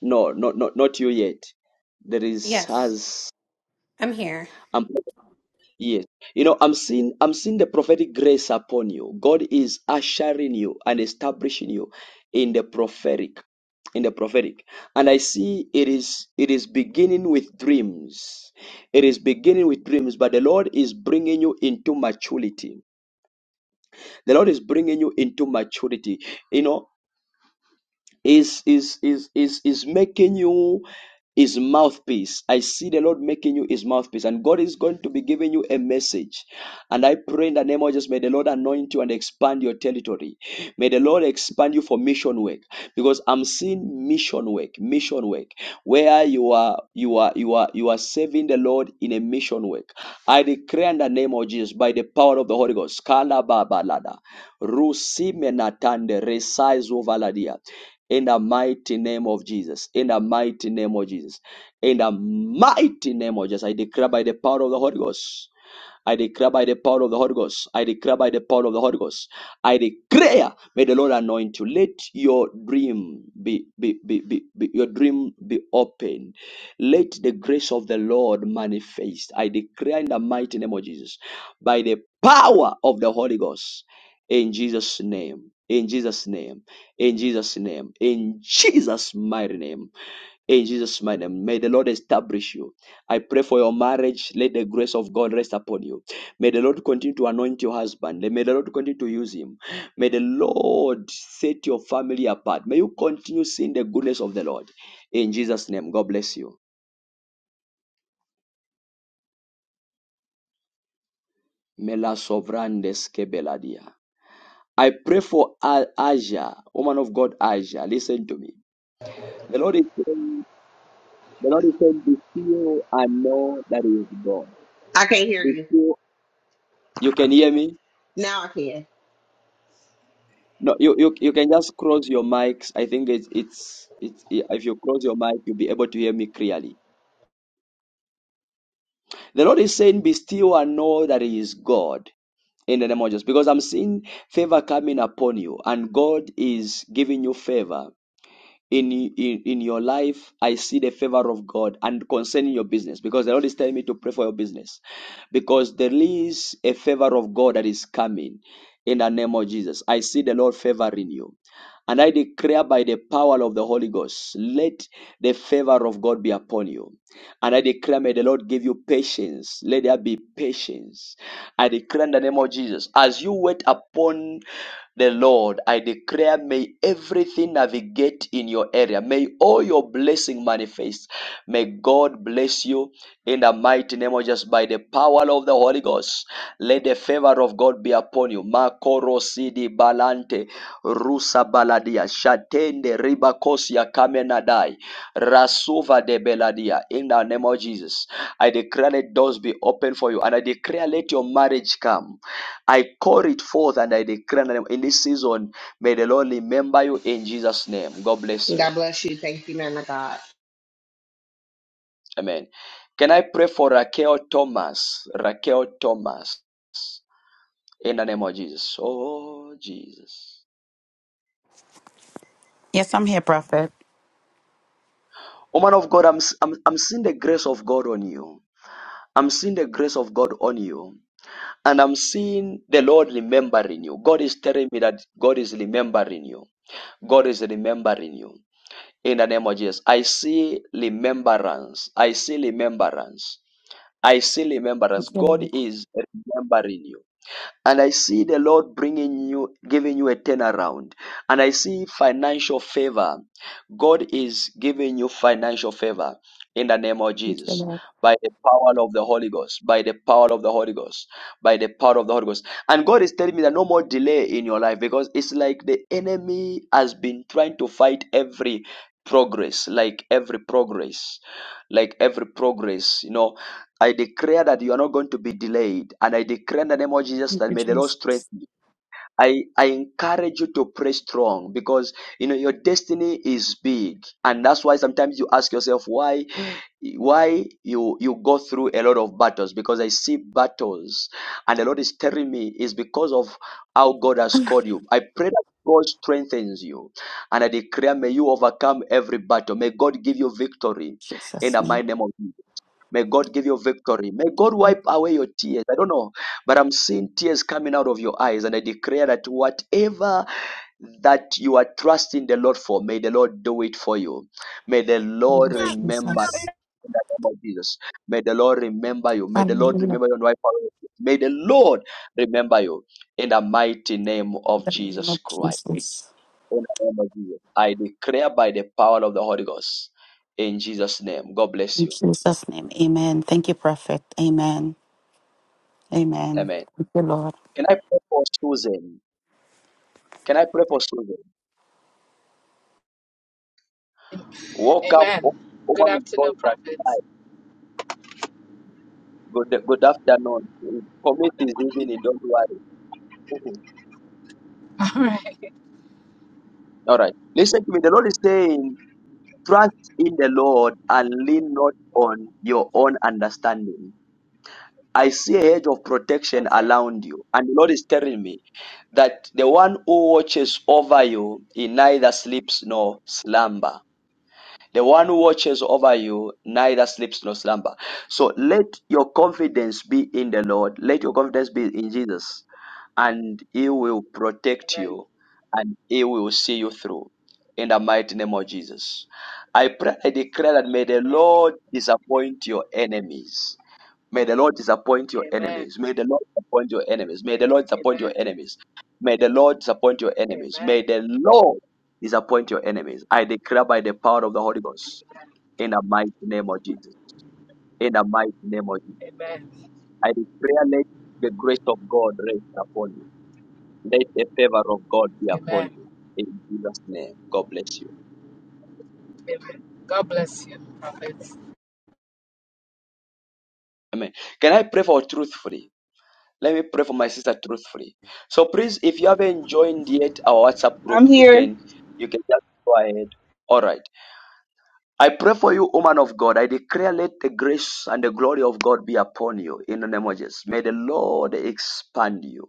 Speaker 1: no, no, no, not you yet. There is
Speaker 18: Yes,
Speaker 1: Has.
Speaker 18: I'm here.
Speaker 1: Yes. You know, I'm seeing I'm seeing the prophetic grace upon you. God is ushering you and establishing you in the prophetic. In the prophetic. And I see it is it is beginning with dreams. It is beginning with dreams, but the Lord is bringing you into maturity. The Lord is bringing you into maturity. You know, is is is is is making you his mouthpiece. I see the Lord making you his mouthpiece, and God is going to be giving you a message. And I pray in the name of Jesus, may the Lord anoint you and expand your territory. May the Lord expand you for mission work. Because I'm seeing mission work, mission work, where you are you are you are you are serving the Lord in a mission work. I declare in the name of Jesus by the power of the Holy Ghost. Kala Baba Lada. Rusi menatande resaizo valadia in the mighty name of Jesus. In the mighty name of Jesus. In the mighty name of Jesus. I declare by the power of the Holy Ghost. I declare by the power of the Holy Ghost. I declare by the power of the Holy Ghost. I declare, may the Lord anoint you. Let your dream be, be, be, be, be your dream be open. Let the grace of the Lord manifest. I declare in the mighty name of Jesus, by the power of the Holy Ghost, in Jesus' name. In Jesus' name, in Jesus' name, in Jesus' mighty name. In Jesus' mighty name, may the Lord establish you. I pray for your marriage. Let the grace of God rest upon you. May the Lord continue to anoint your husband. May the Lord continue to use him. May the Lord set your family apart. May you continue seeing the goodness of the Lord. In Jesus' name, God bless you. Mela sovrandes kebeladia. I pray for A- Asia, woman of God, Asia. Listen to me. The Lord is saying, the Lord is saying, be still and know that He is God.
Speaker 5: I can't hear
Speaker 1: Be
Speaker 5: you.
Speaker 1: still. You can hear me?
Speaker 5: Now I can.
Speaker 1: No, you, you you can just cross your mics. I think it's it's it's yeah, if you cross your mic, you'll be able to hear me clearly. The Lord is saying, "Be still and know that He is God." In the name of Jesus, because I'm seeing favor coming upon you, and God is giving you favor. in, in in your life i see the favor of god and concerning your business because the lord is telling me to pray for your business because there is a favor of god that is coming in the name of jesus i see the lord favoring you and i declare by the power of the holy ghost let the favor of god be upon you and i declare may the lord give you patience let there be patience I declare in the name of Jesus, as you wait upon the Lord, I declare, may everything navigate in your area. May all your blessing manifest. May God bless you in the mighty name of Jesus by the power of the Holy Ghost. Let the favor of God be upon you. Makoro sidi balante rusa baladia shatende ribakosia kamenadai rasuva de beladia in the name of Jesus. I declare let doors be open for you. And I declare let your marriage come. I call it forth and I declare in the name- in this season, may the Lord remember you in Jesus' name. God bless
Speaker 5: God
Speaker 1: you.
Speaker 5: bless you. Thank you, man of God.
Speaker 1: Amen. Can I pray for Raquel Thomas? Raquel Thomas. In the name of Jesus. Oh, Jesus.
Speaker 2: Yes, I'm here, Prophet.
Speaker 1: Woman of God, I'm, I'm, I'm seeing the grace of God on you. I'm seeing the grace of God on you. And I'm seeing the Lord remembering you. God is telling me that God is remembering you. God is remembering you. in the name of Jesus. I see remembrance. I see remembrance. I see remembrance.
Speaker 2: Thank you,
Speaker 1: God is remembering you. And I see the Lord bringing you, giving you a turnaround. And I see financial favor. God is giving you financial favor in the name of Jesus. By the power of the Holy Ghost, by the power of the Holy Ghost, by the power of the Holy Ghost. And God is telling me that no more delay in your life because it's like the enemy has been trying to fight every progress, like every progress, like every progress, you know I declare that you are not going to be delayed. And I declare in the name of Jesus that may the Lord strengthen
Speaker 2: Jesus.
Speaker 1: you. I, I encourage you to pray strong because you know your destiny is big. And that's why sometimes you ask yourself why why you you go through a lot of battles because I see battles and the Lord is telling me is because of how God has called you. I pray that God strengthens you and I declare may you overcome every battle. May God give you victory in
Speaker 2: Jesus'
Speaker 1: the
Speaker 2: name.
Speaker 1: mighty name of Jesus. May God give you victory. May God wipe away your tears. I don't know, but I'm seeing tears coming out of your eyes, and I declare that whatever that you are trusting the Lord for, may the Lord do it for you. May the
Speaker 2: In the Name
Speaker 1: Lord
Speaker 2: of
Speaker 1: remember you
Speaker 2: Jesus.
Speaker 1: in the name of Jesus. May the Lord remember you. May the Lord
Speaker 2: Hallelujah.
Speaker 1: remember you and wipe away. your tears. May the Lord remember you in the mighty name
Speaker 2: In
Speaker 1: of
Speaker 2: The name
Speaker 1: Jesus
Speaker 2: of
Speaker 1: Christ.
Speaker 2: Jesus.
Speaker 1: In the name of Jesus, I declare by the power of the Holy Ghost in Jesus' name. God bless
Speaker 2: In
Speaker 1: you.
Speaker 2: Jesus' name. Amen. Thank you, Prophet. Amen. Amen.
Speaker 1: Amen.
Speaker 2: Thank you, Lord.
Speaker 1: Can I pray for Susan? Can I pray for Susan?
Speaker 8: Am-
Speaker 1: Woke up, wo-
Speaker 8: Amen. Good
Speaker 1: woman of God
Speaker 8: afternoon,
Speaker 1: that
Speaker 8: prophets.
Speaker 1: night. Good, good afternoon. Commit is evening, don't worry. Mhm.
Speaker 8: All right.
Speaker 1: All right. Listen to me. The Lord is saying, trust in the Lord and lean not on your own understanding. I see a hedge of protection
Speaker 8: Okay.
Speaker 1: around you. And the Lord is telling me that the one who watches over you, he neither sleeps nor slumber. The one who watches over you neither sleeps nor slumber. So let your confidence be in the Lord. Let your confidence be in Jesus, and He will protect
Speaker 8: Amen.
Speaker 1: you, and He will see you through. In the mighty name of Jesus, I pray, I declare that may the Lord disappoint your enemies. May the Lord disappoint your
Speaker 8: Amen.
Speaker 1: enemies. May the Lord disappoint your enemies. May the Lord disappoint your
Speaker 8: Amen.
Speaker 1: enemies. May the Lord disappoint your
Speaker 8: Amen.
Speaker 1: enemies.
Speaker 8: Amen.
Speaker 1: May the Lord disappoint your enemies. I declare by the power of the Holy Ghost in the mighty name of Jesus. In the mighty name of Jesus.
Speaker 8: Amen.
Speaker 1: I declare let the grace of God rest upon you. Let the favor of God be upon
Speaker 8: Amen.
Speaker 1: you. In Jesus' name. God bless you.
Speaker 8: Amen. God bless you, prophets.
Speaker 1: Amen. Can I pray for truthfully? Let me pray for my sister truthfully. So please, if you haven't joined yet our WhatsApp group,
Speaker 10: I'm
Speaker 1: you
Speaker 10: here.
Speaker 1: can you can just go ahead. All right. I pray for you, woman of God. I declare let the grace and the glory of God be upon you in the name of Jesus. May the Lord expand you.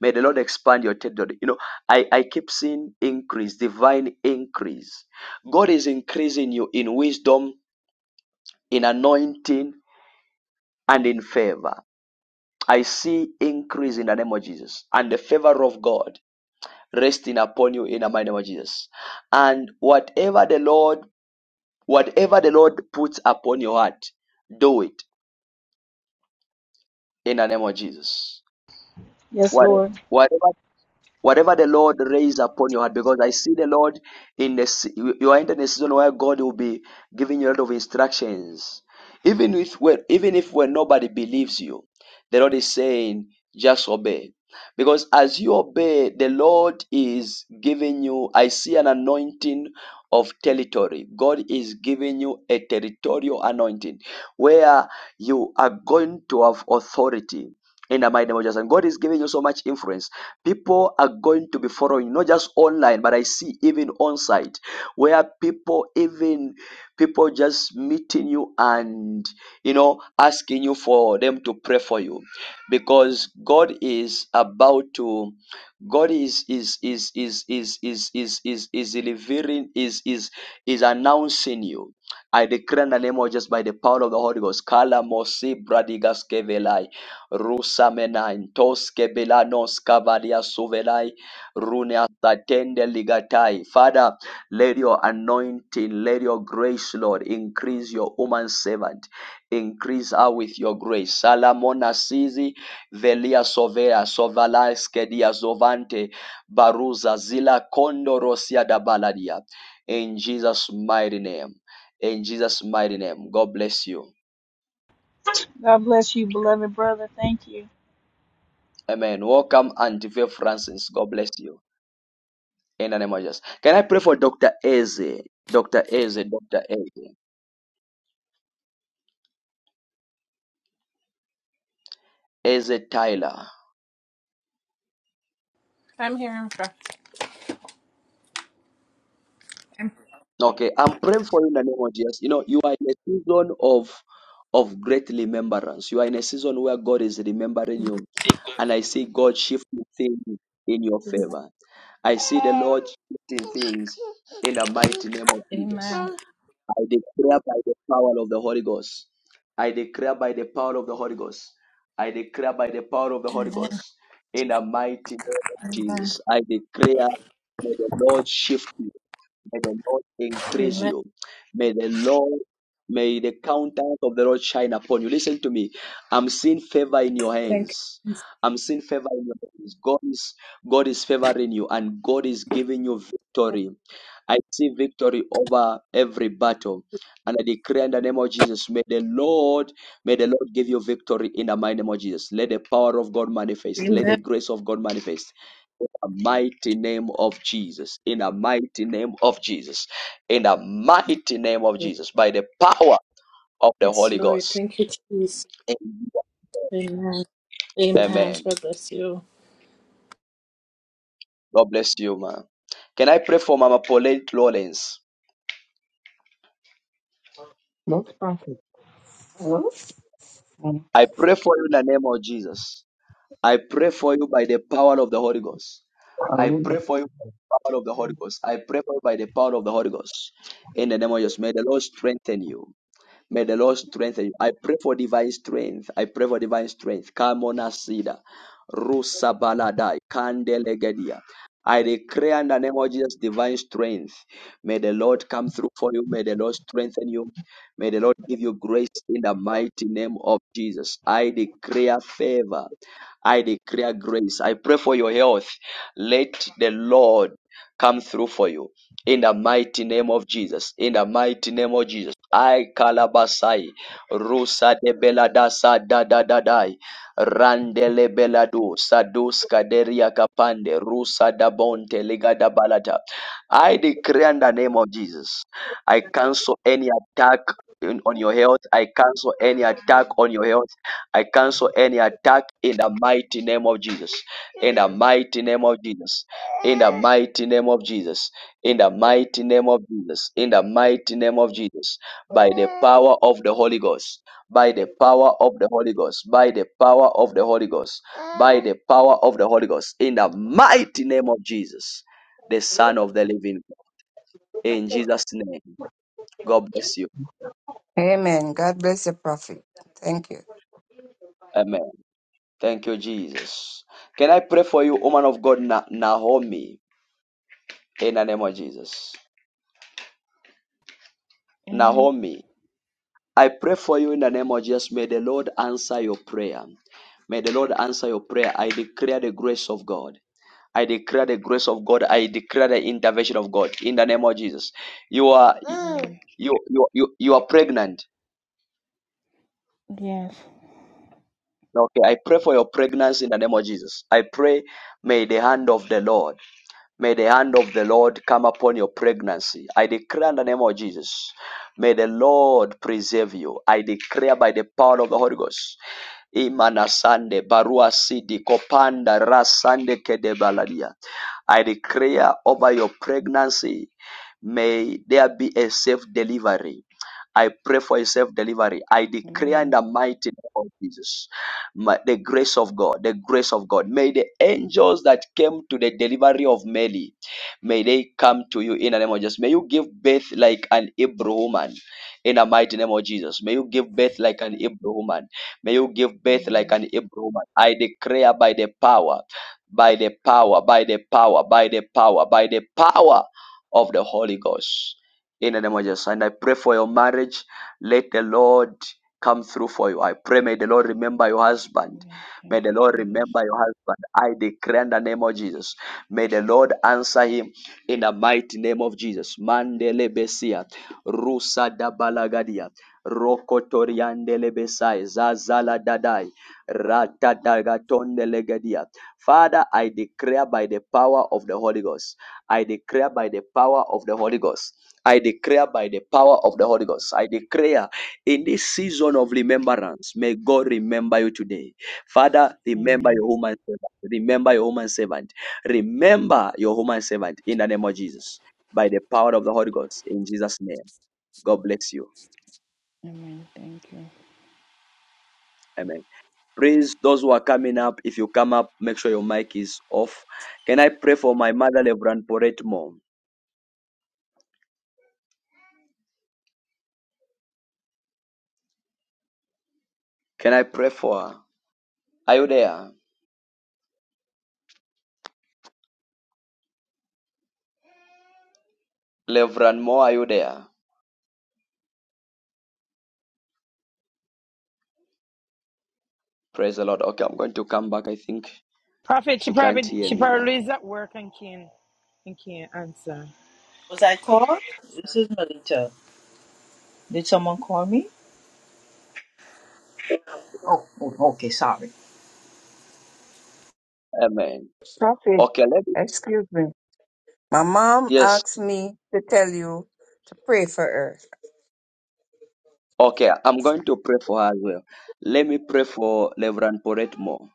Speaker 1: May the Lord expand your territory. You know, I, I keep seeing increase, divine increase. God is increasing you in wisdom, in anointing, and in favor. I see increase in the name of Jesus. And the favor of God resting upon you in the mighty name of Jesus. And whatever the Lord, whatever the Lord puts upon your heart, do it in the name of Jesus.
Speaker 10: Yes,
Speaker 1: What-
Speaker 10: Lord.
Speaker 1: Whatever Whatever the Lord raise upon your heart, because I see the Lord in this, you are entering a season where God will be giving you a lot of instructions. Even if when, even if when nobody believes you, the Lord is saying, just obey. Because as you obey, the Lord is giving you, I see an anointing of territory. God is giving you a territorial anointing where you are going to have authority in the mighty name of Jesus. And God is giving you so much influence People are going to be following, not just online, but I see even on site where people, even people just meeting you and, you know, asking you for them to pray for you because God is about to, God is, is, is, is, is, is, is, is, is delivering, is, is, is announcing you. I declare in the name of just by the power of the Holy Ghost. Kala mosi bradigas Rusamenain, Toske Belanos Cavalia Suvelai, Runia Satende Ligatai. Father, let your anointing, let your grace, Lord, increase your woman servant. Increase her with your grace. Salamona Sizi, Velia Sovea, Sovala Skedia Zovante, Baruza, Zila Kondo Rosia da Baladia. In Jesus' mighty name. In Jesus' mighty name. God bless you.
Speaker 10: God bless you, beloved brother. Thank you.
Speaker 1: Amen. Welcome, Antife Francis. God bless you. In the name of Jesus. Can I pray for Dr. Eze? Dr. Eze, Dr. Eze. Eze Tyler.
Speaker 12: I'm hearing from
Speaker 1: Okay, I'm praying for you in the name of Jesus. You know, you are in a season of of great remembrance. You are in a season where God is remembering you, and I see God shifting things in your favor. I see the Lord shifting things in the mighty name of Jesus.
Speaker 12: Amen.
Speaker 1: I declare by the power of the Holy Ghost. I declare by the power of the Holy Ghost. I declare by the power of the Holy
Speaker 12: Amen.
Speaker 1: Ghost. In the mighty name of Jesus, I declare, may the Lord shift you. May the Lord increase
Speaker 12: Amen.
Speaker 1: you. May the Lord, may the countenance of the Lord shine upon you. Listen to me. I'm seeing favor in your
Speaker 12: Thank
Speaker 1: hands.
Speaker 12: you.
Speaker 1: I'm seeing favor in your hands. God is God is favoring you, and God is giving you victory. I see victory over every battle. And I declare in the name of Jesus, may the Lord, may the Lord give you victory in the mighty name of Jesus. Let the power of God manifest. Let the
Speaker 12: Amen.
Speaker 1: grace of God manifest the mighty name of Jesus. In the mighty name of Jesus. In the mighty name of Jesus. By the power of the
Speaker 12: Yes,
Speaker 1: Holy
Speaker 12: Lord.
Speaker 1: Ghost.
Speaker 12: Thank you, Jesus. Amen. Amen.
Speaker 1: Amen.
Speaker 12: God bless you.
Speaker 1: God bless you, man. Can I pray for Mama Pauline Lawrence?
Speaker 4: Not perfect. Mm.
Speaker 1: I pray for you in the name of Jesus. I pray for you by the power of the Holy Ghost. I
Speaker 4: Aruba.
Speaker 1: pray for you by the power of the Holy Ghost. I pray for you by the power of the Holy Ghost. In the name of Jesus, may the Lord strengthen you. May the Lord strengthen you. I pray for divine strength. I pray for divine strength. Kamona Sida. Rusa Baladai. Kandelegedia. I declare in the name of Jesus divine strength. May the Lord come through for you. May the Lord strengthen you. May the Lord give you grace in the mighty name of Jesus. I declare favor. I declare grace. I pray for your health. Let the Lord come through for you. In the mighty name of Jesus. In the mighty name of Jesus. I kalabasai. Rusa de beladasa da da da dai. Randele beladu. Sadus kaderia kapande. Rusa da bonte liga da balata. I declare in the name of Jesus. I cancel any attack in- on your health. I cancel any attack on your health. I cancel any attack in the mighty name of Jesus. In the mighty name of Jesus in the mighty name of Jesus, in the mighty name of Jesus, in the mighty name of Jesus, by the power of the Holy Ghost, by the power of the Holy Ghost, by the power of the Holy Ghost, by the power of the Holy Ghost, in the mighty name of Jesus, the Son of the Living God. In Jesus' name, God bless you.
Speaker 4: Amen. God bless you, Prophet. Thank you.
Speaker 1: Amen. Thank you, Jesus. Can I pray for you, woman of God, Na- Naomi, in the name of Jesus?
Speaker 3: Amen.
Speaker 1: Naomi. I pray for you in the name of Jesus. May the Lord answer your prayer. May the Lord answer your prayer. I declare the grace of God. I declare the grace of God. I declare the intervention of God in the name of Jesus. You are
Speaker 3: Amen.
Speaker 1: you you you, you are pregnant.
Speaker 3: Yes.
Speaker 1: Okay, I pray for your pregnancy in the name of Jesus. I pray may the hand of the Lord May the hand of the Lord come upon your pregnancy. I declare in the name of Jesus. May the Lord preserve you. I declare by the power of the Holy Ghost. Imanasande barua sidi kopanda rasande kedebaladia. I declare over your pregnancy. May there be a safe delivery. I pray for a safe delivery. I declare in
Speaker 3: Amen.
Speaker 1: the mighty name of Jesus. Ma- the grace of God, the grace of God. May the angels that came to the delivery of Mary, may they come to you in the name of Jesus. May you give birth like an Hebrew woman in the mighty name of Jesus. May you give birth like an Hebrew woman. May you give birth like
Speaker 3: Amen.
Speaker 1: an Hebrew woman. I declare by the power, by the power, by the power, by the power, by the power of the Holy Ghost. In the name of Jesus. And I pray for your marriage. Let the Lord come through for you. I pray may the Lord remember your husband.
Speaker 3: Amen.
Speaker 1: May
Speaker 3: Thank
Speaker 1: the
Speaker 3: you,
Speaker 1: Lord
Speaker 3: Jesus.
Speaker 1: remember your husband. I declare in the name of Jesus. May the Lord answer him in the mighty name of Jesus. Mandele besia, rusa da balagadia, rokotoriandele besai, zazala dadai, ratadagatonde legadia. Father, I declare by the power of the Holy Ghost. I declare by the power of the Holy Ghost. I declare by the power of the Holy Ghost. I declare in this season of remembrance, may God remember you today. Father, remember
Speaker 3: Amen.
Speaker 1: your human servant. Remember your human servant. Remember your human servant in the name of Jesus. By the power of the Holy Ghost. In Jesus' name. God bless you.
Speaker 3: Amen. Thank you.
Speaker 1: Amen. Please, those who are coming up, if you come up, make sure your mic is off. Can I pray for my mother, Reverend Poret Moore? Can I pray for her? Are you there? Reverend Moore, are you there? Praise the Lord. Okay, I'm going to come back. I think
Speaker 15: Prophet, she
Speaker 1: she can't
Speaker 15: probably
Speaker 1: hear
Speaker 15: she
Speaker 1: me
Speaker 15: probably
Speaker 1: now.
Speaker 15: is at work and can't and can't answer.
Speaker 19: Was I called? This is Melita. Did someone call me? Oh, oh, okay, sorry.
Speaker 1: Amen.
Speaker 4: Prophet,
Speaker 1: Okay, let me.
Speaker 4: excuse me. My mom
Speaker 1: Yes,
Speaker 4: asked me to tell you to pray for her.
Speaker 1: Okay, I'm going to pray for her as well. Let me pray for Reverend Poret more.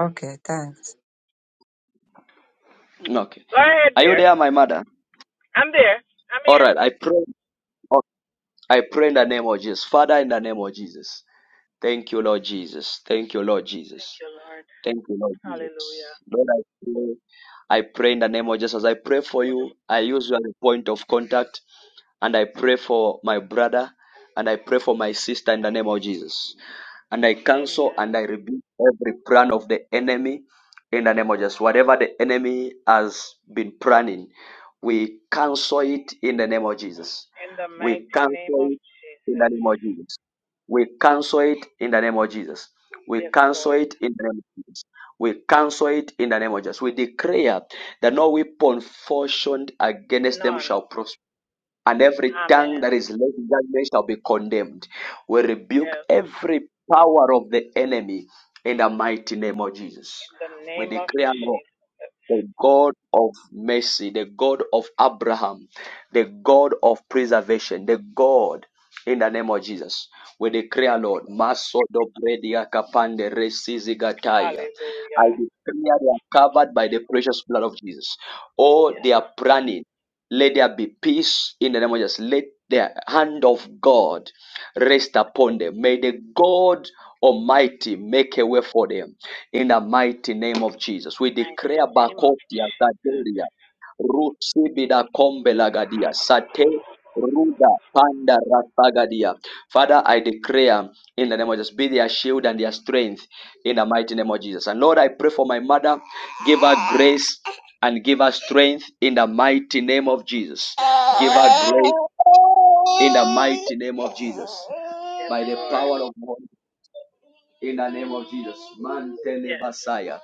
Speaker 4: Okay, thanks.
Speaker 1: Okay.
Speaker 13: Go ahead,
Speaker 1: Are you
Speaker 13: dear.
Speaker 1: there, my mother?
Speaker 13: I'm there. I'm
Speaker 1: All
Speaker 13: here.
Speaker 1: right. I pray. oh, I pray in the name of Jesus. Father, in the name of Jesus. Thank you, Lord Jesus. Thank you, Lord
Speaker 13: Thank
Speaker 1: Jesus.
Speaker 13: you, Lord.
Speaker 1: Thank you, Lord
Speaker 13: Hallelujah.
Speaker 1: Jesus. Lord, I pray. I pray in the name of Jesus. As I pray for you, I use you as a point of contact And I pray for my brother and I pray for my sister in the name of Jesus. And I cancel
Speaker 13: Amen.
Speaker 1: and I rebuke every plan of the enemy in the name of Jesus. Whatever the enemy has been planning, we cancel it in the name of Jesus.
Speaker 13: In the
Speaker 1: We
Speaker 13: mighty
Speaker 1: cancel
Speaker 13: name of
Speaker 1: it in the
Speaker 13: Jesus.
Speaker 1: name of Jesus. We cancel it in the name of Jesus. We
Speaker 13: Yes,
Speaker 1: cancel
Speaker 13: Lord.
Speaker 1: it in the name of Jesus. We cancel it in the name of Jesus. We declare that no weapon fashioned against them
Speaker 13: None.
Speaker 1: shall prosper and every tongue
Speaker 13: Amen.
Speaker 1: that is laid in judgment shall be condemned. We rebuke
Speaker 13: Yes.
Speaker 1: every power of the enemy in the mighty name of Jesus.
Speaker 13: In the
Speaker 1: We
Speaker 13: name of
Speaker 1: declare, Lord,
Speaker 13: Jesus.
Speaker 1: the God of mercy, the God of Abraham, the God of preservation, the God in the name of Jesus. We declare, Lord, Masodo Predia Kapande Resizi Gataya. I
Speaker 13: Hallelujah.
Speaker 1: declare they are covered by the precious blood of Jesus. Oh, they
Speaker 13: Yes.
Speaker 1: are planning. Let there be peace in the name of Jesus. Let the hand of God rest upon them. May the God Almighty make a way for them in the mighty name of Jesus. We
Speaker 13: Mighty
Speaker 1: declare
Speaker 13: name of
Speaker 1: Bakotia,
Speaker 13: Jesus.
Speaker 1: Zaderia, Rutsibida Kombelagadia, Sate, Ruda, Panda, Ratagadia. Father, I declare in the name of Jesus, be their shield and their strength in the mighty name of Jesus. And Lord, I pray for my mother, give her grace and give her strength in the mighty name of Jesus.
Speaker 13: Yes,
Speaker 1: Give
Speaker 13: Lord.
Speaker 1: her grace in the mighty name of Jesus.
Speaker 13: Yes,
Speaker 1: By the
Speaker 13: Lord.
Speaker 1: power of God in the name of Jesus. Mantele
Speaker 13: Yes.
Speaker 1: Basaya.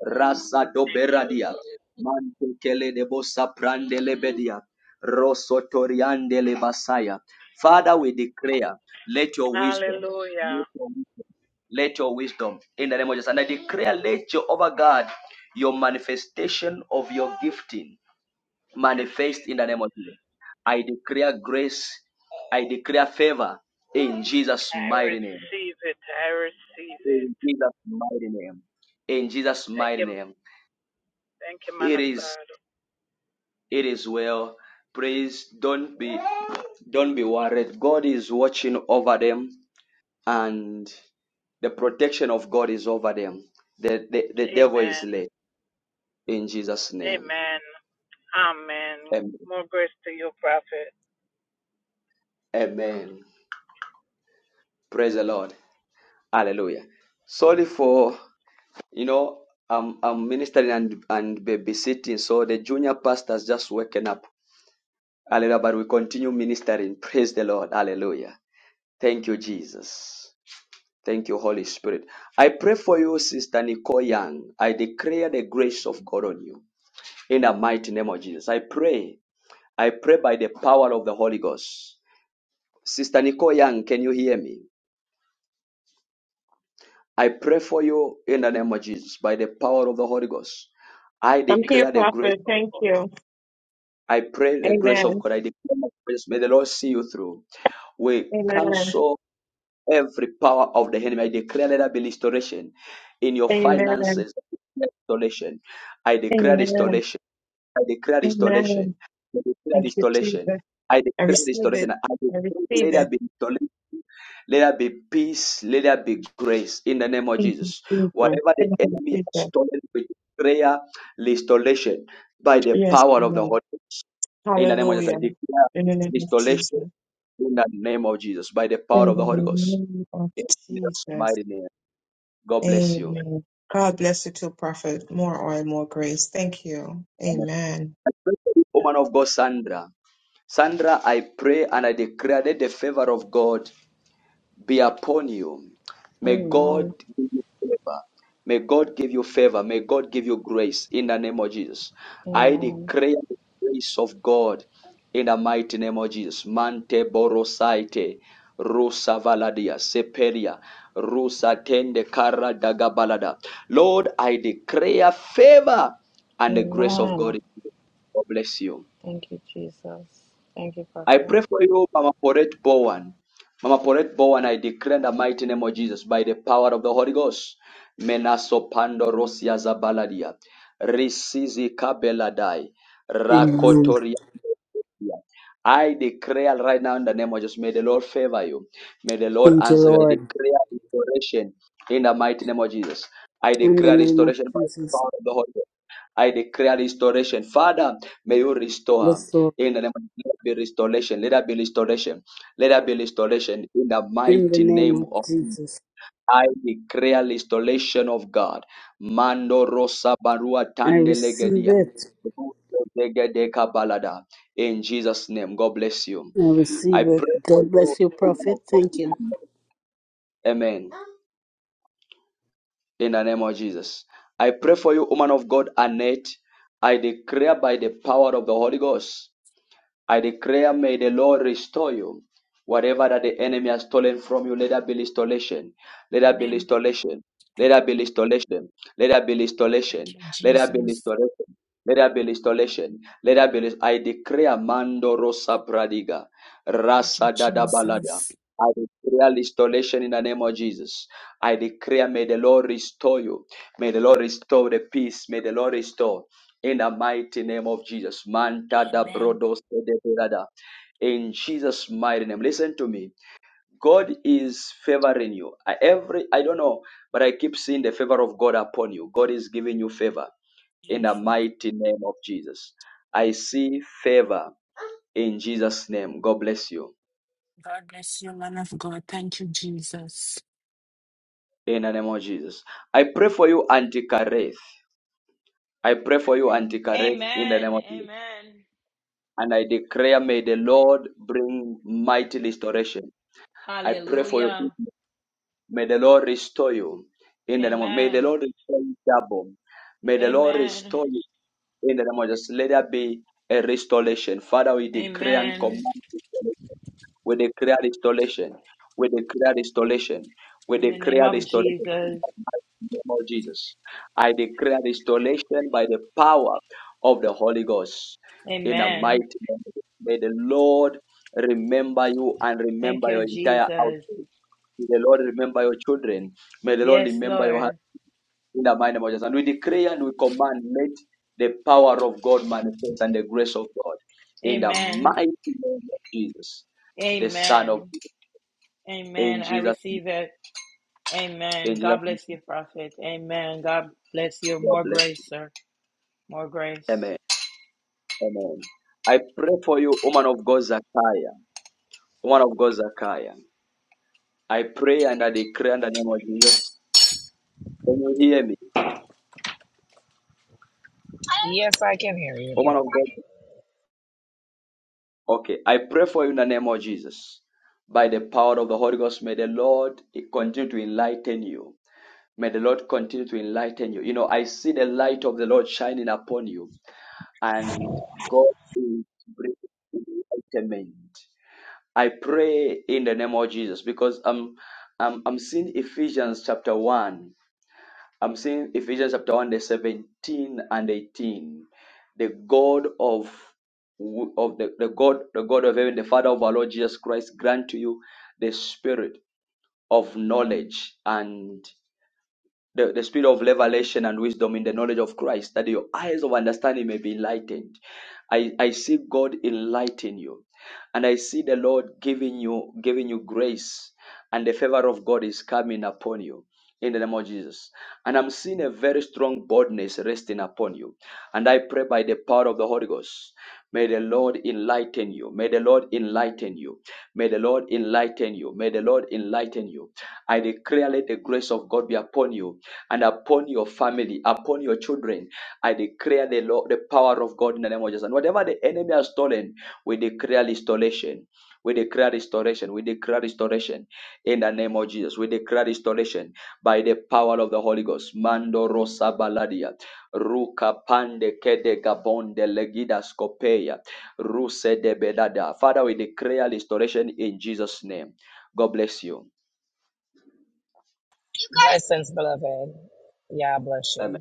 Speaker 1: Rasa
Speaker 13: Thank you,
Speaker 1: doberadia.
Speaker 13: Lord.
Speaker 1: Mantekele de bosa prandele bedia. Rosotoriandele basaya. Father, we declare, let your wisdom,
Speaker 13: Hallelujah.
Speaker 1: let your wisdom in the name of Jesus. And I declare, let your over God, your manifestation of your gifting
Speaker 13: Yes,
Speaker 1: manifest in
Speaker 13: Jesus.
Speaker 1: the name of Jesus. I declare grace, I declare favor in Jesus'
Speaker 13: I
Speaker 1: mighty name.
Speaker 13: receive it. I receive it.
Speaker 1: In Jesus' mighty name. In Jesus'
Speaker 13: Thank
Speaker 1: mighty
Speaker 13: you.
Speaker 1: name.
Speaker 13: Thank you, man
Speaker 1: It
Speaker 13: of
Speaker 1: is
Speaker 13: God.
Speaker 1: it is well. Praise. Don't be don't be worried. God is watching over them and the protection of God is over them. The the, the devil is
Speaker 13: Amen.
Speaker 1: late in Jesus' name.
Speaker 13: Amen. Amen.
Speaker 1: Amen.
Speaker 13: More grace to you, prophet.
Speaker 1: Amen. Praise the Lord. Hallelujah. Sorry for you know I'm I'm ministering and and babysitting, so the junior pastor's just waking up Hallelujah. But we continue ministering. Praise the Lord. Hallelujah. Thank you, Jesus. Thank you, Holy Spirit. I pray for you, Sister Nicole Young. I declare the grace of God on you in the mighty name of Jesus. I pray. I pray by the power of the Holy Ghost. Sister Nicole Young, can you hear me? I pray for you in the name of Jesus by the power of the Holy Ghost. I
Speaker 11: I'm here,
Speaker 1: declare the grace.
Speaker 11: Prophet. Thank you.
Speaker 1: I pray the grace of
Speaker 11: Amen.
Speaker 1: God. I declare the grace. May the Lord see you through. We
Speaker 11: Amen.
Speaker 1: cancel Every power of the enemy, I declare let there be restoration in your
Speaker 11: Amen.
Speaker 1: finances. Restoration. I declare
Speaker 11: Amen.
Speaker 1: restoration. I declare restoration.
Speaker 11: Amen.
Speaker 1: I declare
Speaker 11: Thank you,
Speaker 1: restoration.
Speaker 11: Jesus.
Speaker 1: I
Speaker 11: I
Speaker 1: declare
Speaker 11: receive
Speaker 1: restoration.
Speaker 11: it.
Speaker 1: I
Speaker 11: I
Speaker 1: declare let
Speaker 11: receive
Speaker 1: there
Speaker 11: it.
Speaker 1: be restoration. Let there be peace. Let there be grace in the name of
Speaker 11: Thank you,
Speaker 1: Jesus.
Speaker 11: Jesus.
Speaker 1: Whatever the
Speaker 11: Thank you,
Speaker 1: enemy has
Speaker 11: Jesus.
Speaker 1: stolen with prayer, restoration by the
Speaker 11: Yes,
Speaker 1: power of the
Speaker 11: Lord.
Speaker 1: Holy Ghost. In the name of Jesus, I
Speaker 11: Hallelujah.
Speaker 1: declare
Speaker 11: In the name of
Speaker 1: restoration
Speaker 11: Jesus.
Speaker 1: in the name of Jesus by the power
Speaker 11: In
Speaker 1: of the Holy
Speaker 11: the
Speaker 1: Ghost.
Speaker 11: name of
Speaker 1: In Jesus'
Speaker 11: Jesus.
Speaker 1: mighty name. God bless you.
Speaker 11: Amen. God bless you too, Prophet. More oil, more grace. Thank you.
Speaker 1: Amen.
Speaker 11: Amen.
Speaker 1: I pray for you, Woman of God, Sandra. Sandra, I pray and I declare that the favor of God be upon you. May God
Speaker 14: Amen.
Speaker 1: give you favor. May God give you favor. May God give you grace in the name of Jesus. I
Speaker 14: Amen.
Speaker 1: declare the grace of God in the mighty name of Jesus. Mante borosaite. Rusa valadia seperia rusa tende kara dagabalada. Lord, I declare favor and the grace of God.
Speaker 14: Amen.
Speaker 1: God bless you.
Speaker 14: Thank you, Jesus. Thank you,
Speaker 1: I
Speaker 14: Prophet.
Speaker 1: pray for you, Mama Porette Bowen. Mama Porette Bowen, I declare in the mighty name of Jesus, by the power of the Holy Ghost, Menasopando Rosia Zabaladia, Risizi Kabeladai,
Speaker 20: Amen.
Speaker 1: Rakotoria. I declare right now in the name of Jesus, may the Lord favor you. May the Lord
Speaker 20: Thank you,
Speaker 1: answer you. I
Speaker 20: Lord.
Speaker 1: declare restoration in the mighty name of Jesus. I
Speaker 20: In the
Speaker 1: declare
Speaker 20: name of
Speaker 1: restoration by the
Speaker 20: Jesus.
Speaker 1: power of the Holy Ghost. I declare restoration. Father, may you restore.
Speaker 20: Yes, Lord.
Speaker 1: In the name of Jesus, let there be restoration. Let there be restoration. Let there be restoration in the
Speaker 20: In the
Speaker 1: mighty
Speaker 20: name
Speaker 1: name
Speaker 20: of
Speaker 1: of Jesus.
Speaker 20: Jesus.
Speaker 1: I declare restoration of God. Mando rosa barua
Speaker 20: I
Speaker 1: tande
Speaker 20: receive
Speaker 1: legedia.
Speaker 20: it.
Speaker 1: Legedeka balada. In Jesus' name, God bless you.
Speaker 20: I
Speaker 1: I
Speaker 20: receive it.
Speaker 1: pray for
Speaker 20: God
Speaker 1: you,
Speaker 20: bless you,
Speaker 1: woman
Speaker 20: Prophet.
Speaker 1: of God.
Speaker 20: Thank you.
Speaker 1: Amen. In the name of Jesus. I pray for you, woman of God, Annette. I declare by the power of the Holy Ghost. I declare, may the Lord restore you. Whatever that the enemy has stolen from you, let that be restoration. Let that be
Speaker 16: Amen.
Speaker 1: restoration. Let that be restoration. Let that be
Speaker 16: Thank
Speaker 1: restoration.
Speaker 16: you,
Speaker 1: Let that be
Speaker 16: Jesus.
Speaker 1: restoration. Let that be restoration. Let that be rest- I declare Mando Rosa Pradiga.
Speaker 16: Thank you,
Speaker 1: Rasa Dada Balada.
Speaker 16: Jesus.
Speaker 1: I declare restoration in the name of Jesus. I declare, may the Lord restore you. May the Lord restore the peace. May the Lord restore in the mighty name of Jesus. Manta da
Speaker 16: Amen.
Speaker 1: brodo sede berada. In Jesus' mighty name. Listen to me. God is favoring you. I- Every I don't know, but I keep seeing the favor of God upon you. God is giving you favor in the
Speaker 16: Amen.
Speaker 1: mighty name of Jesus. I see favor in Jesus' name. God bless you.
Speaker 16: God bless you, man of God. Thank you, Jesus.
Speaker 1: In the name of Jesus. I pray for you, Antikareth. I pray for you, Antikareth, in the
Speaker 15: Amen.
Speaker 1: name of Jesus.
Speaker 15: Amen.
Speaker 1: And I declare, may the Lord bring mighty restoration I pray for your
Speaker 15: Hallelujah.
Speaker 1: business. May the Lord restore you in the name of may the
Speaker 15: Amen.
Speaker 1: Lord restore you double. May the Lord
Speaker 15: Amen.
Speaker 1: restore you in the name of Jesus. Let there be a restoration. Father, we decree and
Speaker 15: Amen.
Speaker 1: command. We declare restoration. We declare restoration. We
Speaker 15: In the name
Speaker 1: declare
Speaker 15: of
Speaker 1: restoration in
Speaker 15: Jesus.
Speaker 1: the mighty name of Jesus. I declare restoration by the power of the Holy Ghost. In the mighty
Speaker 15: Amen.
Speaker 1: name of Jesus. May the Lord remember you and
Speaker 15: Thank
Speaker 1: remember your
Speaker 15: you,
Speaker 1: entire
Speaker 15: Jesus.
Speaker 1: house. May the Lord remember your children. May the Lord
Speaker 15: Yes,
Speaker 1: remember your heart
Speaker 15: Lord.
Speaker 1: in the mighty name of Jesus. And we decree and we command, let the power of God manifest and the grace of God in the
Speaker 15: Amen.
Speaker 1: mighty name of Jesus, the Son of
Speaker 15: Amen.
Speaker 1: God.
Speaker 15: Amen.
Speaker 1: in
Speaker 15: I
Speaker 1: Jesus,
Speaker 15: receive it. Amen.
Speaker 1: in Jesus,
Speaker 15: God bless you, Prophet. Amen. God bless you.
Speaker 1: God
Speaker 15: More
Speaker 1: bless.
Speaker 15: grace, sir. More grace.
Speaker 1: Amen. Amen. I pray for you, woman of God, Zachariah. Woman of God, Zachariah. I pray and I declare in the name of Jesus. Can you hear me?
Speaker 21: Yes, I can hear you.
Speaker 1: Woman of
Speaker 21: beloved.
Speaker 1: God. Okay, I pray for you in the name of Jesus. By the power of the Holy Ghost, may the Lord continue to enlighten you. May the Lord continue to enlighten you. You know, I see the light of the Lord shining upon you, and God is bringing enlightenment. I pray in the name of Jesus because I'm, I'm, I'm seeing Ephesians chapter 1 I'm seeing Ephesians chapter 1, the 17 and 18. The God of w- of the, the God, the God of heaven, the Father of our Lord Jesus Christ, grant to you the spirit of knowledge and the, the spirit of revelation and wisdom in the knowledge of Christ, that your eyes of understanding may be enlightened. I, I see God enlighten you, and I see the Lord giving you giving you grace, and the favor of God is coming upon you in the name of Jesus. And I'm seeing a very strong boldness resting upon you. And I pray by the power of the Holy Ghost, may the Lord enlighten you. May the Lord enlighten you. May the Lord enlighten you. May the Lord enlighten you. I declare let the grace of God be upon you and upon your family, upon your children. I declare the Lord, the power of God in the name of Jesus. And whatever the enemy has stolen, we declare restoration. We declare restoration. We declare restoration in the name of Jesus. We declare restoration by the power of the Holy Ghost. Mando rosa baladia, ruka pande kede gabonde legida skopeya, ruse de bedada. Father, we declare restoration in Jesus' name. God bless you.
Speaker 21: You guys, Blessings, beloved. Yeah, I bless
Speaker 1: Amen.
Speaker 21: you.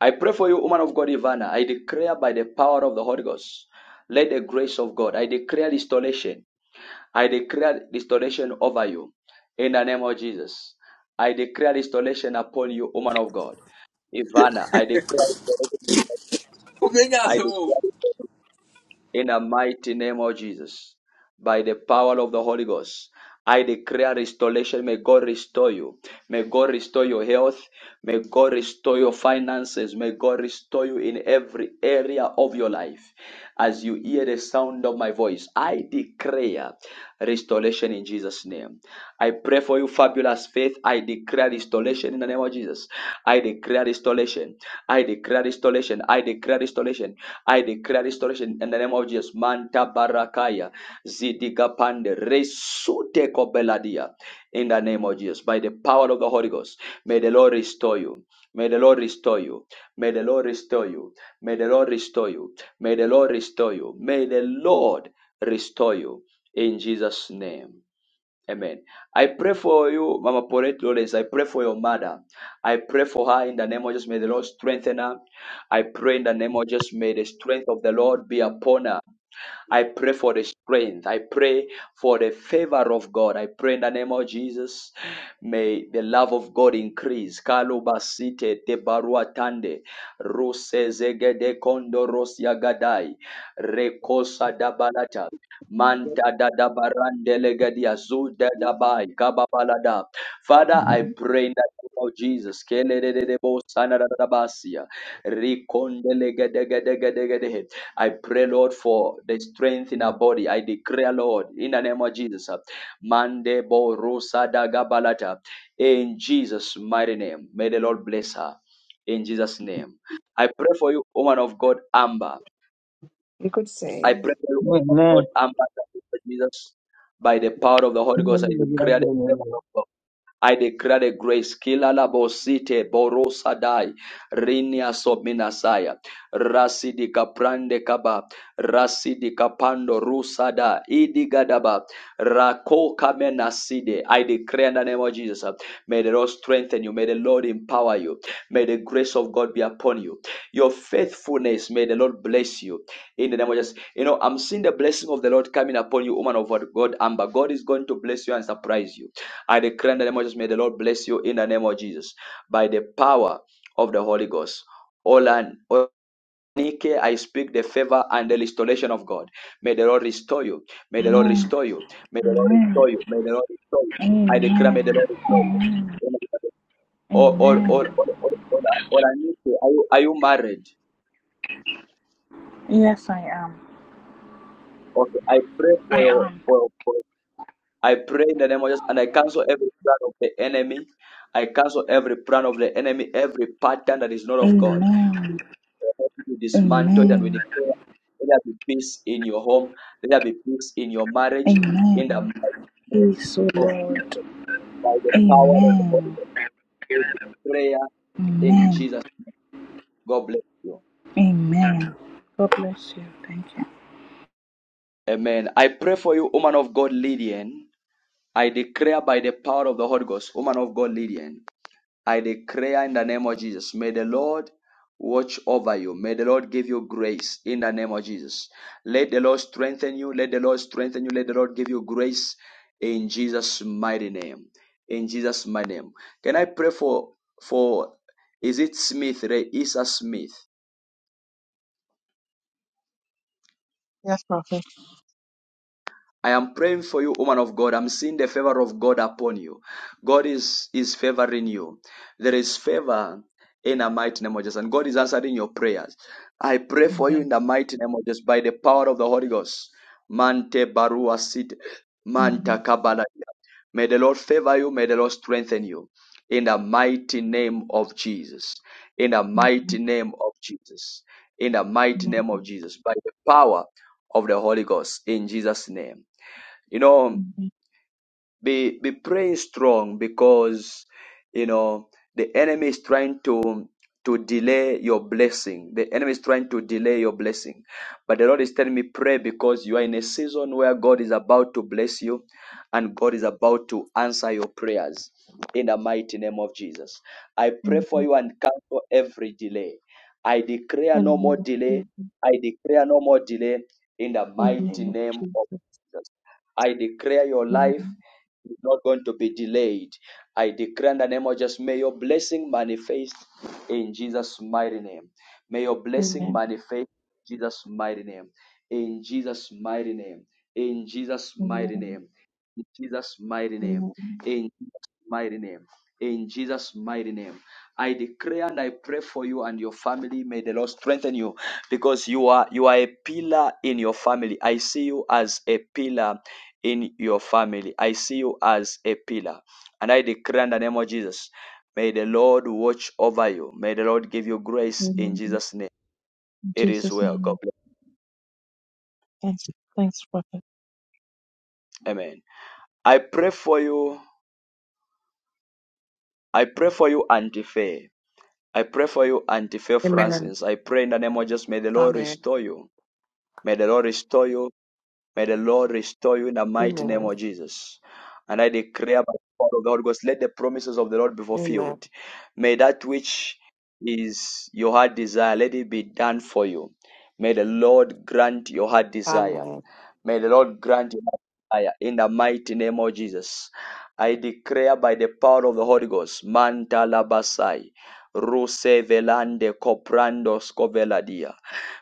Speaker 1: I pray for you, woman of God, Ivana. I declare by the power of the Holy Ghost, let the grace of God, I declare restoration. I declare restoration over you in the name of Jesus. I declare restoration upon you, woman of God. Ivana, I declare restoration. upon you. I
Speaker 22: Obrigado.
Speaker 1: declare in the mighty name of Jesus. By the power of the Holy Ghost, I declare restoration. May God restore you. May God restore your health. May God restore your finances. May God restore you in every area of your life. As you hear the sound of my voice, I declare restoration restoration in Jesus' name. I pray for you, fabulous faith. I declare restoration in the name of Jesus. I declare restoration. I declare restoration. I declare restoration. I declare restoration in the name of Jesus. Manta barakaya zidigapande resute kobeladia. In the name of Jesus, by the power of the Holy Ghost, may the Lord restore you. May the Lord restore you. May the Lord restore you. May the Lord restore you. May the Lord restore you. May the Lord restore you in Jesus' name. Amen. I pray for you, Mama Paulette Lawrence. I pray for your mother. I pray for her in the name of Jesus. May the Lord strengthen her. I pray in the name of Jesus. May the strength of the Lord be upon her. I pray for the strength. I pray for the favor of God. I pray in the name of Jesus. May the love of God increase. Kalubasite te baruatande. Ruse zegede kondo rosia gadai. Rekosa dabalata. Manta da da barande legadia zuda da bai kababalada. Father, I pray in the name of Jesus. Kele de de de bo sana da da basia. Rikonde legede gede gede gede. I pray, Lord, for the strength in our body. I declare, Lord, in the name of Jesus. uh, Mande bo rusa da gabalata. In Jesus' mighty name. May the Lord bless her. In Jesus' name. I pray for you, woman of God, Amber.
Speaker 4: You could say.
Speaker 1: I pray for you, woman of
Speaker 4: Amen.
Speaker 1: God, Amber, in the name of Jesus. By the power of the Holy Ghost, I
Speaker 4: Amen.
Speaker 1: declare the favor
Speaker 4: Hallelujah.
Speaker 1: of God. I declare the grace. Kila la bosite borosa dai rinia sominasaya rasidi kaprande kaba rasidi kapando rusada idigadaba rako kamenaside. I declare in the name of Jesus. uh, May the Lord strengthen you. May the Lord empower you. May the grace of God be upon you. Your faithfulness. May the Lord bless you. In the name of Jesus. You know, I'm seeing the blessing of the Lord coming upon you, woman of God, God, Amber. God is going to bless you and surprise you. I declare in the name of Jesus, may the Lord bless you in the name of Jesus by the power of the Holy Ghost. Olan, Onike, I speak the favor and the restoration of God. May the Lord restore you. May the Lord
Speaker 23: Amen.
Speaker 1: restore you. May the Lord
Speaker 23: Amen.
Speaker 1: restore you. May the Lord restore you. I declare, may the
Speaker 23: Amen.
Speaker 1: Lord restore you.
Speaker 23: Amen.
Speaker 1: Or, or, or,
Speaker 23: Amen.
Speaker 1: or, or, or, or, Olanike, are you, are you married?
Speaker 23: Yes, I am.
Speaker 1: Okay, I pray for
Speaker 23: I
Speaker 1: your,
Speaker 23: am.
Speaker 1: for, for I pray in the name of Jesus and I cancel every plan of the enemy. I cancel every plan of the enemy, every pattern that is not of God.
Speaker 23: Amen.
Speaker 1: We dismantle it and we
Speaker 23: Amen.
Speaker 1: declare let there be peace in your home, let there be peace in your marriage, in the
Speaker 23: Amen.
Speaker 1: mighty name
Speaker 23: Peace, O
Speaker 1: of Jesus,
Speaker 23: Lord.
Speaker 1: by the power of the Holy
Speaker 23: Amen.
Speaker 1: Spirit. we Prayer in
Speaker 23: Amen.
Speaker 1: Jesus. name. God bless you.
Speaker 23: Amen. God bless you. Thank you.
Speaker 1: Amen. I pray for you, woman of God, Lydian. I declare by the power of the Holy Ghost, woman of God, Lydian. I declare in the name of Jesus, may the Lord watch over you. May the Lord give you grace in the name of Jesus. Let the Lord strengthen you. Let the Lord strengthen you. Let the Lord give you grace in Jesus' mighty name. In Jesus' mighty name. Can I pray for for is it Smith, Ray Isa Smith?
Speaker 24: Yes, Prophet.
Speaker 1: I am praying for you, woman of God. I'm seeing the favor of God upon you. God is, is favoring you. There is favor in the mighty name of Jesus. And God is answering your prayers. I pray for you
Speaker 24: Amen.
Speaker 1: in the mighty name of Jesus by the power of the Holy Ghost. Mante barua sit. Manta
Speaker 24: Amen.
Speaker 1: kabala. May the Lord favor you. May the Lord strengthen you. In the mighty name of Jesus. In the mighty name of Jesus. In the mighty
Speaker 24: Amen.
Speaker 1: name of Jesus. By the power of the Holy Ghost. In Jesus' name. You know,
Speaker 24: Amen.
Speaker 1: be be praying strong because you know the enemy is trying to to delay your blessing. The enemy is trying to delay your blessing. But the Lord is telling me pray because you are in a season where God is about to bless you and God is about to answer your prayers in the mighty name of Jesus. I pray for
Speaker 24: Amen.
Speaker 1: you and cancel every delay. I declare no
Speaker 24: In the
Speaker 1: more
Speaker 24: name of
Speaker 1: delay.
Speaker 24: Jesus.
Speaker 1: I declare no more delay in the
Speaker 24: In the
Speaker 1: mighty
Speaker 24: name of
Speaker 1: name of
Speaker 24: Jesus.
Speaker 1: Jesus. I declare your
Speaker 24: Amen.
Speaker 1: life is not going to be delayed. I declare in the name of Jesus, may your blessing manifest in Jesus' mighty name. May your blessing
Speaker 24: Amen.
Speaker 1: manifest in Jesus' mighty name. In Jesus' mighty name. In Jesus' mighty
Speaker 24: Amen.
Speaker 1: name. In Jesus' mighty name.
Speaker 24: Amen.
Speaker 1: In mighty name. In Jesus' mighty name. I declare and I pray for you and your family. May the Lord strengthen you because you are you are a pillar in your family. I see you as a pillar in your family. I see you as a pillar. And I declare in the name of Jesus. May the Lord watch over you. May the Lord give you grace in
Speaker 24: Amen.
Speaker 1: Jesus' name.
Speaker 24: In
Speaker 1: It is
Speaker 24: Jesus'
Speaker 1: well.
Speaker 24: name,
Speaker 1: God
Speaker 24: amen.
Speaker 1: bless.
Speaker 24: Thanks. Thanks, Prophet.
Speaker 1: Amen. I pray for you. I pray for you, Auntie Faye. I pray for you, Auntie Faith
Speaker 25: Amen.
Speaker 1: Francis. I pray in the name of Jesus, may the Lord
Speaker 25: Amen.
Speaker 1: restore you. May the Lord restore you. May the Lord restore you in the mighty name
Speaker 25: Amen.
Speaker 1: of Jesus. And I declare by the power of the Holy Ghost, let the promises of the Lord be
Speaker 25: Amen.
Speaker 1: fulfilled. May that which is your heart desire, let it be done for you. May the Lord grant your heart desire.
Speaker 25: Amen.
Speaker 1: May the Lord grant your heart desire in the mighty name of Jesus. I declare by the power of the Holy Ghost, Manta Labasai, Ruse Velande Coprando Scoveladia.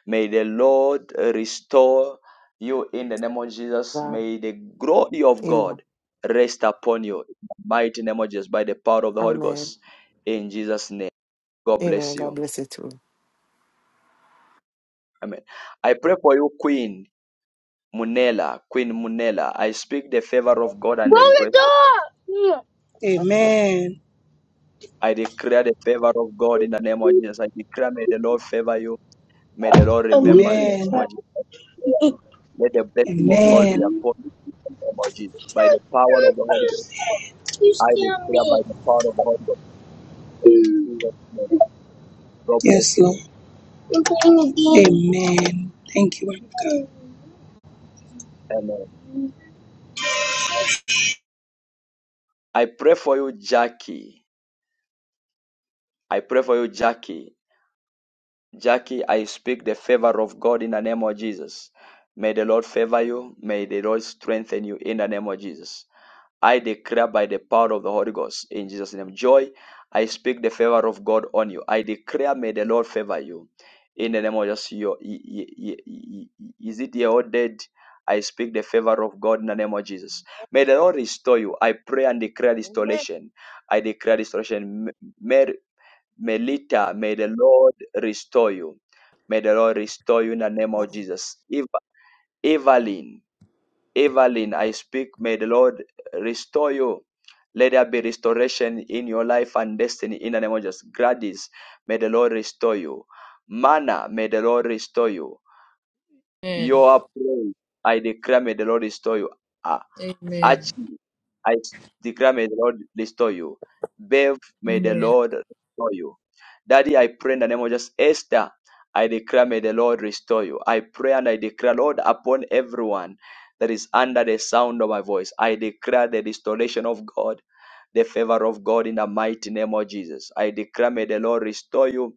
Speaker 1: May the Lord restore you in the name of Jesus.
Speaker 25: God.
Speaker 1: May the glory of
Speaker 25: Amen.
Speaker 1: God rest upon you. In the mighty name of Jesus, by the power of the Holy
Speaker 25: Amen.
Speaker 1: Ghost. In Jesus' name. God
Speaker 25: Amen.
Speaker 1: bless
Speaker 25: God
Speaker 1: you.
Speaker 25: bless you too.
Speaker 1: Amen. I pray for you, Queen Munela. Queen Munela. I speak the favor of God and the grace of God.
Speaker 26: Amen.
Speaker 1: I declare the favor of God in the name of Jesus. I declare, may the Lord favor you. May the Lord remember you in the name
Speaker 26: Amen.
Speaker 1: of Jesus. Let the blessing of God be
Speaker 26: Amen.
Speaker 1: upon you, in the name of Jesus. By the power of the Holy Ghost.
Speaker 26: You
Speaker 1: I
Speaker 26: scare
Speaker 1: declare by
Speaker 26: me.
Speaker 1: the power of the Holy Ghost. In Jesus' name. God bless
Speaker 26: Yes, Lord.
Speaker 1: you.
Speaker 26: Amen. Thank you, Lord God.
Speaker 1: Amen. I pray for you, Jackie. I pray for you, Jackie. Jackie, I speak the favor of God in the name of Jesus. May the Lord favor you. May the Lord strengthen you in the name of Jesus. I declare by the power of the Holy Ghost in Jesus' name. Joy, I speak the favor of God on you. I declare, may the Lord favor you. In the name of Jesus, your, is it your dead? I speak the favor of God in the name of Jesus. May the Lord restore you. I pray and declare
Speaker 27: Amen.
Speaker 1: restoration. I declare restoration. May, Mer- Melita, may the Lord restore you. May the Lord restore you in the name of Jesus. Eva- Evelyn, Evelyn, I speak, may the Lord restore you let there be restoration in your life and destiny in the name of Jesus. Gladys, may the Lord restore you. Mana, may the Lord restore you.
Speaker 22: Amen.
Speaker 1: Your prayer, I declare, may the Lord restore you. Ah,
Speaker 22: Amen.
Speaker 1: Archie, I declare, may the Lord restore you. Bev, may the
Speaker 22: Amen.
Speaker 1: Lord restore you. Daddy, I pray in the name of Jesus. Esther, I declare, may the Lord restore you. I pray and I declare, Lord, upon everyone that is under the sound of my voice, I declare the restoration of God the favor of God in the mighty name of Jesus. I declare, may the Lord restore you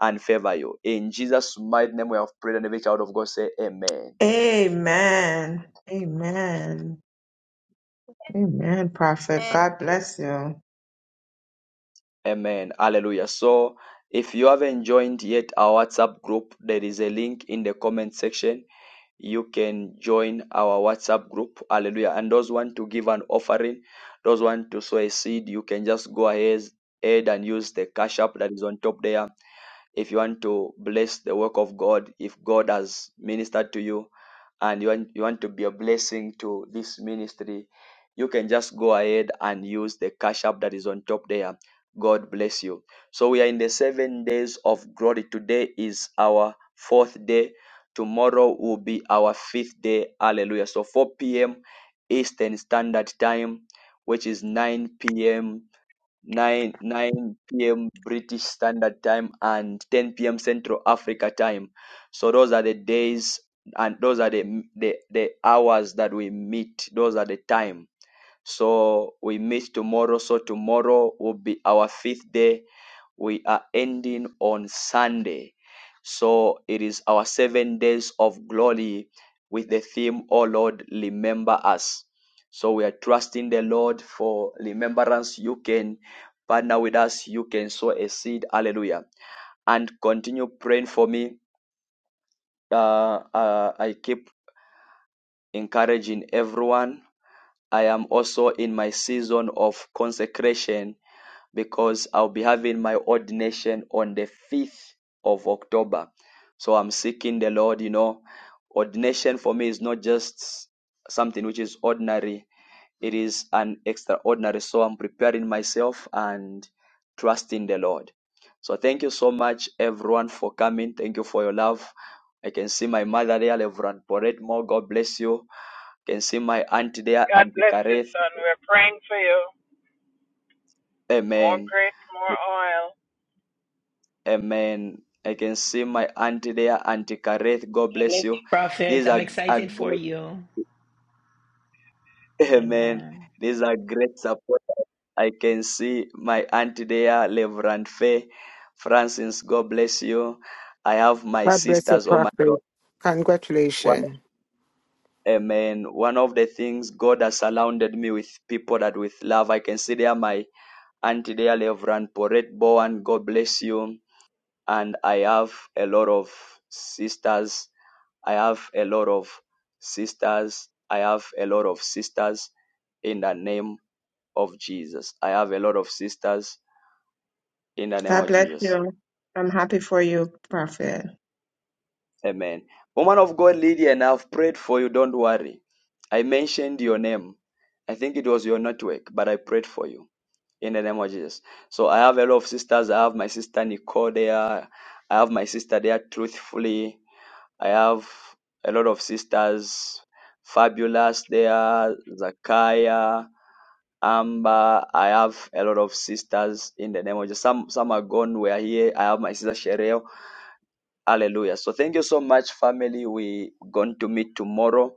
Speaker 1: and favor you. In Jesus' mighty name, we have prayed, and every child of God say, Amen.
Speaker 11: Amen. Amen. Amen, Prophet. God bless you.
Speaker 1: Amen. Hallelujah. So, if you haven't joined yet our WhatsApp group, there is a link in the comment section. You can join our WhatsApp group. Hallelujah. And those want to give an offering, those want to sow a seed, you can just go ahead, ahead and use the cash app that is on top there if you want to bless the work of God, if God has ministered to you and you want, you want to be a blessing to this ministry, you can just go ahead and use the cash app that is on top there. God bless you. So we are in the seven days of glory. Today is our fourth day. Tomorrow will be our fifth day. Hallelujah. So 4 p.m. Eastern Standard Time, which is 9 p.m. 9 9 p.m. British Standard Time and 10 p.m. Central Africa Time. So those are the days and those are the the, the hours that we meet. Those are the time. So we meet tomorrow. So tomorrow will be our fifth day we are ending on Sunday. So it is our seven days of glory with the theme, Oh Lord, remember us. So we are trusting the Lord for remembrance. You can partner with us, you can sow a seed. Hallelujah. And continue praying for me. Uh, uh, I keep encouraging everyone. I am also in my season of consecration because I'll be having my ordination on the 5th of October. So I'm seeking the Lord, you know. Ordination for me is not just something which is ordinary, it is an extraordinary. So I'm preparing myself and trusting the Lord. So thank you so much, everyone, for coming. Thank you for your love. I can see my mother there, Reverend Poretmo. God bless you. I can see my auntie there,
Speaker 13: God
Speaker 1: Auntie
Speaker 13: bless you,
Speaker 1: Kareth.
Speaker 13: son. We're praying for you. More
Speaker 1: Amen.
Speaker 13: grace, more oil.
Speaker 1: Amen. I can see my auntie there, Auntie Kareth. God
Speaker 15: God
Speaker 1: bless
Speaker 15: bless you,
Speaker 1: you.
Speaker 15: Prophet.
Speaker 1: These
Speaker 15: I'm
Speaker 1: are, are
Speaker 15: excited for
Speaker 1: great,
Speaker 15: you.
Speaker 1: amen.
Speaker 15: Amen.
Speaker 1: These are great support. I can see my auntie there, Reverend Faye. Francis, God bless you. I have my
Speaker 25: God bless you,
Speaker 1: sisters. Oh my God.
Speaker 25: Prophet.
Speaker 1: One,
Speaker 25: Congratulations.
Speaker 1: amen. One of the things God has surrounded me with people that with love. I can see there my auntie there, Reverend Porette Bowen. God bless you. and I have a lot of sisters. I have a lot of sisters. I have a lot of sisters in the name of Jesus. I have a lot of sisters in the name
Speaker 11: God
Speaker 1: of
Speaker 11: bless
Speaker 1: Jesus.
Speaker 11: you. I'm happy for you, Prophet.
Speaker 1: Amen. Woman of God, Lydia, and I've prayed for you. Don't worry. I mentioned your name. I think it was your network, but I prayed for you in the name of Jesus. So I have a lot of sisters. I have my sister Nicole there. I have my sister there truthfully. I have a lot of sisters. Fabulous there, Zakaya, Amber. I have a lot of sisters in the name of Jesus. Some some are gone. We are here. I have my sister Sherelle. Hallelujah. So thank you so much, family. We going to meet tomorrow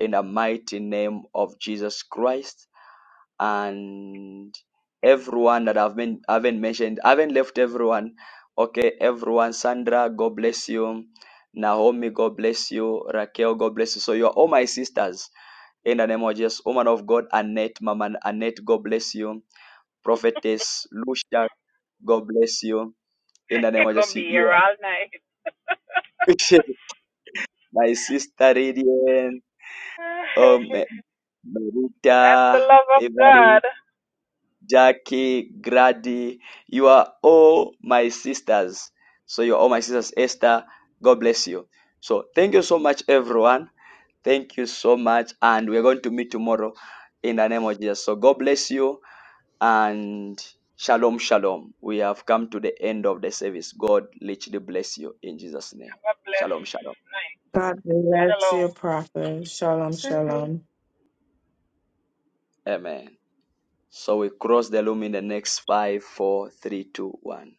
Speaker 1: in the mighty name of Jesus Christ and everyone that I've been I haven't mentioned. I haven't left everyone. Okay, everyone. Sandra, God bless you. Naomi, God bless you. Raquel, God bless you. So you are all my sisters in the name of Jesus. Woman of God, Annette, Mama Annette, God bless you. Prophetess Lucia, God bless you. In the name
Speaker 13: you
Speaker 1: of
Speaker 13: going to
Speaker 1: Jesus,
Speaker 13: be
Speaker 1: you
Speaker 13: here
Speaker 1: are
Speaker 13: all night.
Speaker 1: my sister Radiant, um,
Speaker 13: That's the
Speaker 1: Marita,
Speaker 13: love of God. Have
Speaker 1: Jackie, Grady. You are all my sisters. So you're all my sisters. Esther, God bless you. So thank you so much, everyone. Thank you so much. And we're going to meet tomorrow in the name of Jesus. So God bless you and shalom, shalom. We have come to the end of the service. God literally bless you in Jesus' name.
Speaker 13: a
Speaker 1: Shalom,
Speaker 13: blessed
Speaker 1: shalom.
Speaker 13: night.
Speaker 11: God bless
Speaker 13: Shalom.
Speaker 11: you, Prophet. Shalom, shalom.
Speaker 1: Amen. So we cross the loom in the next five, four, three, two, one.